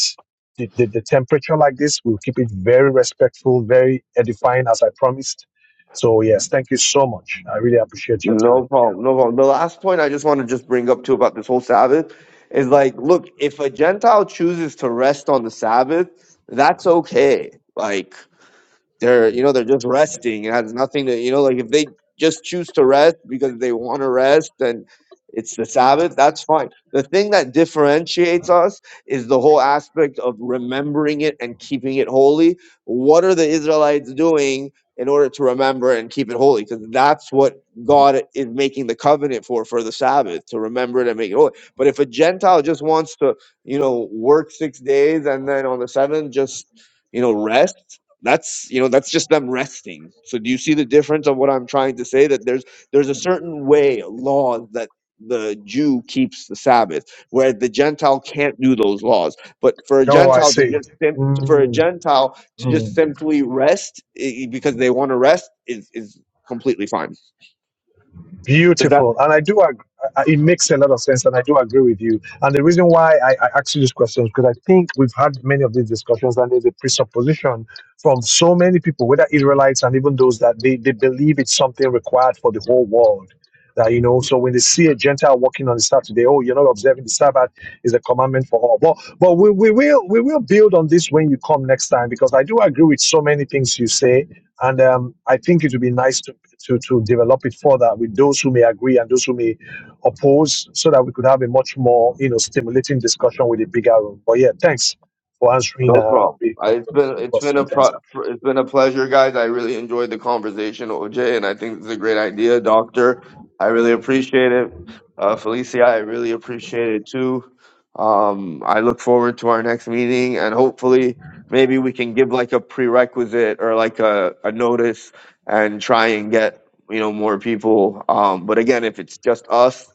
[SPEAKER 1] the, the, the temperature like this. We'll keep it very respectful, very edifying, as I promised. So yes, thank you so much. I really appreciate your
[SPEAKER 2] no
[SPEAKER 1] time. Yeah.
[SPEAKER 2] problem. No problem. The last point I just want to just bring up too about this whole Sabbath is like, look, if a Gentile chooses to rest on the Sabbath, that's okay. Like They're, you know, they're just resting. It has nothing to, you know, like if they just choose to rest because they want to rest and it's the Sabbath, that's fine. The thing that differentiates us is the whole aspect of remembering it and keeping it holy. What are the Israelites doing in order to remember and keep it holy? Because that's what God is making the covenant for, for the Sabbath, to remember it and make it holy. But if a Gentile just wants to, you know, work six days and then on the seventh, just, you know, rest that's you know that's just them resting so do you see the difference of what i'm trying to say that there's there's a certain way law that the jew keeps the sabbath where the gentile can't do those laws but for a
[SPEAKER 1] Oh, I
[SPEAKER 2] gentile to
[SPEAKER 1] see.
[SPEAKER 2] just sim- for a
[SPEAKER 1] Mm,
[SPEAKER 2] gentile to
[SPEAKER 1] mm.
[SPEAKER 2] just simply rest i- because they want to rest is is completely fine Is that?
[SPEAKER 1] Beautiful. And I do, ag- I- it makes a lot of sense, and I do agree with you. And the reason why I, I ask you these questions, because I think we've had many of these discussions, and there's a presupposition from so many people, whether Israelites and even those that they, they believe it's something required for the whole world. That, you know, so when they see a Gentile walking on the Sabbath, they, oh, you're not observing the Sabbath is a commandment for all. But but we, we will we will build on this when you come next time because I do agree with so many things you say and um, I think it would be nice to, to, to develop it further with those who may agree and those who may oppose so that we could have a much more you know stimulating discussion with a bigger room. But yeah, thanks for answering
[SPEAKER 2] No
[SPEAKER 1] uh,
[SPEAKER 2] problem.
[SPEAKER 1] the,
[SPEAKER 2] I,
[SPEAKER 1] the,
[SPEAKER 2] it's
[SPEAKER 1] the-
[SPEAKER 2] been
[SPEAKER 1] the
[SPEAKER 2] it's been a
[SPEAKER 1] question. Thanks.
[SPEAKER 2] pro,
[SPEAKER 1] Andrew.
[SPEAKER 2] it's been a pleasure, guys. I really enjoyed the conversation, OJ, and I think this is a great idea, Doctor. I really appreciate it, uh, Felicia. I really appreciate it too. Um, I look forward to our next meeting, and hopefully, maybe we can give like a prerequisite or like a, a notice and try and get you know more people. Um, but again, if it's just us,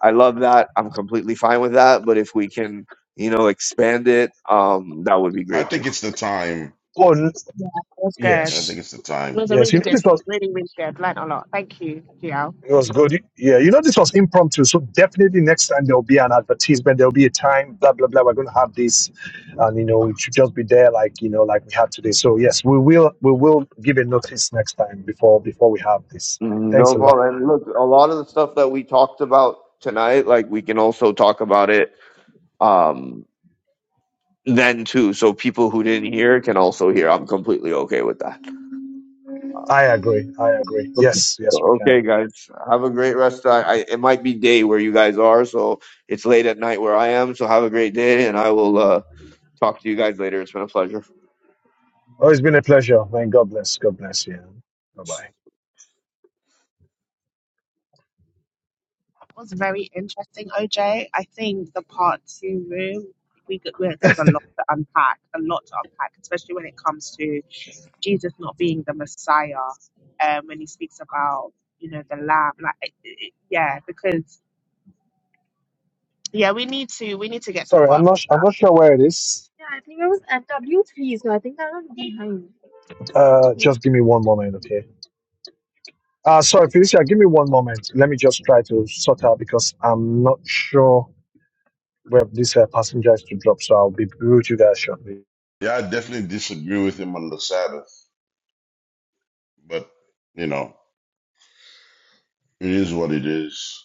[SPEAKER 2] I love that. I'm completely fine with that. But if we can, you know, expand it, um, that would be
[SPEAKER 4] I
[SPEAKER 2] great too.
[SPEAKER 4] think it's the time.
[SPEAKER 1] Oh,
[SPEAKER 3] Yeah, it was good.
[SPEAKER 4] I think
[SPEAKER 1] yes.
[SPEAKER 4] it's the time
[SPEAKER 3] It was a
[SPEAKER 1] Yes, you
[SPEAKER 3] really
[SPEAKER 1] know,
[SPEAKER 3] good,
[SPEAKER 1] this was
[SPEAKER 3] really, really good. Learned a lot. Thank you, Giao.
[SPEAKER 1] It was good. Yeah, you know, this was impromptu. So definitely next time there'll be an advertisement, there'll be a time, blah, blah, blah. We're going to have this. And, you know, it should just be there like, you know, like we had today. So yes, we will, we will give a notice next time before, before we have this. Thanks
[SPEAKER 2] No
[SPEAKER 1] a lot,
[SPEAKER 2] problem. And
[SPEAKER 1] man.
[SPEAKER 2] look, a lot of the stuff that we talked about tonight, like we can also talk about it um, then too. So people who didn't hear can also hear. I'm completely okay with that.
[SPEAKER 1] I agree. I agree.
[SPEAKER 2] Okay.
[SPEAKER 1] Yes, yes, we can.
[SPEAKER 2] Okay, guys. Have a great rest. I, I it might be day where you guys are, so it's late at night where I am. So have a great day, and I will uh, talk to you guys later. It's been a pleasure.
[SPEAKER 1] Oh, it's been a pleasure, man. God bless. God bless you. Bye bye.
[SPEAKER 3] was very interesting, OJ. I think the part two room, we could, we there's a lot to unpack, a lot to unpack, especially when it comes to Jesus not being the Messiah. Um, when he speaks about you know the lamb, like it, it, yeah, because yeah, we need to we need to get to the
[SPEAKER 1] Sorry, I'm
[SPEAKER 3] bottom.
[SPEAKER 1] not, I'm not sure where it is. Yeah, I think it was at W3, so I think I was behind. Uh, Yeah. just give me one moment, okay? Uh, sorry, Felicia, give me one moment. Let me just try to sort out because I'm not sure where this uh, passenger is to drop, so I'll be with you guys shortly.
[SPEAKER 4] Yeah, I definitely disagree with him on the Sabbath, but you know, it is what it is.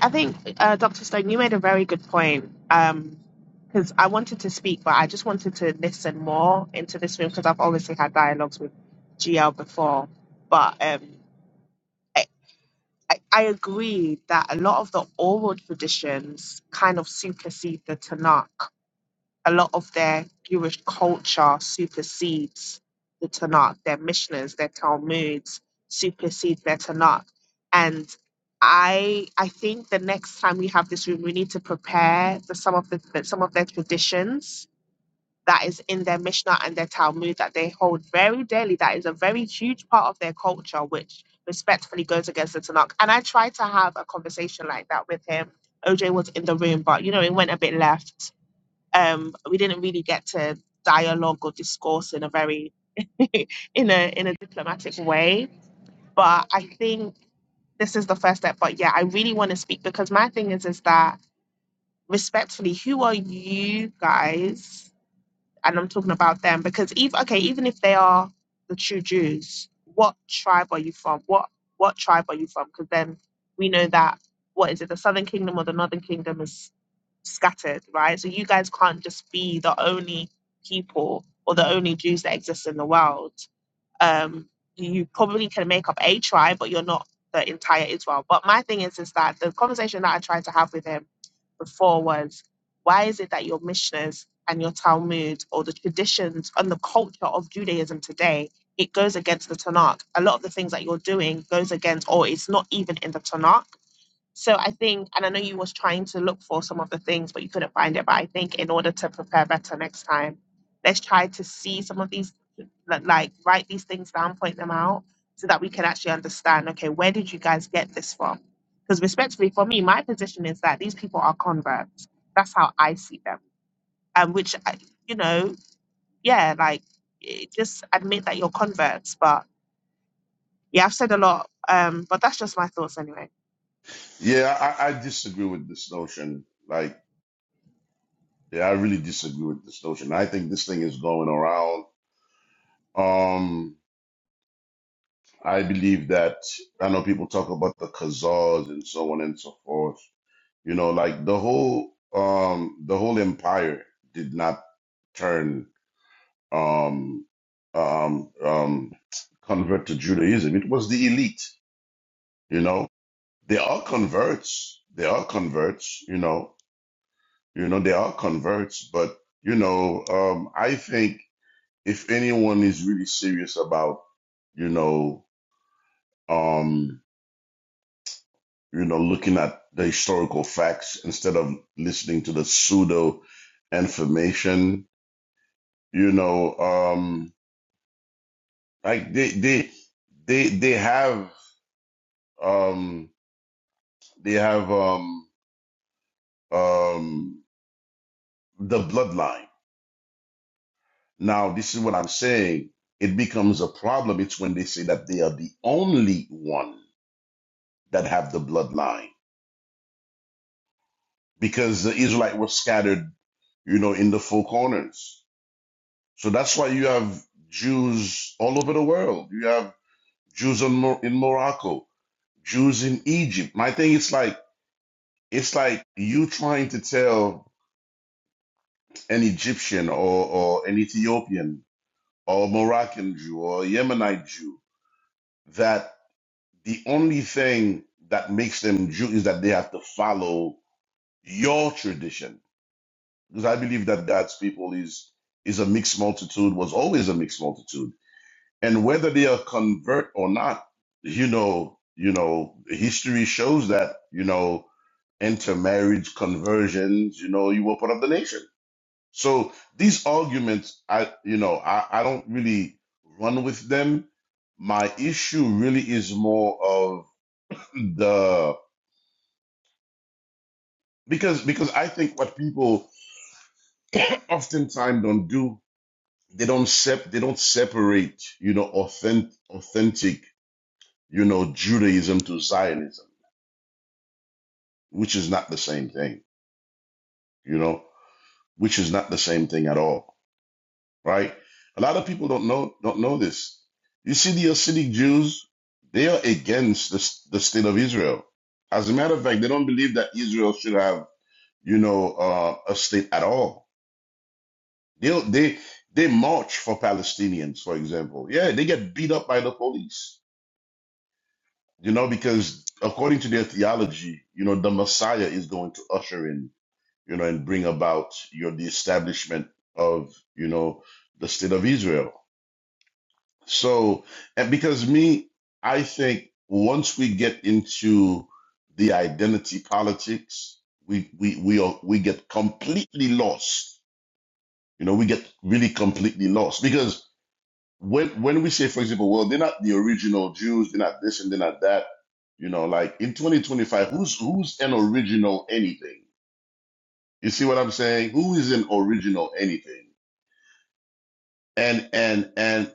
[SPEAKER 3] I think uh, Dr. Stone, you made a very good point. Um, because I wanted to speak, but I just wanted to listen more into this room because I've obviously had dialogues with GL before, but um. I, I agree that a lot of the oral traditions kind of supersede the Tanakh. A lot of their Jewish culture supersedes the Tanakh. Their Mishnahs, their Talmuds supersede their Tanakh. And I I think the next time we have this room, we need to prepare the, some of the the- some of their traditions that is in their Mishnah and their Talmud that they hold very dearly. That is a very huge part of their culture, which respectfully goes against the Tanakh. And I tried to have a conversation like that with him. OJ was in the room, but you know, it went a bit left. Um, we didn't really get to dialogue or discourse in a very in a in a diplomatic way. But I think this is the first step. But yeah, I really want to speak because my thing is is that respectfully, who are you guys? and I'm talking about them because even okay, even if they are the true Jews, what tribe are you from? What what tribe are you from? Because then we know that what is it, the Southern Kingdom or the Northern Kingdom is scattered, right? So you guys can't just be the only people or the only Jews that exist in the world um, you probably can make up a tribe, but you're not the entire Israel. But my thing is, is that the conversation that I tried to have with him before was, why is it that your Mishnahs and your Talmud or the traditions and the culture of Judaism today, it goes against the Tanakh. A lot of the things that you're doing goes against, or it's not even in the Tanakh. So I think, and I know you was trying to look for some of the things, but you couldn't find it. But I think in order to prepare better next time, let's try to see some of these, li- like write these things down, point them out, so that we can actually understand. Okay, where did you guys get this from? Because respectfully, for me, my position is that these people are converts. That's how I see them, and which, I- you know, yeah, like eh, just admit that you're converts. But yeah, I've said a lot, um, but that's just my thoughts anyway.
[SPEAKER 4] Yeah, I, I disagree with this notion. Like, yeah, I really disagree with this notion. I think this thing is going around. Um, I believe that I know people talk about the Khazars and so on and so forth. You know, like the whole um the whole empire did not turn um um um convert to Judaism. It was the elite. You know, They are converts. They are converts. You know, you know, they are converts. But you know, um, I think if anyone is really serious about, you know, um, you know, looking at the historical facts instead of listening to the pseudo information, you know, um, like they they they they have um they have um um the bloodline Now, this is what I'm saying. It becomes a problem. It's when they say that they are the only one that have the bloodline because the Israelite were scattered, you know, in the four corners. So that's why you have Jews all over the world. You have Jews in, Mor- in Morocco, Jews in Egypt. My thing is like, it's like you trying to tell an Egyptian or, or an Ethiopian or Moroccan Jew or Yemenite Jew that. The only thing that makes them Jew is that they have to follow your tradition. Because I believe that God's people is is a mixed multitude, was always a mixed multitude. And whether they are convert or not, you know, you know, history shows that, you know, intermarriage, conversions, you know, you were part of the nation. So these arguments, I, you know, I, I don't really run with them. My issue really is more of the because because I think what people oftentimes don't do, they don't sep they don't separate, you know, authentic authentic, you know, Judaism to Zionism, which is not the same thing, you know, which is not the same thing at all, right? A lot of people don't know don't know this. You see, the Hasidic Jews, they are against the s- the state of Israel. As a matter of fact, they don't believe that Israel should have, you know, uh, a state at all They they they march for Palestinians, for example. Yeah, they get beat up by the police. You know, because according to their theology, you know, the Messiah is going to usher in, you know, and bring about you know the establishment of you know the state of Israel. So, and because me, I think once we get into the identity politics, we we we are, we get completely lost. You know, we get really completely lost because when when we say, for example, well, they're not the original Jews, they're not this and they're not that, you know, like in 2025, who's who's an original anything? You see what I'm saying? Who is an original anything? And and and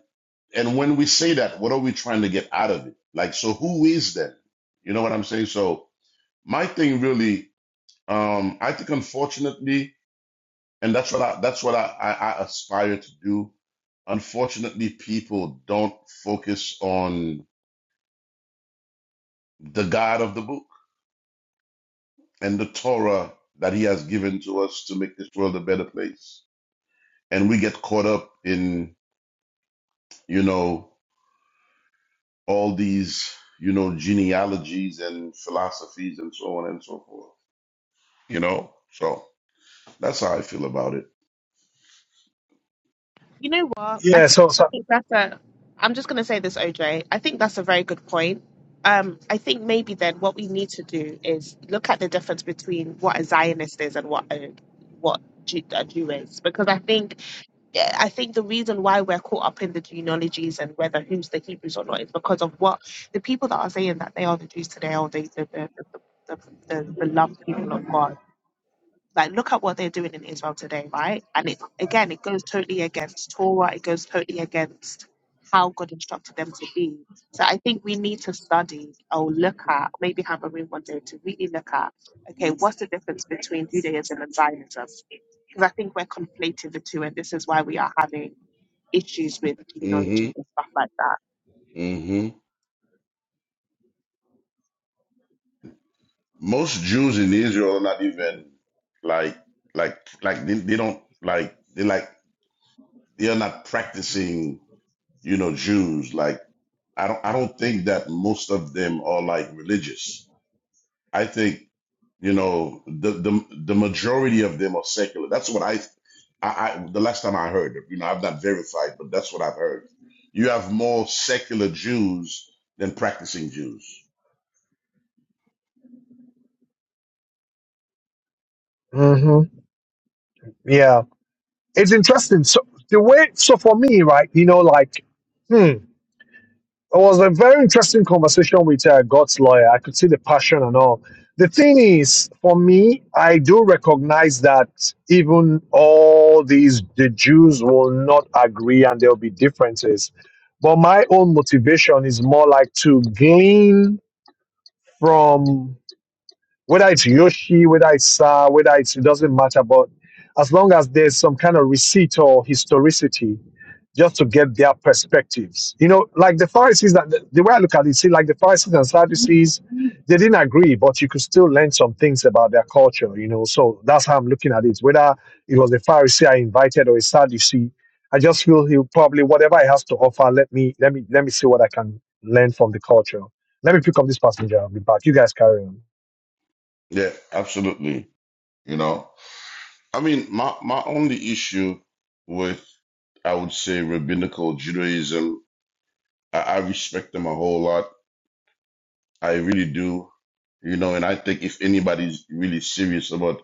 [SPEAKER 4] and when we say that, what are we trying to get out of it? Like, so who is that? You know what I'm saying? So my thing really, um, I think unfortunately, and that's what I that's what I, I, I aspire to do. Unfortunately, people don't focus on the God of the book and the Torah that he has given to us to make this world a better place. And we get caught up in, you know, all these, you know, genealogies and philosophies and so on and so forth, you know? So that's how I feel about it.
[SPEAKER 3] You know what? I
[SPEAKER 1] Yeah, so, so
[SPEAKER 3] think that's a. I'm just going to say this, OJ. I think that's a very good point. Um, I think maybe then what we need to do is look at the difference between what a Zionist is and what a what Jew, a Jew is, because I think yeah, I think the reason why we're caught up in the genealogies and whether who's the Hebrews or not is because of what the people that are saying that they are the Jews today or the the the, the, the, the, the beloved people of God like, look at what they're doing in Israel today, right? And it again, it goes totally against Torah. It goes totally against how God instructed them to be. So I think we need to study or look at, maybe have a room one day to really look at, okay, what's the difference between Judaism and Zionism? Because I think we're conflating the two, and this is why we are having issues with
[SPEAKER 4] hmm
[SPEAKER 3] genealogies and stuff like that.
[SPEAKER 4] hmm Most Jews in Israel are not even like, like, like they, they don't like, they like, they are not practicing, you know, Jews. Like, I don't I don't think that most of them are like religious. I think you know the the the majority of them are secular. That's what I I, I the last time I heard. You know, I've not verified, but that's what I've heard. You have more secular Jews than practicing Jews.
[SPEAKER 1] hmm yeah, it's interesting. So the way, so for me, right, you know, like, hmm. It was a very interesting conversation with uh, God's lawyer. I could see the passion and all. The thing is, for me, I do recognize that even all these, the Jews will not agree and there'll be differences. But my own motivation is more like to gain from whether it's Yoshi, whether it's Sa, whether it's it doesn't matter, but as long as there's some kind of receipt or historicity, just to get their perspectives. You know, like the Pharisees, that the the way I look at it, see, like the Pharisees and Sadducees, they didn't agree, but you could still learn some things about their culture. You know, so that's how I'm looking at it. Whether it was the Pharisee I invited or a Sadducee, I just feel he probably whatever he has to offer. Let me let me let me see what I can learn from the culture. Let me pick up this passenger. I'll be back. You guys carry on.
[SPEAKER 4] Yeah, absolutely. You know, I mean, my my only issue with I would say rabbinical Judaism, I, I respect them a whole lot I really do. You know, and I think if anybody's really serious about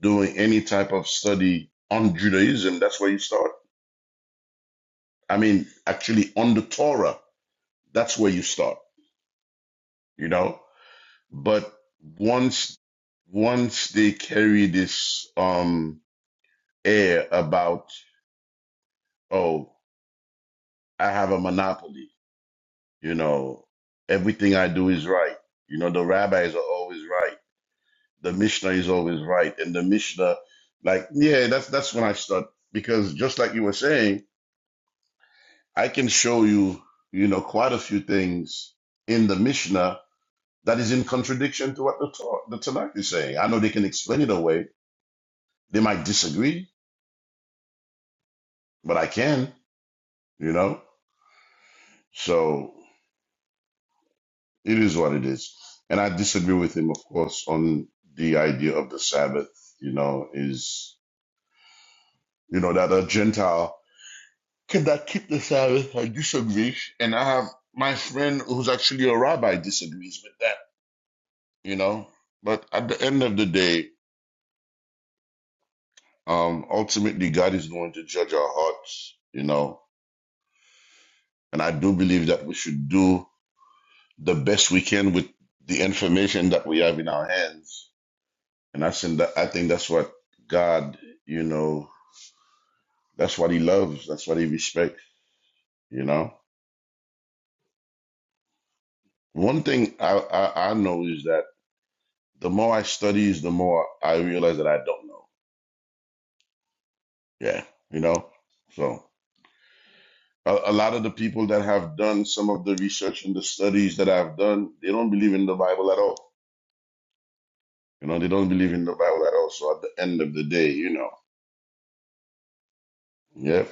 [SPEAKER 4] doing any type of study on Judaism, that's where you start. I mean, actually on the Torah, that's where you start, you know? But once once they carry this um air about, oh, I have a monopoly, you know, everything I do is right. You know, the rabbis are always right the Mishnah is always right. And the Mishnah, like, yeah, that's that's when I start because just like you were saying, I can show you, you know, quite a few things in the Mishnah that is in contradiction to what the Torah, the Tanakh is saying. I know they can explain it away. They might disagree, but I can, you know. So it is what it is. And I disagree with him, of course, on the idea of the Sabbath, you know, is you know, that a Gentile Could I keep the Sabbath? I disagree. And I have my friend who's actually a rabbi disagrees with that, you know? But at the end of the day, um, ultimately, God is going to judge our hearts, you know? And I do believe that we should do the best we can with the information that we have in our hands. And I think that, I think that's what God, you know, that's what he loves. That's what he respects, you know? One thing I, I, I know is that the more I studies, the more I realize that I don't know. Yeah, you know. So a, a lot of the people that have done some of the research and the studies that I've done, they don't believe in the Bible at all. You know, they don't believe in the Bible at all. So at the end of the day, you know, yeah,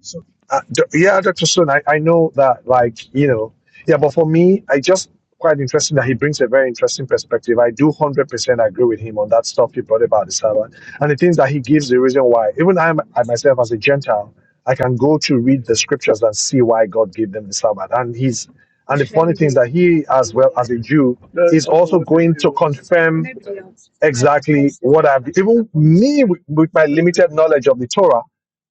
[SPEAKER 1] So, uh, d- yeah, Dr. Stone, I, I know that, like, you know, yeah, but for me, I just quite interesting that he brings a very interesting perspective. I do 100% agree with him on that stuff he brought about the Sabbath and the things that he gives the reason why. Even I, I myself, as a Gentile, I can go to read the scriptures and see why God gave them the Sabbath. And he's and the funny thing is that he, as well as a Jew, is also going to confirm exactly what I've even me with, with my limited knowledge of the Torah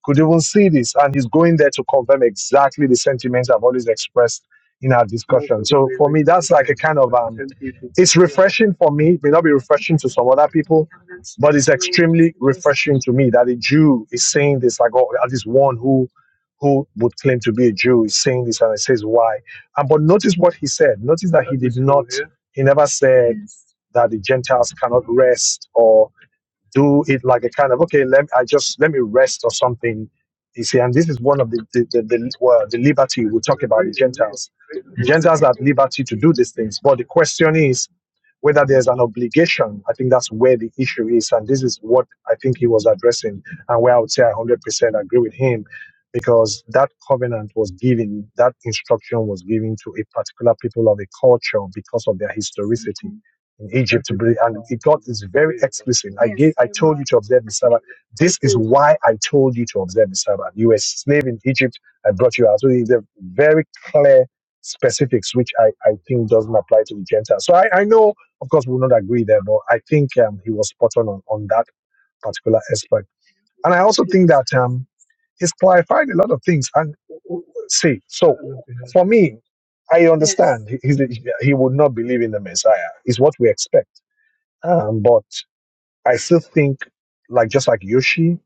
[SPEAKER 1] could even see this, and he's going there to confirm exactly the sentiments I've always expressed in our discussion. So for me, that's like a kind of um, it's refreshing for me. It may not be refreshing to some other people, but it's extremely refreshing to me that a Jew is saying this. Like, oh, at least one who who would claim to be a Jew is saying this, and it says why. And but notice what he said. Notice that he did not. He never said that the Gentiles cannot rest or do it like a kind of okay, let I just let me rest or something. You see, and this is one of the the, the, the, well, the liberty we talk about the Gentiles. Gentiles have liberty to do these things, but the question is whether there's an obligation. I think that's where the issue is. And this is what I think he was addressing, and where I would say I 100% agree with him, because that covenant was given, that instruction was given to a particular people of a culture because of their historicity. In Egypt, and it got is very explicit. I gave, I told you to observe the Sabbath. This is why I told you to observe the Sabbath. You were a slave in Egypt. I brought you out. So it's a very clear specifics, which I, I think doesn't apply to the Gentiles. So I, I know of course, we will not agree there, but I think um, he was spot on, on on that particular aspect. And I also think that um, he's clarified a lot of things. And w- w- see, so for me, I understand he, he's, he would not believe in the Messiah. Is what we expect. Um, but I still think, like just like Yoshi,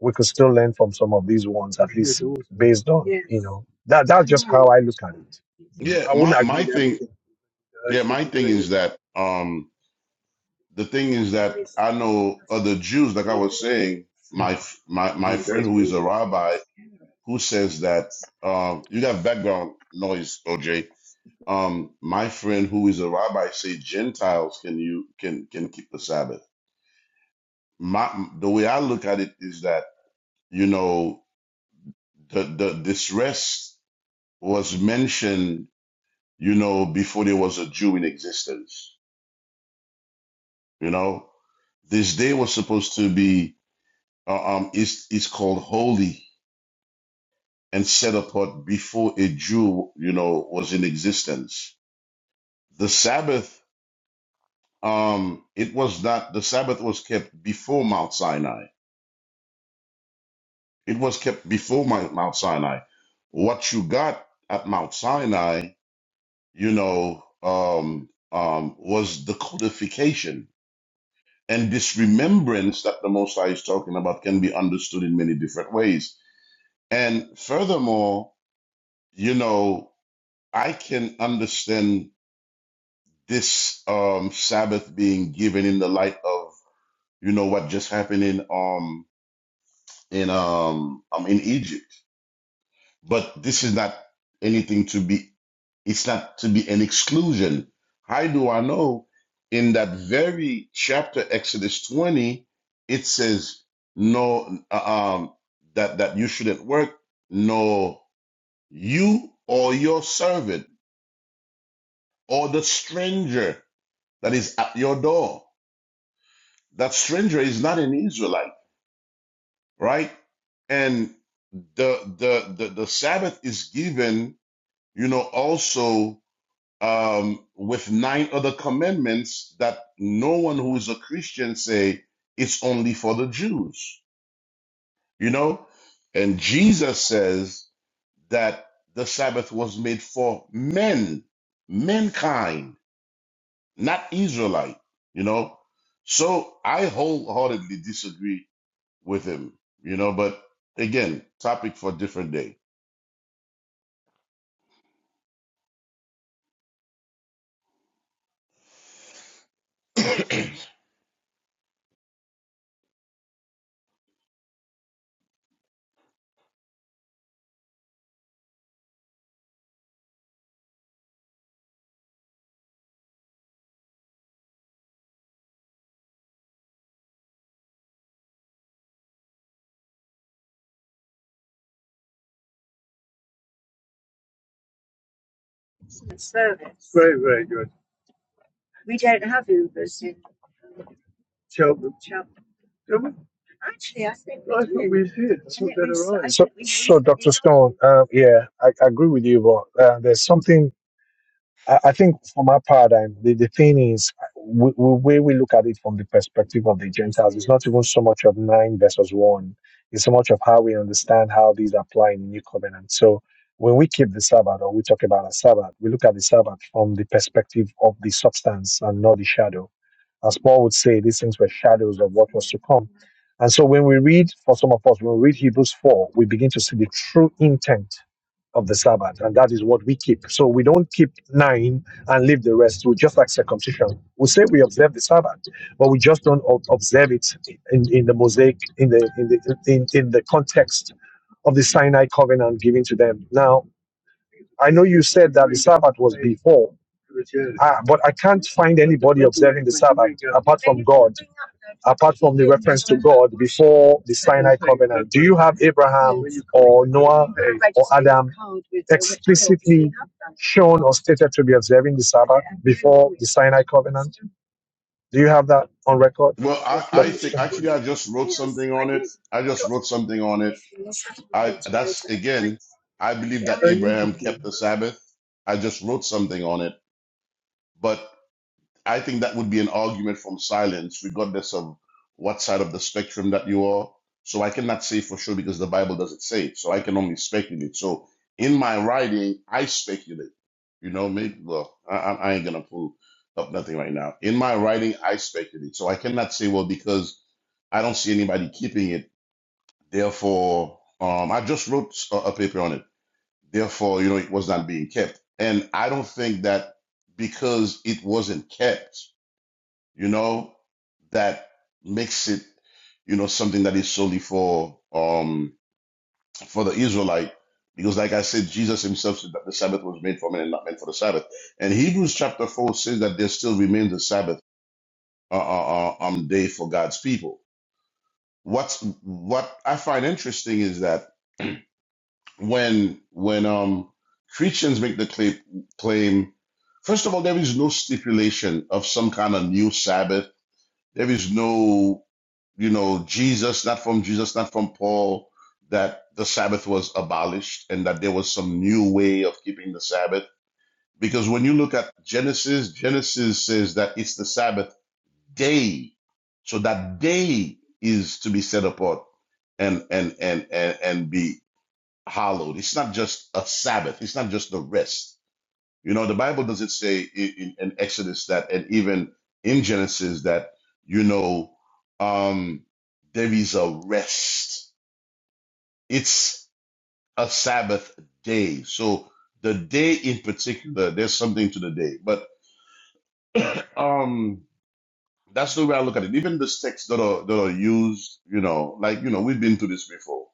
[SPEAKER 1] we could still learn from some of these ones, at least based on you know that. That's just how I look at it. You know,
[SPEAKER 4] yeah.
[SPEAKER 1] I
[SPEAKER 4] My
[SPEAKER 1] wouldn't agree
[SPEAKER 4] my
[SPEAKER 1] with
[SPEAKER 4] thing,
[SPEAKER 1] everything.
[SPEAKER 4] yeah, my thing is that um the thing is that I know other Jews, like I was saying, my f- my my friend who is a rabbi who says that um you got background noise, OJ um, my friend who is a rabbi say Gentiles can you can can keep the Sabbath. My the way I look at it is that you know the the this rest was mentioned you know before there was a Jew in existence. You know this day was supposed to be uh, um is is called holy and set apart before a Jew you know was in existence. The Sabbath um it was not the Sabbath was kept before Mount Sinai It was kept before my, Mount Sinai. What you got at Mount Sinai, you know, um, um, was the codification. And this remembrance that the Most High is talking about can be understood in many different ways. And furthermore, you know, I can understand this um, Sabbath being given in the light of, you know, what just happened in um, in um, um in Egypt. But this is not anything to be, it's not to be an exclusion. How do I know? In that very chapter, Exodus 20, it says, no, uh, um, that, that you shouldn't work, no, you or your servant or the stranger that is at your door. That stranger is not an Israelite, right? And the, the, the, the Sabbath is given, you know, also um, with nine other commandments that no one who is a Christian say it's only for the Jews, you know? And Jesus says that the Sabbath was made for men, mankind, not Israelite, you know? So I wholeheartedly disagree with him, you know, but again, topic for a different day.
[SPEAKER 1] So, so Dr. Stone, um, yeah, I, I agree with you, but uh, there's something I, I think from our paradigm, the, the thing is, we, we, where we look at it from the perspective of the Gentiles, it's not even so much of nine versus one, it's so much of how we understand how these apply in the new covenant. So, when we keep the Sabbath or we talk about a Sabbath, we look at the Sabbath from the perspective of the substance and not the shadow as Paul would say, these things were shadows of what was to come. And so when we read, for some of us, when we read Hebrews 4, we begin to see the true intent of the Sabbath, and that is what we keep. So we don't keep nine and leave the rest. We just like circumcision. We say we observe the Sabbath, but we just don't ob- observe it in, in the mosaic, in the in the in, in the context of the Sinai covenant given to them. Now I know you said that the Sabbath was before, uh, but I can't find anybody observing the Sabbath apart from God, apart from the reference to God before the Sinai covenant. Do you have Abraham or Noah or Adam explicitly shown or stated to be observing the Sabbath before the Sinai covenant? Do you have that on record,
[SPEAKER 4] Well, I, I
[SPEAKER 1] Dr.
[SPEAKER 4] think actually
[SPEAKER 1] Stone?
[SPEAKER 4] I just wrote something on it. I just wrote something on it I that's again, I believe that Abraham kept the Sabbath. I just wrote something on it, but I think that would be an argument from silence, regardless of what side of the spectrum that you are. So I cannot say for sure because the Bible doesn't say it. So I can only speculate. So in my writing, I speculate. You know, maybe well, I, I I ain't gonna pull up nothing right now. In my writing, I speculate. So I cannot say well because I don't see anybody keeping it. Therefore, um, I just wrote a, a paper on it Therefore, you know, it was not being kept. And I don't think that because it wasn't kept, you know, that makes it, you know, something that is solely for um for the Israelite. Because like I said, Jesus himself said that the Sabbath was made for men and not meant for the Sabbath. And Hebrews chapter four says that there still remains a Sabbath uh, uh, uh, um, day for God's people. What's what I find interesting is that when when um Christians make the claim, claim first of all there is no stipulation of some kind of new Sabbath. There is no you know Jesus not from Jesus not from Paul that the Sabbath was abolished and that there was some new way of keeping the Sabbath because when you look at Genesis Genesis says that it's the Sabbath day so that day is to be set apart and and and and, and be hallowed. It's not just a Sabbath. It's not just a rest. You know, the Bible doesn't say in, in, in Exodus that, and even in Genesis that, you know, um, there is a rest. It's a Sabbath day. So the day in particular, there's something to the day. But um, That's the way I look at it. Even the texts that are that are used, you know, like you know, we've been through this before.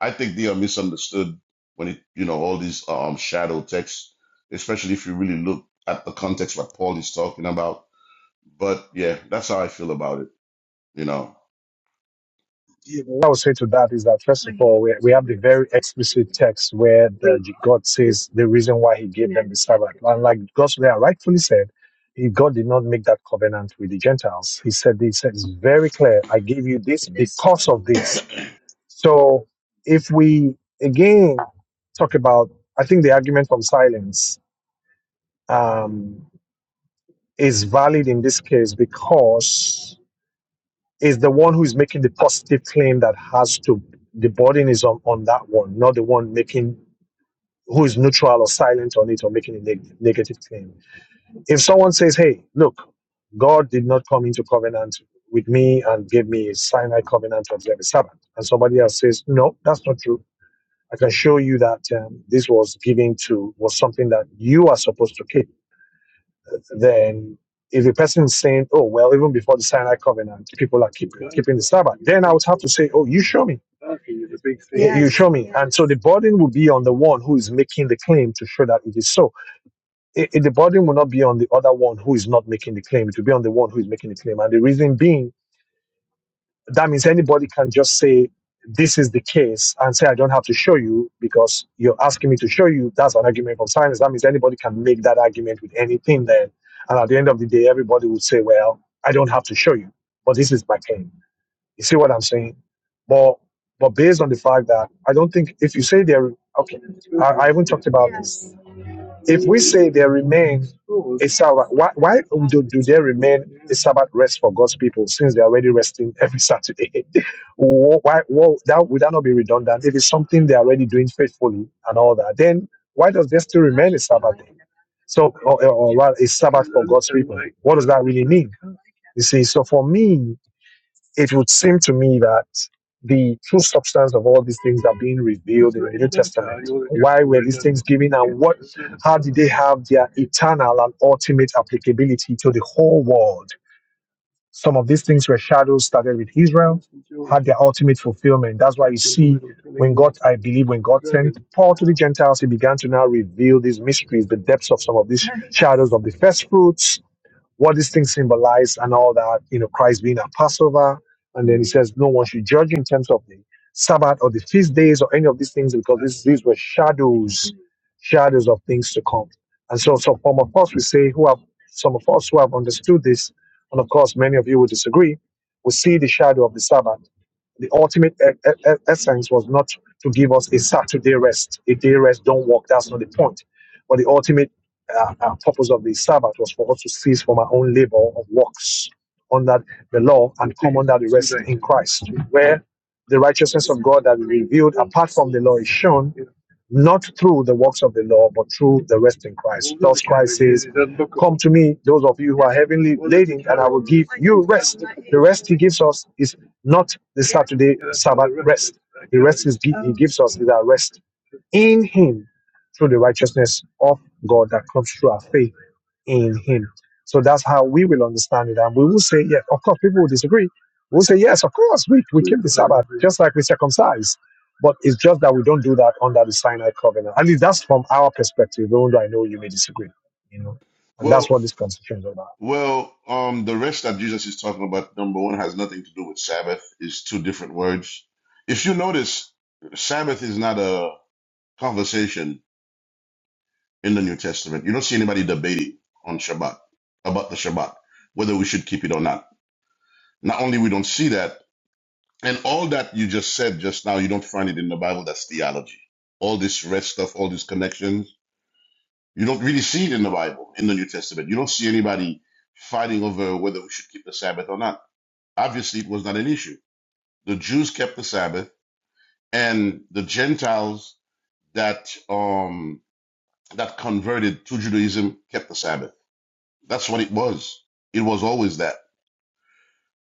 [SPEAKER 4] I think they are misunderstood when it, you know, all these um shadow texts, especially if you really look at the context what Paul is talking about. But yeah, that's how I feel about it. You know,
[SPEAKER 1] Yeah, what I would say to that is that first of all, we, we have the very explicit text where the, God says the reason why He gave them the Sabbath, and like God's there rightfully said, if God did not make that covenant with the Gentiles, He said this it's very clear. I gave you this because of this. So if we again talk about, I think the argument from silence um, is valid in this case because is the one who's making the positive claim that has to the burden is on, on that one, not the one making who is neutral or silent on it or making a neg- negative claim. If someone says, "Hey, look, God did not come into covenant with me and gave me a Sinai covenant to observe the Sabbath," and somebody else says, "No, that's not true." I can show you that um, this was given to was something that you are supposed to keep then if the person is saying, oh, well, even before the Sinai covenant, people are keeping, keeping the Sabbath, then I would have to say, oh, you show me. You you show me. And so the burden will be on the one who is making the claim to show that it is so. I- I- the burden will not be on the other one who is not making the claim. It will be on the one who is making the claim. And the reason being that means anybody can just say this is the case and say i don't have to show you because you're asking me to show you that's an argument from science that means anybody can make that argument with anything then and at the end of the day everybody would say well i don't have to show you but this is my claim you see what i'm saying but but based on the fact that i don't think if you say there okay i, I haven't talked about this if we say there remain a Sabbath, why, why do, do they remain a Sabbath rest for God's people since they're already resting every Saturday? Wh- why, wh- that, would that not be redundant? If it's something they're already doing faithfully and all that, then why does there still remain a Sabbath day? So, or, or or rather, a Sabbath for God's people. What does that really mean? You see, so for me, it would seem to me that the true substance of all these things are being revealed in the New Testament. Why were these things given and what how did they have their eternal and ultimate applicability to the whole world? Some of these things were shadows started with Israel, had their ultimate fulfillment. That's why you see when God, I believe, when God sent Paul to the Gentiles, he began to now reveal these mysteries, the depths of some of these shadows of the first fruits, what these things symbolize and all that, you know, Christ being our Passover. And then he says, no one should judge you in terms of the Sabbath or the feast days or any of these things because this, these were shadows, shadows of things to come. And so, so some of us, we say, who have, some of us who have understood this, and of course, many of you will disagree, we see the shadow of the Sabbath. The ultimate e- e- e- essence was not to give us a Saturday rest. A day rest, don't work. That's not the point. But the ultimate uh, uh, purpose of the Sabbath was for us to cease from our own labor of works under the law and come under the rest in Christ, where the righteousness of God that is revealed apart from the law is shown, not through the works of the law, but through the rest in Christ. Thus Christ says, Come to me, those of you who are heavenly laden, and I will give you rest. The rest he gives us is not the Saturday Sabbath rest. The rest is, he gives us is our rest in him through the righteousness of God that comes through our faith in him. So that's how we will understand it. And we will say, yeah, of course, people will disagree. We'll say, yes, of course, we, we keep the Sabbath just like we circumcise. But it's just that we don't do that under the Sinai covenant. At least that's from our perspective, even though I know you may disagree, you know. And that's
[SPEAKER 4] well,
[SPEAKER 1] what this conversation is about.
[SPEAKER 4] well, um, the rest that Jesus is talking about, number one, has nothing to do with Sabbath. It's two different words. If you notice, Sabbath is not a conversation in the New Testament. You don't see anybody debating on Shabbat about the Shabbat, whether we should keep it or not. Not only we don't see that, and all that you just said just now, you don't find it in the Bible. That's theology. All this rest stuff, all these connections, you don't really see it in the Bible, in the New Testament. You don't see anybody fighting over whether we should keep the Sabbath or not. Obviously, it was not an issue. The Jews kept the Sabbath, and the Gentiles that um, that converted to Judaism kept the Sabbath That's what it was. It was always that.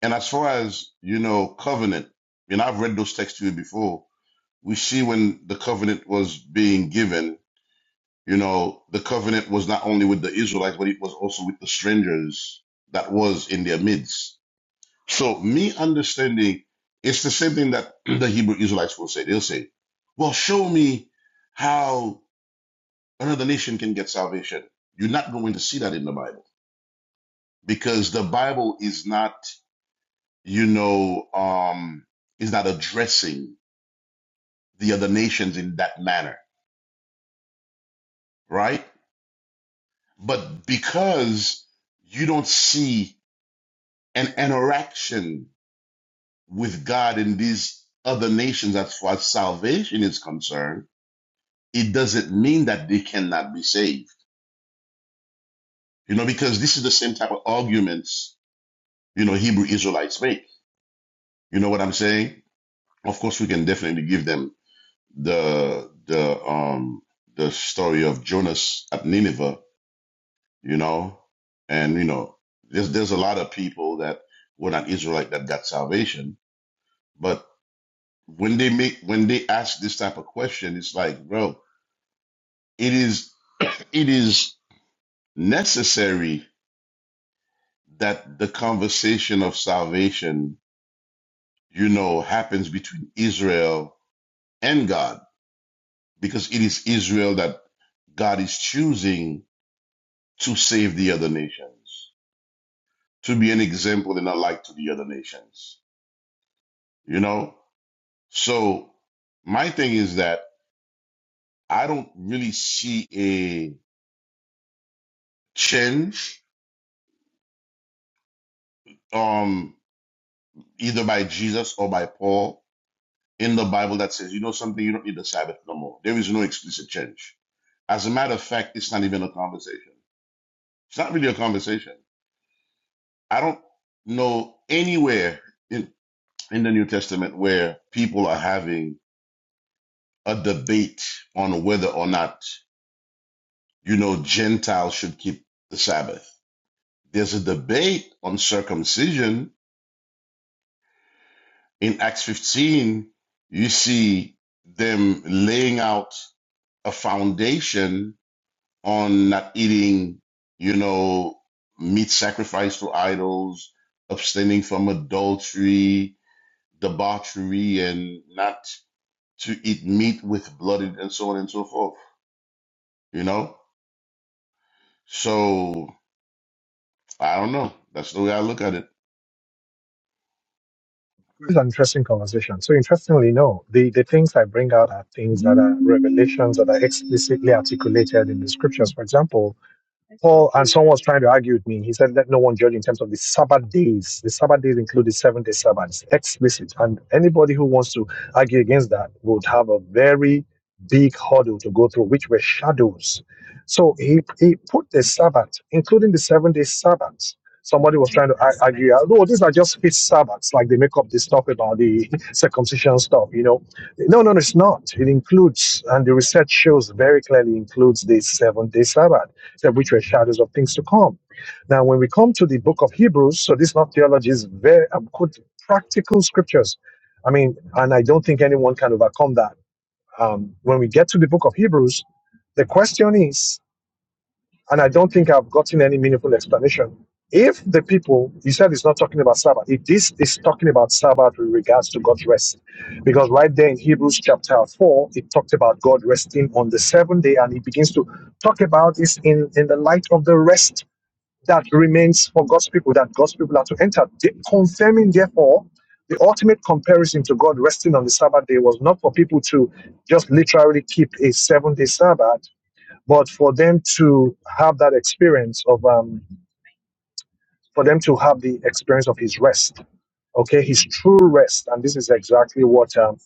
[SPEAKER 4] And as far as, you know, covenant, and I've read those texts to you before, we see when the covenant was being given, you know, the covenant was not only with the Israelites, but it was also with the strangers that was in their midst. So me understanding, it's the same thing that the Hebrew Israelites will say. They'll say, well, show me how another nation can get salvation. You're not going to see that in the Bible because the Bible is not you know, um, is not addressing the other nations in that manner, right? But because you don't see an interaction with God in these other nations as far as salvation is concerned, it doesn't mean that they cannot be saved. You know, because this is the same type of arguments, you know, Hebrew Israelites make. You know what I'm saying? Of course, we can definitely give them the, the, um, the story of Jonas at Nineveh you know and you know there's there's a lot of people that were not israelite that got salvation but when they make when they ask this type of question it's like bro it is it is necessary that the conversation of salvation you know happens between israel and god because it is israel that god is choosing to save the other nations to be an example and a light to the other nations you know So my thing is that I don't really see a change, um, either by Jesus or by Paul in the Bible that says, you know something, you don't need the Sabbath no more. There is no explicit change. As a matter of fact, it's not even a conversation. It's not really a conversation. I don't know anywhere in, in the New Testament where people are having a debate on whether or not, you know, Gentiles should keep the Sabbath There's a debate on circumcision. In Acts 15, you see them laying out a foundation on not eating, you know, meat sacrificed to idols, abstaining from adultery, debauchery, and not to eat meat with blood and so on and so forth, you know? So I don't know. That's the way I look at it.
[SPEAKER 1] It's an interesting conversation. So interestingly, no, the, the things I bring out are things that are revelations that are explicitly articulated in the scriptures. For example, Paul and someone was trying to argue with me. He said, Let no one judge in terms of the Sabbath days. The Sabbath days include the seven day Sabbath. It's explicit. And anybody who wants to argue against that would have a very big hurdle to go through, which were shadows. So he, he put the Sabbath, including the seven day Sabbath. Somebody was trying to ar- argue, oh, these are just fixed Sabbaths, like they make up this stuff about the circumcision stuff, you know. No, no, no, it's not. It includes, and the research shows very clearly includes the seven day Sabbath said, which were shadows of things to come. Now, when we come to the book of Hebrews, so this is not theology, is very um, quote, practical scriptures. I mean, and I don't think anyone can overcome that. Um, when we get to the book of Hebrews, the question is and I don't think I've gotten any meaningful explanation. If the people, he said he's not talking about Sabbath, if this is talking about Sabbath with regards to God's rest, because right there in Hebrews chapter 4, it talked about God resting on the seventh day, and he begins to talk about this in, in the light of the rest that remains for God's people, that God's people are to enter. The- confirming, therefore, the ultimate comparison to God resting on the Sabbath day was not for people to just literally keep a seven day Sabbath but for them to have that experience of, um, for them to have the experience of his rest, okay, his true rest, and this is exactly what um,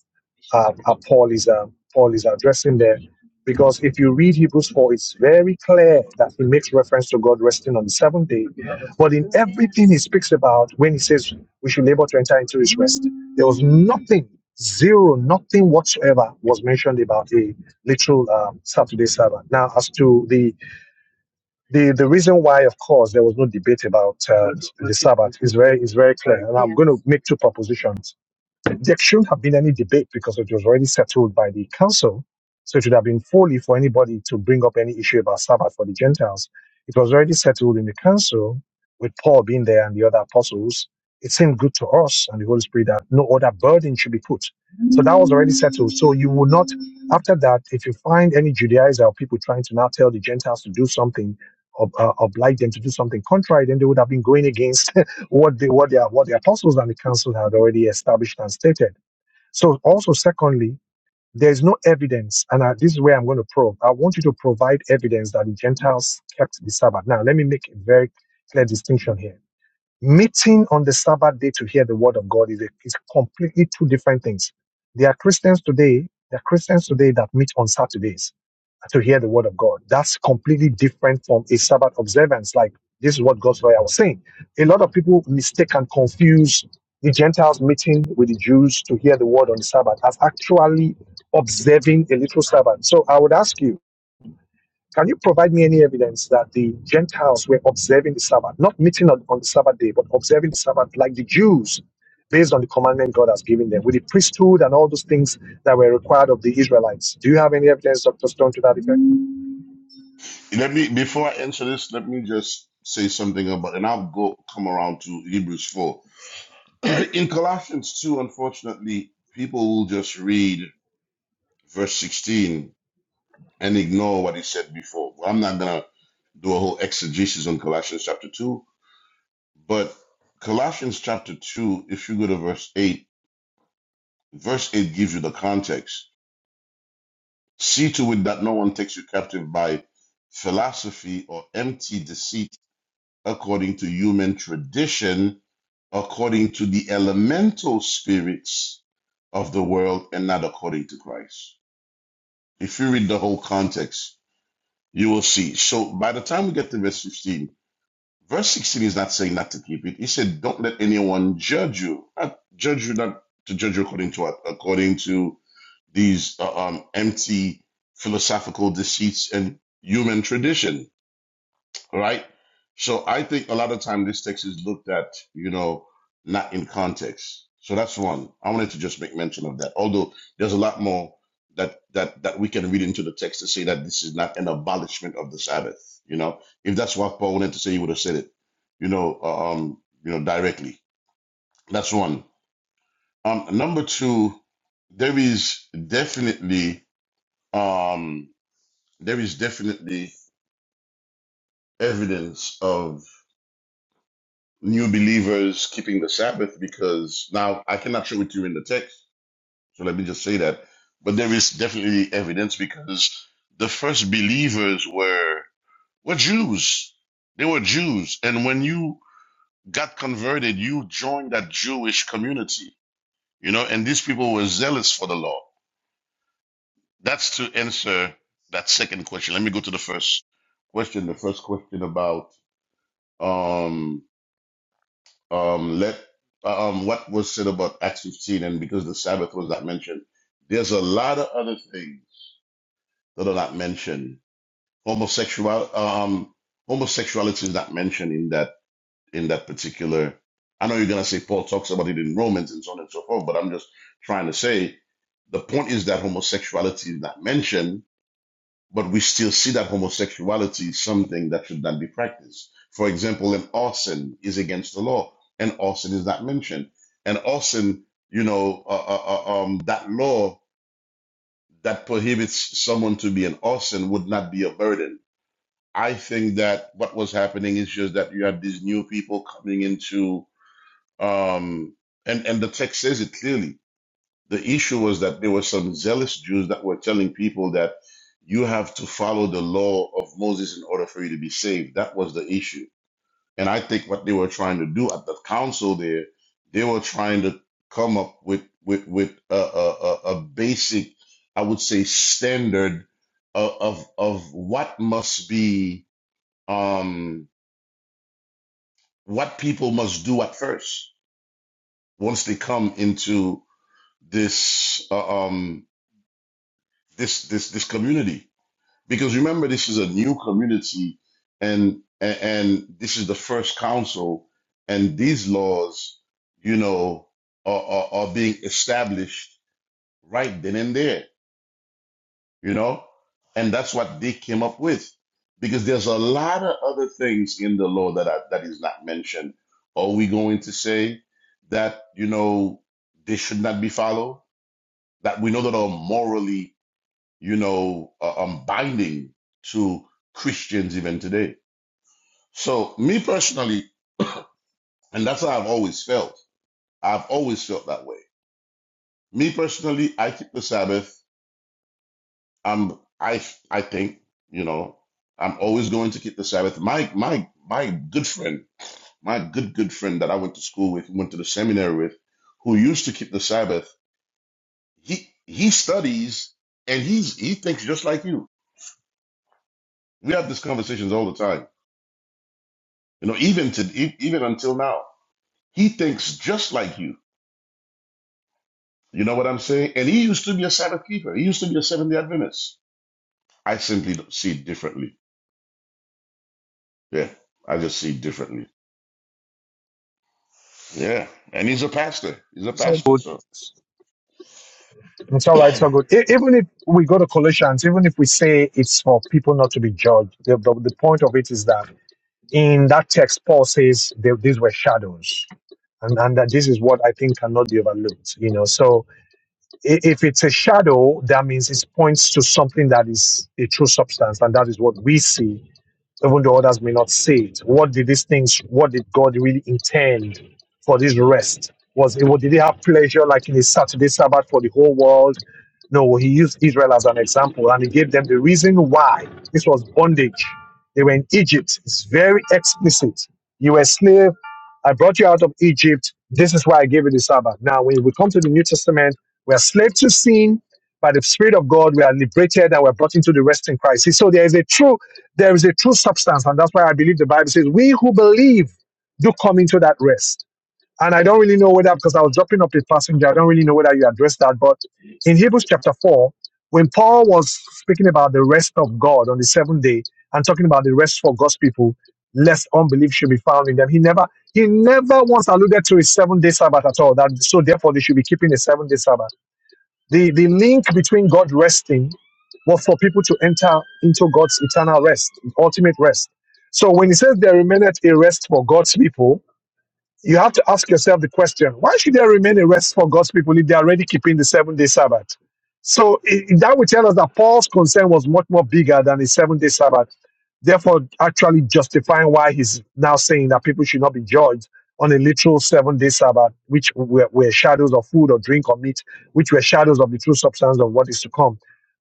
[SPEAKER 1] uh, uh, Paul is um, Paul is addressing there, because if you read Hebrews four, it's very clear that he makes reference to God resting on the seventh day. But in everything he speaks about, when he says we should labor to enter into his rest, there was nothing, zero, nothing whatsoever was mentioned about a literal um, Saturday Sabbath. Now, as to the the the reason why, of course, there was no debate about uh, the Sabbath is very is very clear, and I'm going to make two propositions. There shouldn't have been any debate because it was already settled by the council, so it should have been folly for anybody to bring up any issue about Sabbath for the Gentiles. It was already settled in the council with Paul being there and the other apostles. It seemed good to us and the Holy Spirit that no other burden should be put so that was already settled. So you will not, after that, if you find any Judaizer or people trying to now tell the Gentiles to do something, or uh, oblige them to do something contrary, then they would have been going against what the what their what the apostles and the council had already established and stated. So also, secondly, there is no evidence, and I, this is where I'm going to probe. I want you to provide evidence that the Gentiles kept the Sabbath. Now, let me make a very clear distinction here Meeting on the Sabbath day to hear the word of God is, a, is completely two different things. There are Christians today, there are Christians today that meet on Saturdays to hear the word of God. That's completely different from a Sabbath observance. Like this is what God's lawyer was saying. A lot of people mistake and confuse the Gentiles meeting with the Jews to hear the word on the Sabbath as actually observing a literal Sabbath. So I would ask you, can you provide me any evidence that the Gentiles were observing the Sabbath, not meeting on, on the Sabbath day, but observing the Sabbath like the Jews, based on the commandment God has given them, with the priesthood and all those things that were required of the Israelites? Do you have any evidence, Dr. Stone, to that effect?
[SPEAKER 4] Let me before I answer this, let me just say something about, and I'll go come around to Hebrews four. In Colossians two, unfortunately, people will just read verse sixteen and ignore what he said before. Well, I'm not gonna do a whole exegesis on Colossians chapter two, but Colossians chapter two, if you go to verse eight, verse eight gives you the context. See to it that no one takes you captive by philosophy or empty deceit according to human tradition according to the elemental spirits of the world and not according to Christ. If you read the whole context, you will see. So by the time we get to verse 15, verse 16 is not saying not to keep it. He said, Don't let anyone judge you. Not judge you not to judge you according to what? According to these uh, um, empty philosophical deceits and human tradition right? So I think a lot of time this text is looked at, you know, not in context. So that's one. I wanted to just make mention of that. Although there's a lot more that that that we can read into the text to say that this is not an abolishment of the Sabbath. You know, if that's what Paul wanted to say, he would have said it. You know, uh, um, you know, directly. That's one. Um, number two, there is definitely um, there is definitely evidence of. new believers keeping the Sabbath because now I cannot show it to you in the text. So let me just say that. But there is definitely evidence because the first believers were were Jews. They were Jews. And when you got converted, you joined that Jewish community. You know, and these people were zealous for the law. That's to answer that second question. Let me go to the first question. The first question about um. um, let um, what was said about Acts 15, and because the Sabbath was not mentioned, there's a lot of other things that are not mentioned. Homosexual um, homosexuality is not mentioned in that in that particular. I know you're gonna say Paul talks about it in Romans and so on and so forth, but I'm just trying to say the point is that homosexuality is not mentioned but we still see that homosexuality is something that should not be practiced. For example, an arson is against the law, and arson is not mentioned. And arson, you know, uh, uh, uh, um, that law that prohibits someone to be an arson would not be a burden. I think that what was happening is just that you had these new people coming into, um, and and the text says it clearly the issue was that there were some zealous Jews that were telling people that you have to follow the law of Moses in order for you to be saved. That was the issue. And I think what they were trying to do at the council there, they were trying to come up with with with a, a, a a basic, I would say, standard of of, of what must be um, what people must do at first once they come into this uh, um, this this this community because remember this is a new community and and, and this is the first council and these laws you know are, are, are being established right then and there you know and that's what they came up with because there's a lot of other things in the law that are, that is not mentioned are we going to say that you know they should not be followed that we know that are morally you know, uh, um, binding to Christians even today. So, me personally, and that's how I've always felt. I've always felt that way. Me personally, I keep the Sabbath. I'm, I, I think, you know, I'm always going to keep the Sabbath. My, my, my good friend, my good, good friend that I went to school with, went to the seminary with, who used to keep the Sabbath, he, he studies and he's, he thinks just like you. We have these conversations all the time, you know, even to, e- even until now He thinks just like you. You know what I'm saying? And he used to be a Sabbath keeper. He used to be a Seventh day Adventist. I simply don't see it differently. Yeah. I just see it differently. Yeah. And he's a pastor. He's a
[SPEAKER 1] It's all
[SPEAKER 4] pastor.
[SPEAKER 1] good.
[SPEAKER 4] So
[SPEAKER 1] It's all right, it's all
[SPEAKER 4] I
[SPEAKER 1] good. E- Even if we go to Colossians, even if we say it's for people not to be judged, the, the, the point of it is that in that text, Paul says they, these were shadows, and, and that this is what I think cannot be overlooked. You know, so I- If it's a shadow, that means it points to something that is a true substance, and that is what we see even though others may not see it. What did these things, what did God really intend for this rest? Was it, did he have pleasure like in his Saturday Sabbath for the whole world? No, he used Israel as an example and he gave them the reason why this was bondage. They were in Egypt. It's very explicit. You were a slave. I brought you out of Egypt. This is why I gave you the Sabbath. Now, when we come to the New Testament, we are slaves to sin. By the Spirit of God, we are liberated and we are brought into the rest in Christ. See, So there is a truth there is a true substance, and that's why I believe the Bible says, We who believe do come into that rest. And I don't really know whether, because I was dropping off the passenger, I don't really know whether you addressed that, but in Hebrews chapter 4, when Paul was speaking about the rest of God on the seventh day and talking about the rest for God's people, lest unbelief should be found in them, he never he never once alluded to a seven day Sabbath at all. That so therefore they should be keeping a seven day Sabbath. The, the link between God resting was for people to enter into God's eternal rest, ultimate rest. So when he says there remaineth a rest for God's people, you have to ask yourself the question why should there remain a rest for God's people if they are already keeping the seven day Sabbath? So i- that would tell us that Paul's concern was much more bigger than the seven day Sabbath, therefore, actually justifying why he's now saying that people should not be judged on a literal seven day Sabbath, which were, were shadows of food or drink or meat, which were shadows of the true substance of what is to come.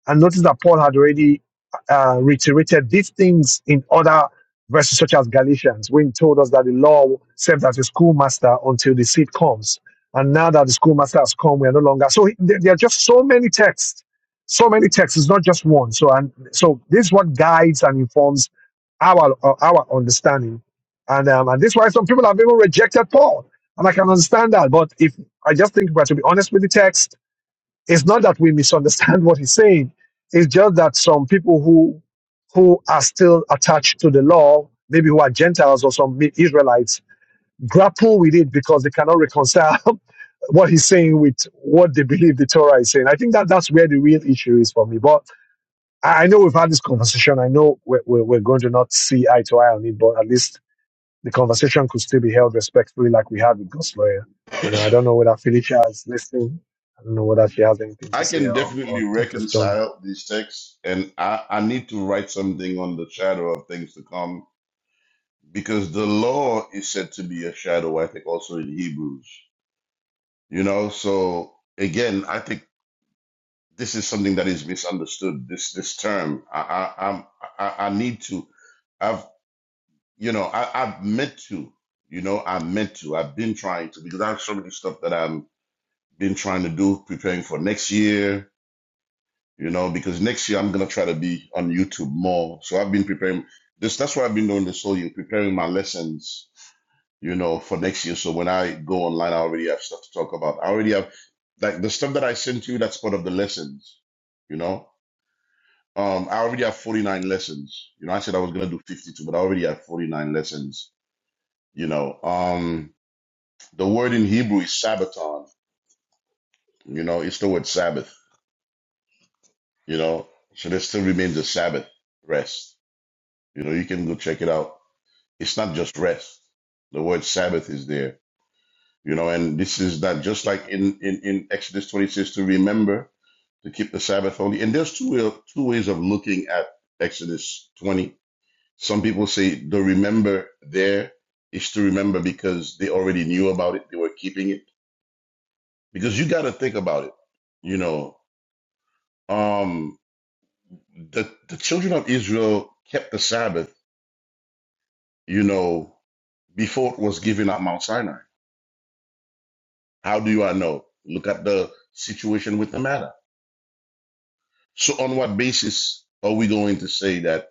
[SPEAKER 1] And notice that Paul had already uh, reiterated these things in other verses such as Galatians, when he told us that the law serves as a schoolmaster until the seed comes. And now that the schoolmaster has come, we are no longer. So there are just so many texts, so many texts. It's not just one. So and so this is what guides and informs our uh, our understanding, and um, and this is why some people have even rejected Paul, and I can understand that. But if I just think we are to be honest with the text, it's not that we misunderstand what he's saying. It's just that some people who who are still attached to the law, maybe who are Gentiles or some Israelites, grapple with it because they cannot reconcile what he's saying with what they believe the Torah is saying. I think that that's where the real issue is for me. But I I know we've had this conversation. I know we're, we're, we're going to not see eye to eye on it, but at least the conversation could still be held respectfully, like we had with Gus Lawyer. You know, I don't know whether Felicia is listening. I don't know whether she has anything to say
[SPEAKER 4] can
[SPEAKER 1] or,
[SPEAKER 4] definitely
[SPEAKER 1] or Dr. Stone.
[SPEAKER 4] reconcile these texts. And I, I need to write something on the shadow of things to come because the law is said to be a shadow, I think, also in Hebrews. You know, so again, I think this is something that is misunderstood. This this term, I I I'm, I, I need to. I've you know I I've meant to. You know I meant to. I've been trying to because I have so many stuff that I'm been trying to do, preparing for next year. You know because next year I'm gonna try to be on YouTube more. So I've been preparing. This that's what I've been doing this whole year, preparing my lessons. You know for next year. So when I go online, I already have stuff to talk about. I already have like the stuff that I sent you. That's part of the lessons. You know. Um, I already have 49 lessons. You know, I said I was going to do 52, but I already have 49 lessons. You know, um, the word in Hebrew is Sabbaton. You know, it's the word Sabbath, you know, so there still remains a Sabbath rest. You know, you can go check it out. It's not just rest. The word Sabbath is there, you know, and this is that just like in, in, in Exodus 26 to remember to keep the Sabbath holy. And there's two, two ways of looking at Exodus 20 Some people say the remember there is to remember because they already knew about it. They were keeping it because you got to think about it. You know, um, the the children of Israel kept the Sabbath. You know, before it was given at Mount Sinai. How do you I know? Look at the situation with the matter. So on what basis are we going to say that?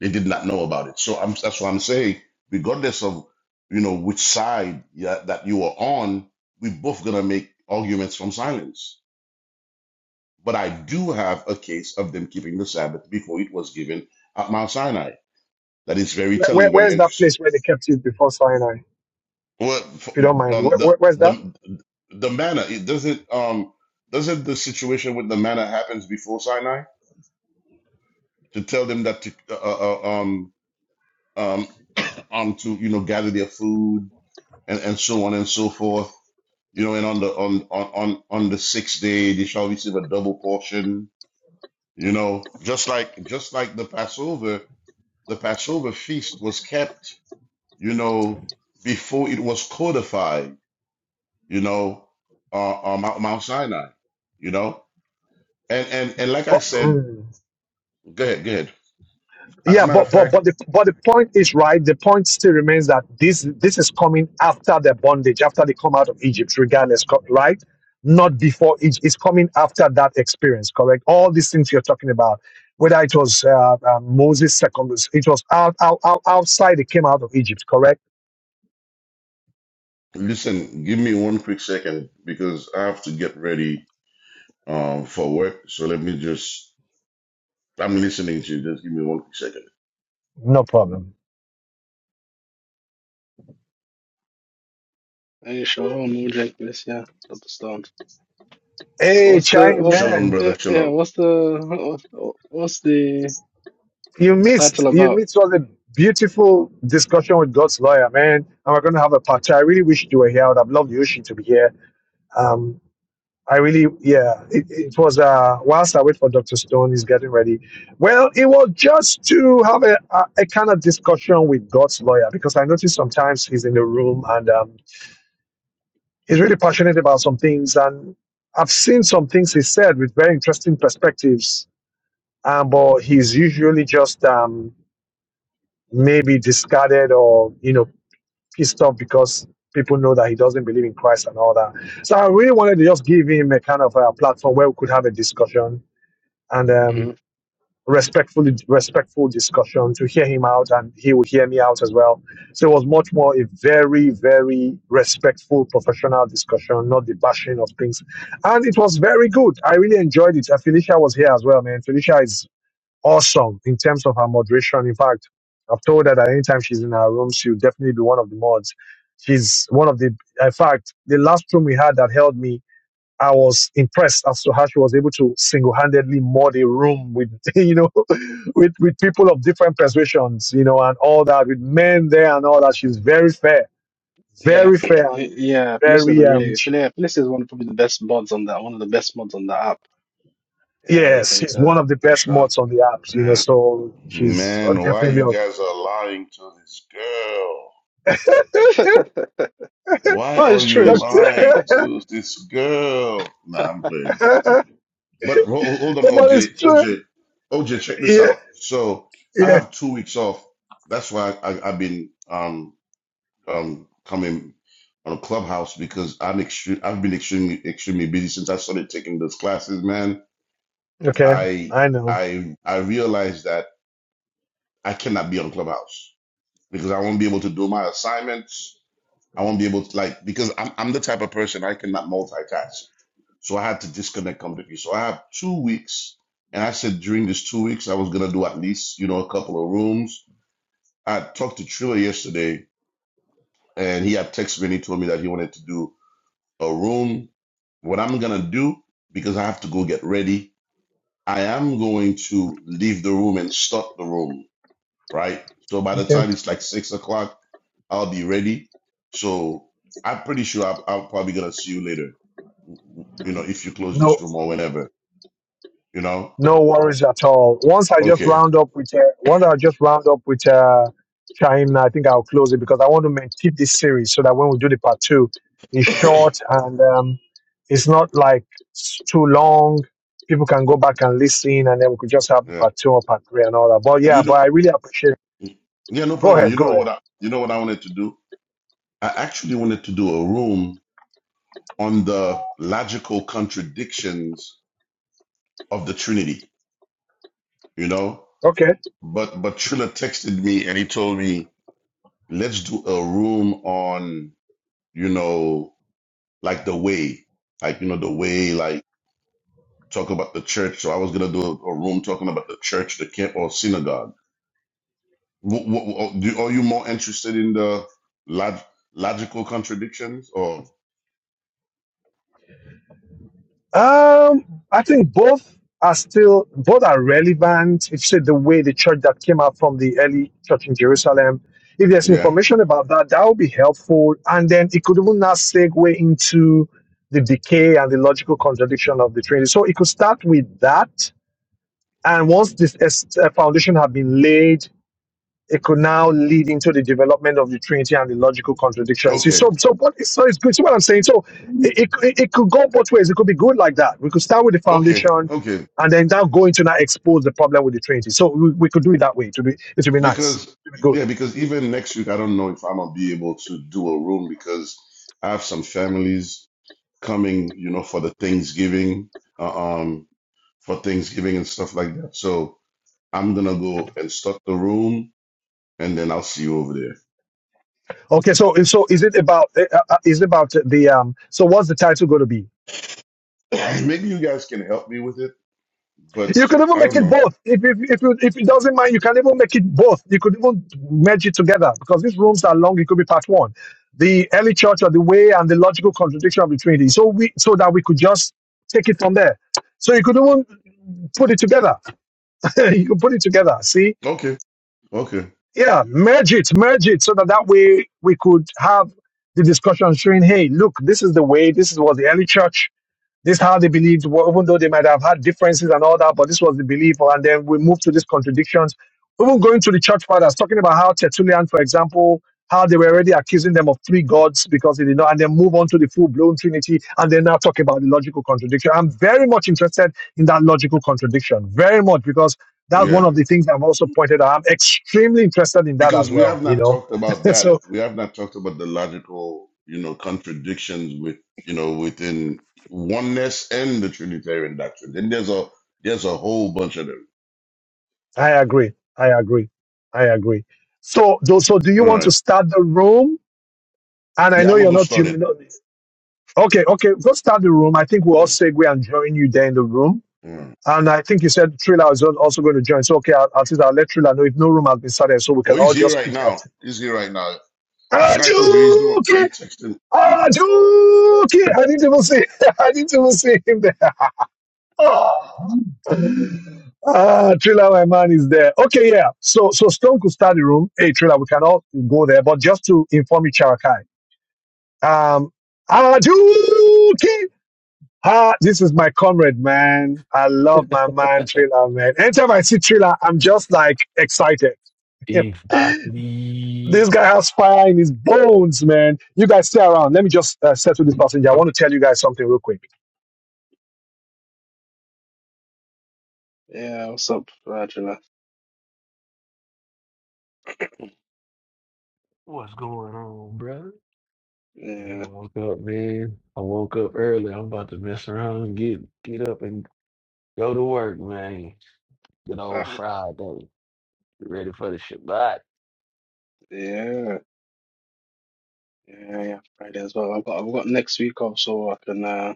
[SPEAKER 4] They did not know about it. So I'm, that's what I'm saying. Regardless of you know which side yeah, that you are on, we both gonna make arguments from silence. But I do have a case of them keeping the Sabbath before it was given at Mount Sinai. That is very
[SPEAKER 1] Where, where,
[SPEAKER 4] telling, very
[SPEAKER 1] where's that
[SPEAKER 4] interesting.
[SPEAKER 1] place where they kept it before Sinai?
[SPEAKER 4] Well,
[SPEAKER 1] If
[SPEAKER 4] f-
[SPEAKER 1] you don't mind, where,
[SPEAKER 4] um, the
[SPEAKER 1] where- where's that?
[SPEAKER 4] the the manna it doesn't um doesn't the situation with the manna happens before Sinai to tell them that to uh, uh, um um um to you know gather their food and, and so on and so forth. You know, and on the on, on on on the sixth day they shall receive a double portion. You know, just like just like the Passover, the Passover feast was kept. You know, before it was codified. You know, uh, on Mount Mount Sinai. You know, and and and like
[SPEAKER 1] Oh,
[SPEAKER 4] I said,
[SPEAKER 1] mm.
[SPEAKER 4] go ahead, go ahead. As
[SPEAKER 1] Yeah,
[SPEAKER 4] a matter
[SPEAKER 1] but
[SPEAKER 4] of
[SPEAKER 1] but
[SPEAKER 4] fact,
[SPEAKER 1] but the but the point is right. The point still remains that this this is coming after the bondage, after they come out of Egypt, regardless, co- right? Not before Egypt. It's coming after that experience, correct? All these things you're talking about, whether it was uh, uh, Moses' second, it was out, out, out outside. It came out of Egypt, correct?
[SPEAKER 4] listen, give me one quick second because I have to get ready um for work. So let me just. I'm listening to you. Just give me one quick second.
[SPEAKER 1] No problem.
[SPEAKER 5] Hey, Shalom, New Jack this, yeah, Dr. Stone. Uh,
[SPEAKER 1] Hey,
[SPEAKER 5] What's the,
[SPEAKER 1] Chai,
[SPEAKER 5] what's,
[SPEAKER 4] Shalom,
[SPEAKER 1] man,
[SPEAKER 5] yeah,
[SPEAKER 4] brother.
[SPEAKER 5] yeah,
[SPEAKER 4] Shalom.
[SPEAKER 5] what's the, what's, the
[SPEAKER 1] you
[SPEAKER 5] title
[SPEAKER 1] missed. You
[SPEAKER 5] about?
[SPEAKER 1] missed all the beautiful discussion with God's lawyer, man. And we're going to have a party. I really wish you were here. I would have loved Yoshi to be here. Um, I really, yeah, it, it was, uh, whilst I wait for Dr. Stone, he's getting ready. Well, it was just to have a, a, a kind of discussion with God's lawyer because I noticed sometimes he's in the room and um, he's really passionate about some things. And I've seen some things he said with very interesting perspectives, um, but he's usually just um, maybe discarded or, you know, pissed off because people know that he doesn't believe in Christ and all that. So I really wanted to just give him a kind of a platform where we could have a discussion and um,
[SPEAKER 5] Mhm.
[SPEAKER 1] respectfully respectful discussion to hear him out and he will hear me out as well so it was much more a very very respectful professional discussion not the bashing of things and it was very good i really enjoyed it and felicia was here as well man felicia is awesome in terms of her moderation in fact i've told her that anytime she's in her room she'll definitely be one of the mods she's one of the in fact the last room we had that held me I was impressed as to how she was able to single-handedly mod a room with you know with with people of different persuasions, you know, and all that with men there and all that. She's very fair,
[SPEAKER 5] Yeah,
[SPEAKER 1] very fair, and
[SPEAKER 5] yeah, Felicia's a
[SPEAKER 1] very um.
[SPEAKER 5] really,
[SPEAKER 1] sh
[SPEAKER 5] Felicia, Felicia's one of probably the best mods on that, one of the best mods on the app. Yeah, you
[SPEAKER 1] yes,
[SPEAKER 5] can
[SPEAKER 1] she's one
[SPEAKER 5] tell,
[SPEAKER 1] of the
[SPEAKER 5] for
[SPEAKER 1] best
[SPEAKER 5] sure.
[SPEAKER 1] mods on the apps, you know.
[SPEAKER 5] Yeah.
[SPEAKER 1] So she's uh,
[SPEAKER 4] Man, why
[SPEAKER 1] definitely
[SPEAKER 4] you
[SPEAKER 1] on.
[SPEAKER 4] guys are lying to this girl? Why
[SPEAKER 5] Oh,
[SPEAKER 4] are
[SPEAKER 5] it's
[SPEAKER 4] you
[SPEAKER 5] true, it's true.
[SPEAKER 1] Doctor,
[SPEAKER 4] lying
[SPEAKER 1] but
[SPEAKER 4] to this girl? Nah, I'm playing. Uh, But ho- ho- hold on,
[SPEAKER 1] it's
[SPEAKER 4] OJ.
[SPEAKER 1] true.
[SPEAKER 4] OJ, OJ, check this
[SPEAKER 1] Yeah,
[SPEAKER 4] out. So I
[SPEAKER 1] yeah.
[SPEAKER 4] have two weeks off. That's why I, I've been um um coming on a clubhouse because I'm extreme. I've been extremely extremely busy since I started taking those classes. Man,
[SPEAKER 1] Okay,
[SPEAKER 4] I
[SPEAKER 1] I know.
[SPEAKER 4] I I realized that I cannot be on clubhouse. because I won't be able to do my assignments. I won't be able to like because I'm I'm the type of person I cannot multitask. So I had to disconnect completely. So I have two weeks, and I said during these two weeks I was gonna do at least you know a couple of rooms. I talked to Triller yesterday, and he had texted me and he told me that he wanted to do a room. What I'm gonna do because I have to go get ready. I am going to leave the room and start the room right? So by the
[SPEAKER 1] Okay,
[SPEAKER 4] time it's like six o'clock, I'll be ready. So I'm pretty sure I'm, I'm probably gonna see you later. You know, if you close this
[SPEAKER 1] no
[SPEAKER 4] room or whenever. You know.
[SPEAKER 1] No worries at all. Once I just
[SPEAKER 4] Okay.
[SPEAKER 1] round up with uh, once I just round up with uh, Shaim, I think I'll close it because I want to make, keep this series so that when we do the part two, it's short and um, it's not like s- too long. People can go back and listen, and then we could just have the
[SPEAKER 4] Yeah.
[SPEAKER 1] part two or part three and all that. But yeah,
[SPEAKER 4] You
[SPEAKER 1] but
[SPEAKER 4] know.
[SPEAKER 1] I really appreciate. it.
[SPEAKER 4] Yeah, no
[SPEAKER 1] Go
[SPEAKER 4] problem.
[SPEAKER 1] ahead,
[SPEAKER 4] You
[SPEAKER 1] go
[SPEAKER 4] know
[SPEAKER 1] ahead.
[SPEAKER 4] what I. You know what I wanted to do. I actually wanted to do a room on the logical contradictions of the Trinity. You know.
[SPEAKER 1] Okay.
[SPEAKER 4] But but Trilla texted me and he told me let's do a room on you know like the way, like you know, the way, like talk about the church. So I was gonna do a, a room talking about the church, the camp, or synagogue. What, what, do, are you more interested in the log, logical contradictions, or
[SPEAKER 1] Um, I think both are still both are relevant. If you see the way the church that came out from the early church in Jerusalem, if there's
[SPEAKER 4] yeah?
[SPEAKER 1] information about that, that would be helpful. And then it could even now segue into the decay and the logical contradiction of the Trinity. So it could start with that. And once this es- uh, foundation had been laid, it could now lead into the development of the Trinity and the logical contradictions. See,
[SPEAKER 4] Okay,
[SPEAKER 1] So, so what is so it's good. See what I'm saying? So, it, it it could go both ways. It could be good like that. We could start with the
[SPEAKER 4] okay,
[SPEAKER 1] foundation,
[SPEAKER 4] okay.
[SPEAKER 1] and then now go into now expose the problem with the Trinity. So we, we could do it that way. To be it would be nice.
[SPEAKER 4] Because
[SPEAKER 1] It would be good.
[SPEAKER 4] yeah, because even next week, I don't know if I'm gonna be able to do a room because I have some families coming, you know, for the Thanksgiving, uh, um, for Thanksgiving and stuff like that. So I'm gonna go and start the room and then I'll see you over
[SPEAKER 1] Okay. So so is it about uh, uh, is it about the um? So what's the title going to be?
[SPEAKER 4] there. Maybe you guys can help me with it, but
[SPEAKER 1] You could even
[SPEAKER 4] I
[SPEAKER 1] make
[SPEAKER 4] don't
[SPEAKER 1] it
[SPEAKER 4] know.
[SPEAKER 1] both. If if if, you, if it doesn't mind, you can even make it both. You could even merge it together because these rooms are long. It could be part one, the early church or the way and the logical contradiction between the Trinity. So we so that we could just take it from there. So you could even put it together. you could put it together. See,
[SPEAKER 4] Okay, okay,
[SPEAKER 1] yeah, merge it, merge it, so that that way we could have the discussion showing, hey, look, this is the way. This is what the early church this is how they believed, well, even though they might have had differences and all that, but this was the belief. And then we move to these contradictions. Even going to the church fathers, talking about how Tertullian, for example, how they were already accusing them of three gods because they did not, and then move on to the full blown Trinity, and then now talk about the logical contradiction. I'm very much interested in that logical contradiction, very much, because that's one
[SPEAKER 4] yeah,
[SPEAKER 1] of the things I've also pointed out. I'm extremely interested in that
[SPEAKER 4] because
[SPEAKER 1] as
[SPEAKER 4] we
[SPEAKER 1] well,
[SPEAKER 4] have
[SPEAKER 1] you
[SPEAKER 4] not
[SPEAKER 1] know.
[SPEAKER 4] talked about that.
[SPEAKER 1] so
[SPEAKER 4] We have not talked about the logical, you know, contradictions with you know within oneness and the Trinitarian doctrine. Then there's a there's a whole bunch of them.
[SPEAKER 1] I agree. I agree. I agree. So, do, so do you
[SPEAKER 4] All
[SPEAKER 1] want to
[SPEAKER 4] right,
[SPEAKER 1] start the room? And I
[SPEAKER 4] yeah,
[SPEAKER 1] know
[SPEAKER 4] I'm gonna
[SPEAKER 1] you're
[SPEAKER 4] go
[SPEAKER 1] not
[SPEAKER 4] start it.
[SPEAKER 1] human. Okay, okay, go start the room. I think we'll all
[SPEAKER 4] Yeah.
[SPEAKER 1] segue and join you there in the room.
[SPEAKER 4] All right.
[SPEAKER 1] And I think you said Trilla is also going to join. So, okay, I'll, I'll, I'll let Trilla know if no room has been started so we
[SPEAKER 4] Oh,
[SPEAKER 1] can all
[SPEAKER 4] he's here
[SPEAKER 1] just
[SPEAKER 4] right
[SPEAKER 1] pitch at
[SPEAKER 4] now.
[SPEAKER 1] it.
[SPEAKER 4] He's here right now. Like I told you, he's doing. He
[SPEAKER 1] Ajuki!
[SPEAKER 4] texted
[SPEAKER 1] Ajuki! I didn't even see, I didn't even see him there. Oh. Ah, Trilla, my man, is there. Okay, yeah. So, so Stone could start the room. Hey, Trilla, we can all go there. But just to inform you, Charakai, um, Ajuki! Ah, this is my comrade, man. I love my man, Trailer, man. Anytime I see Trailer, I'm just like excited. this
[SPEAKER 6] Exactly.
[SPEAKER 1] guy has fire in his bones, man. You guys stay around. Let me just uh, settle this passenger. I want to tell you guys something real quick.
[SPEAKER 5] Yeah, what's up, Angela?
[SPEAKER 6] What's going on, brother?
[SPEAKER 5] Yeah,
[SPEAKER 6] I woke up, man. I woke up early. I'm about to mess around and get get up and go to work, man. Good old
[SPEAKER 5] ah,
[SPEAKER 6] Friday. Ready for the Shabbat.
[SPEAKER 5] yeah, yeah, yeah, Friday as well. I've got, I've got next week off, so I can, uh,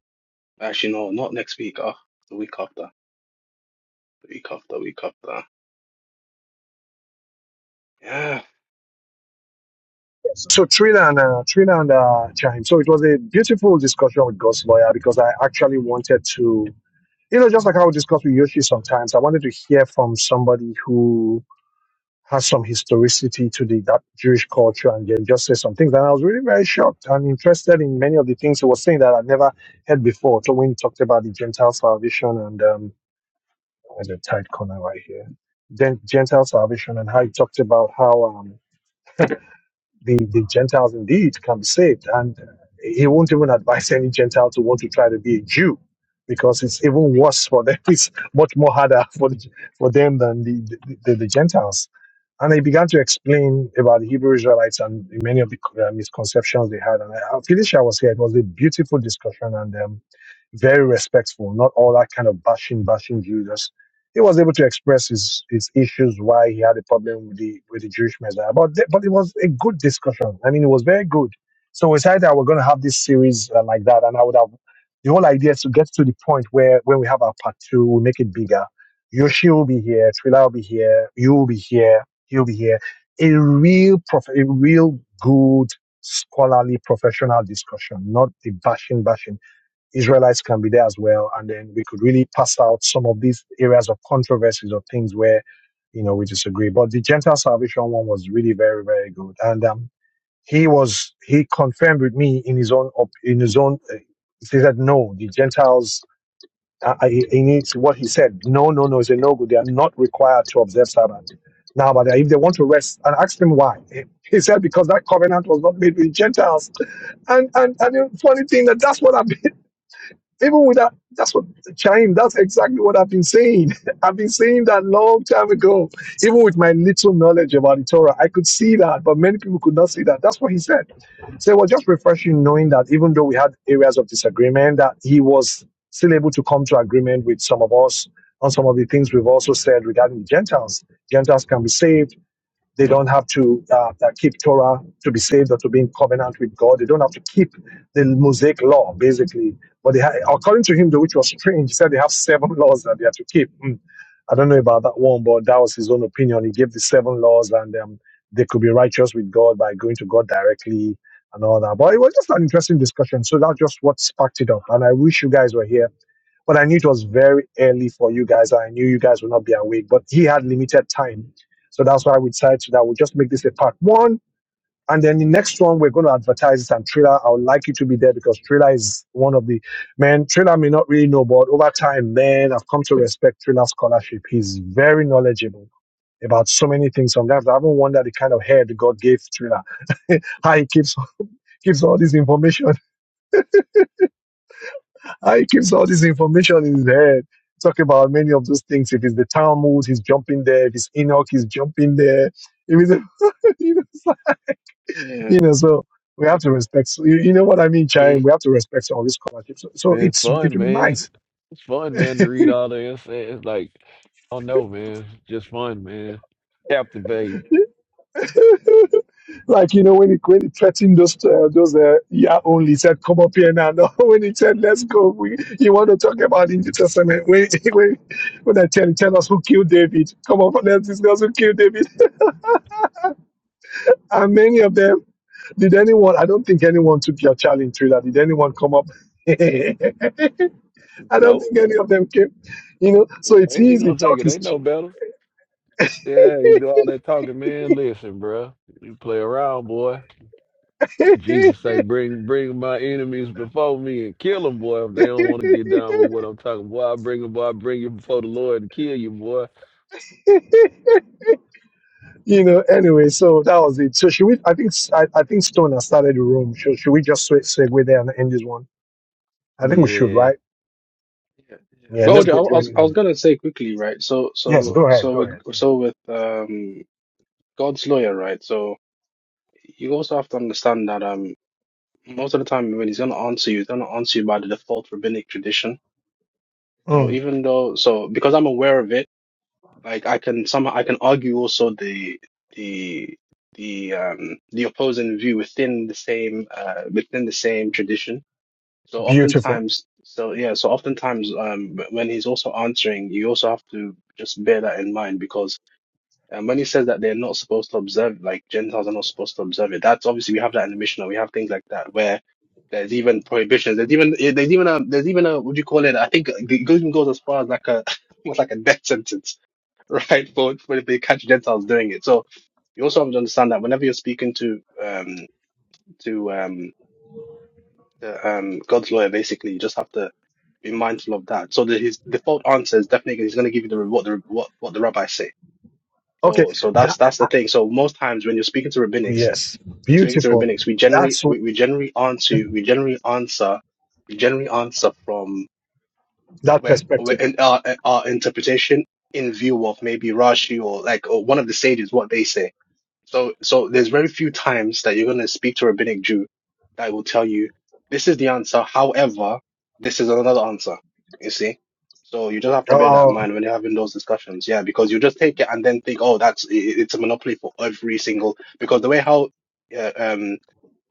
[SPEAKER 5] actually, no, not next week, oh, the week after. The week after, week after. Yeah,
[SPEAKER 1] So Trina and uh, Trina and uh, Chaim. So it was a beautiful discussion with God's lawyer because I actually wanted to, you know, just like I would discuss with Yoshi sometimes. I wanted to hear from somebody who has some historicity to the that Jewish culture and then just say some things. And I was really very shocked and interested in many of the things he was saying that I'd never heard before. So when he talked about the Gentile salvation and um there's a tight corner right here. Then Gentile salvation and how he talked about how um the, the Gentiles indeed can be saved. And he won't even advise any Gentile to want to try to be a Jew because it's even worse for them. It's much more harder for, the, for them than the, the, the, the Gentiles. And he began to explain about the Hebrew Israelites and many of the uh, misconceptions they had. And I, Felicia was here. It was a beautiful discussion and um, very respectful, not all that kind of bashing, bashing Jews he was able to express his, his issues why he had a problem with the with the Jewish Messiah. But th- but it was a good discussion. I mean, it was very good. So we decided that we're going to have this series uh, like that, and I would have the whole idea is to get to the point where when we have our part two, we make it bigger. Yoshi will be here, Trila will be here, you will be here, he'll be here. A real prof- a real good scholarly professional discussion, not the bashing bashing Israelites can be there as well. And then we could really pass out some of these areas of controversies or things where, you know, we disagree. But the Gentile salvation one was really very, very good. And, um, he was, he confirmed with me in his own, in his own, uh, he said, no, the Gentiles, uh, uh, he, he needs what he said. No, no, no, it's a no good. They are not required to observe Sabbath. Now, but if they want to rest, and asked him why, he said because that covenant was not made with Gentiles. And and and the funny thing that that's what i happened. Even with that, that's what Chaim, that's exactly what I've been saying. I've been saying that long time ago. Even with my little knowledge about the Torah, I could see that, but many people could not see that. That's what he said. So it was just refreshing knowing that even though we had areas of disagreement, that he was still able to come to agreement with some of us on some of the things we've also said regarding the Gentiles. Gentiles can be saved they don't have to uh, uh, keep Torah to be saved or to be in covenant with God. They don't have to keep the Mosaic law, basically. But they ha- according to him, though, which was strange, he said they have seven laws that they have to keep. Mm. I don't know about that one, but that was his own opinion. He gave the seven laws, and um, they could be righteous with God by going to God directly and all that. But it was just an interesting discussion. So that's just what sparked it up. And I wish you guys were here but I knew it was very early for you guys. I knew you guys would not be awake, but he had limited time. So that's why we decided that we'll just make this a part one. And then the next one, we're going to advertise it. And Trailer, I would like you to be there because Trailer is one of the men. Trailer may not really know, but over time, man, I've come to respect Trailer's scholarship. He's very knowledgeable about so many things. Sometimes I haven't wondered the kind of head God gave Trailer, how he keeps keeps all this information Uh, he keeps all this information in his head. Talk about many of those things. If it's the Talmud, he's jumping there. If it's Enoch, he's jumping there. If it's, you, know, it's like-
[SPEAKER 5] yeah,
[SPEAKER 1] you know, so we have to respect. so You, you know what I mean, Chai?
[SPEAKER 5] mm,
[SPEAKER 1] We have to respect all these scholarships. So, so
[SPEAKER 6] It's
[SPEAKER 1] it's it
[SPEAKER 6] fun,
[SPEAKER 1] will be
[SPEAKER 6] man.
[SPEAKER 1] nice.
[SPEAKER 6] It's fun, man, to read all the essays. It's Like, I don't know, man. Just fun, man. Captivate.
[SPEAKER 1] like you know when he when he threatened those uh, those uh, yeah only said come up here now. No, when he said let's go, we, you want to talk about the New Testament? When when when I tell tell us who killed David, come up and let's discuss who killed David. And many of them Did anyone? I don't think anyone took your challenge, Trailer. Did anyone come up? I don't
[SPEAKER 6] No,
[SPEAKER 1] think any of them came. You know, so it's
[SPEAKER 6] they ain't
[SPEAKER 1] easy.
[SPEAKER 6] gonna take it.
[SPEAKER 1] Talk is
[SPEAKER 6] They know
[SPEAKER 1] cheap.
[SPEAKER 6] better. Yeah, you do all that talking, man. Listen, bro. You play around, boy. Jesus say, bring bring my enemies before me and kill them, boy. If they don't want to get down with what I'm talking, boy, I bring them, boy, I bring you before the Lord and kill you, boy.
[SPEAKER 1] you know. Anyway, so that was it. So should we? I think I, I think Stone has started the room. Should should we just swe- segue there and end this one? I think we should,
[SPEAKER 6] Yeah.
[SPEAKER 1] right?
[SPEAKER 5] yeah, yeah.
[SPEAKER 1] Yeah,
[SPEAKER 5] But
[SPEAKER 1] let's
[SPEAKER 5] Audrey, I,
[SPEAKER 1] go join
[SPEAKER 5] was
[SPEAKER 1] him
[SPEAKER 5] I was
[SPEAKER 1] in.
[SPEAKER 5] gonna say quickly, right? So,
[SPEAKER 1] Yes,
[SPEAKER 5] so,
[SPEAKER 1] go ahead.
[SPEAKER 5] so
[SPEAKER 1] Go
[SPEAKER 5] with
[SPEAKER 1] ahead.
[SPEAKER 5] so with um God's lawyer, right? So you also have to understand that um most of the time when he's gonna answer you, he's gonna answer you by the default rabbinic tradition. So
[SPEAKER 1] Mm,
[SPEAKER 5] even though, so because I'm aware of it, like I can somehow I can argue also the the the um the opposing view within the same uh within the same tradition So
[SPEAKER 1] beautiful.
[SPEAKER 5] oftentimes, so yeah, so oftentimes, um, wh- when he's also answering, you also have to just bear that in mind because um, when he says that they're not supposed to observe, like Gentiles are not supposed to observe it, that's obviously we have that in the Mishnah. We have things like that where there's even prohibitions. There's even eh, there's even a there's even a what do you call it? I think it goes- even goes as far as like a almost like a death sentence, right? For for if they catch Gentiles doing it. So you also have to understand that whenever you're speaking to um to um the um God's lawyer basically you just have to be mindful of that so the, his default answer is definitely he's going to give you the what the what, what the rabbis say
[SPEAKER 1] Okay.
[SPEAKER 5] so so that's
[SPEAKER 1] That,
[SPEAKER 5] that's the
[SPEAKER 1] uh,
[SPEAKER 5] thing so most times when you're speaking to rabbinics
[SPEAKER 1] yes,
[SPEAKER 5] when speaking to
[SPEAKER 1] beautiful.
[SPEAKER 5] rabbinics we generally
[SPEAKER 1] That's what-
[SPEAKER 5] we, we generally answer
[SPEAKER 1] okay.
[SPEAKER 5] we generally answer we generally answer from
[SPEAKER 1] That
[SPEAKER 5] where, where
[SPEAKER 1] perspective.
[SPEAKER 5] in our, our interpretation in view of maybe Rashi or like or one of the sages what they say so, so there's very few times that you're going to speak to a rabbinic Jew that will tell you, this is the answer. However, this is another answer. You see? So you just have to bear that in
[SPEAKER 1] Oh.
[SPEAKER 5] mind when you're having those discussions. Yeah. Because you just take it and then think, oh, that's, i- i- it's a monopoly for every single, because the way how, uh, um,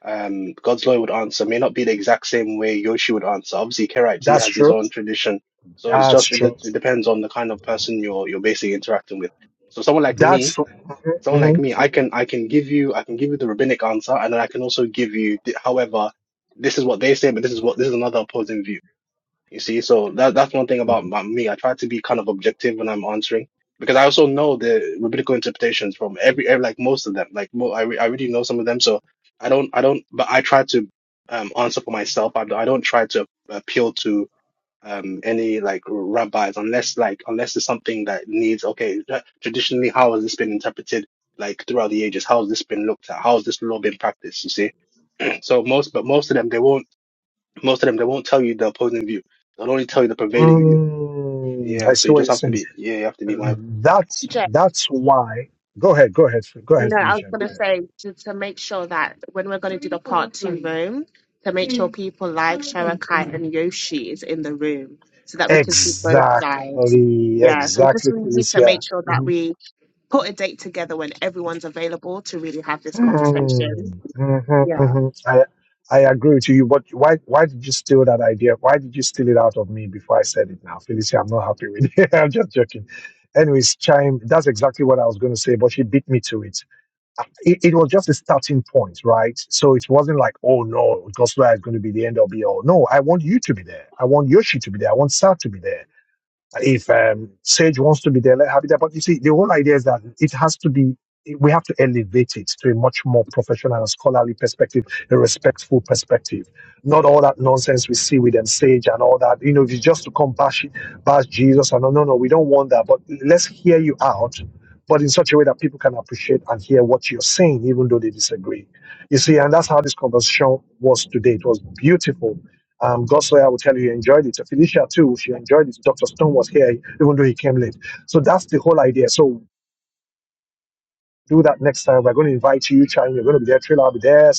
[SPEAKER 5] um, God's lawyer would answer may not be the exact same way Yoshi would answer. Obviously, Karaite, he
[SPEAKER 1] That's
[SPEAKER 5] has his
[SPEAKER 1] true.
[SPEAKER 5] own tradition. So it's
[SPEAKER 1] That's
[SPEAKER 5] just, it, de-
[SPEAKER 1] true.
[SPEAKER 5] it depends on the kind of person you're, you're basically interacting with. So someone like me,
[SPEAKER 1] That's
[SPEAKER 5] someone like
[SPEAKER 1] mhm.
[SPEAKER 5] me, I can I can give you I can give you the rabbinic answer, and then I can also give you, the, however, this is what they say, but this is what this is another opposing view. You see, so that that's one thing about, about me. I try to be kind of objective when I'm answering because I also know the rabbinical interpretations from every, every like most of them. Like mo I re- I already know some of them, so I don't I don't. But I try to um answer for myself. I, I don't try to appeal to um any like rabbis unless like unless it's something that needs okay tra- traditionally how has this been interpreted like throughout the ages how has this been looked at how has this law been practiced you see so most but most of them they won't most of them they won't tell you the opposing view they'll only tell you the prevailing view
[SPEAKER 1] Mm,
[SPEAKER 5] yeah
[SPEAKER 1] I
[SPEAKER 5] so
[SPEAKER 1] see
[SPEAKER 5] you
[SPEAKER 1] what
[SPEAKER 5] just
[SPEAKER 1] you're
[SPEAKER 5] have to
[SPEAKER 1] saying.
[SPEAKER 5] be yeah you have to be mindful
[SPEAKER 1] That's that's why. Go ahead. Go ahead. Go ahead,
[SPEAKER 3] No, I was
[SPEAKER 1] Felicia. Go
[SPEAKER 3] gonna
[SPEAKER 1] ahead.
[SPEAKER 3] say to, to make sure that when we're gonna do the part two room, to make sure Mm. people like Sharakai and Yoshi is in the room so that we can see both sides.
[SPEAKER 1] Exactly.
[SPEAKER 3] Yeah, so we just
[SPEAKER 1] Exactly,
[SPEAKER 3] really need to make
[SPEAKER 1] Felicia.
[SPEAKER 3] sure that
[SPEAKER 1] hmm
[SPEAKER 3] we put a date together when everyone's available to really have this conversation.
[SPEAKER 1] mm mhm, mhm. I I agree with you. But why why did you steal that idea? Why did you steal it out of me before I said it? Now, Felicia, I'm not happy with it. I'm just joking. Anyways, chime. That's exactly what I was going to say, but she beat me to it it, it was just a starting point, right? So it wasn't like, oh no, Gospel is going to be the end or be all. No, I want you to be there. I want Yoshi to be there. I want Sar to be there. If um, Sage wants to be there, let her be there. But you see, the whole idea is that it has to be, we have to elevate it to a much more professional and scholarly perspective, a respectful perspective. Not all that nonsense we see with them, Sage and all that. You know, if it's just to come bash, bash Jesus, and no, no, no, we don't want that. But let's hear you out, but in such a way that people can appreciate and hear what you're saying, even though they disagree. You see, and that's how this conversation was today. It was beautiful um, Goswell will tell you he enjoyed it. Felicia too, she enjoyed it. Dr. Stone was here, even though he came late. So that's the whole idea. So do that next time. We're going to invite you, Chime. You're going to be there. Trailer will be there.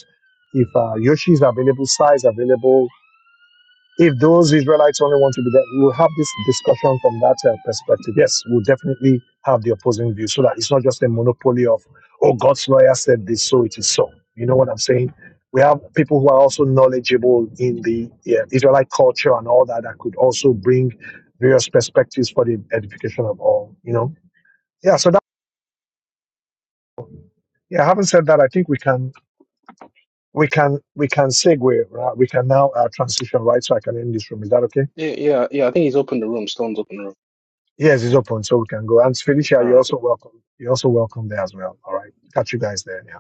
[SPEAKER 1] If uh, Yoshi's available, Sai's available, if those Israelites only want to be there, we'll have this discussion from that uh, perspective. Yes, we'll definitely have the opposing view so that it's not just a monopoly of, oh, God's lawyer said this, so it is so. You know what I'm saying? We have people who are also knowledgeable in the yeah, Israelite culture and all that that could also bring various perspectives for the edification of all. You know? Yeah. So that yeah. Having said that, I think we can we can we can segue. Right? We can now uh, transition right, so I can end this room. Is that okay?
[SPEAKER 5] yeah yeah yeah I think he's opened the room Stone's opened the room
[SPEAKER 1] Yes, it's open, so we can go. And Felicia,
[SPEAKER 5] all
[SPEAKER 1] you're
[SPEAKER 5] right
[SPEAKER 1] also welcome. You're also welcome there as well. All right. Catch you guys there. Yeah.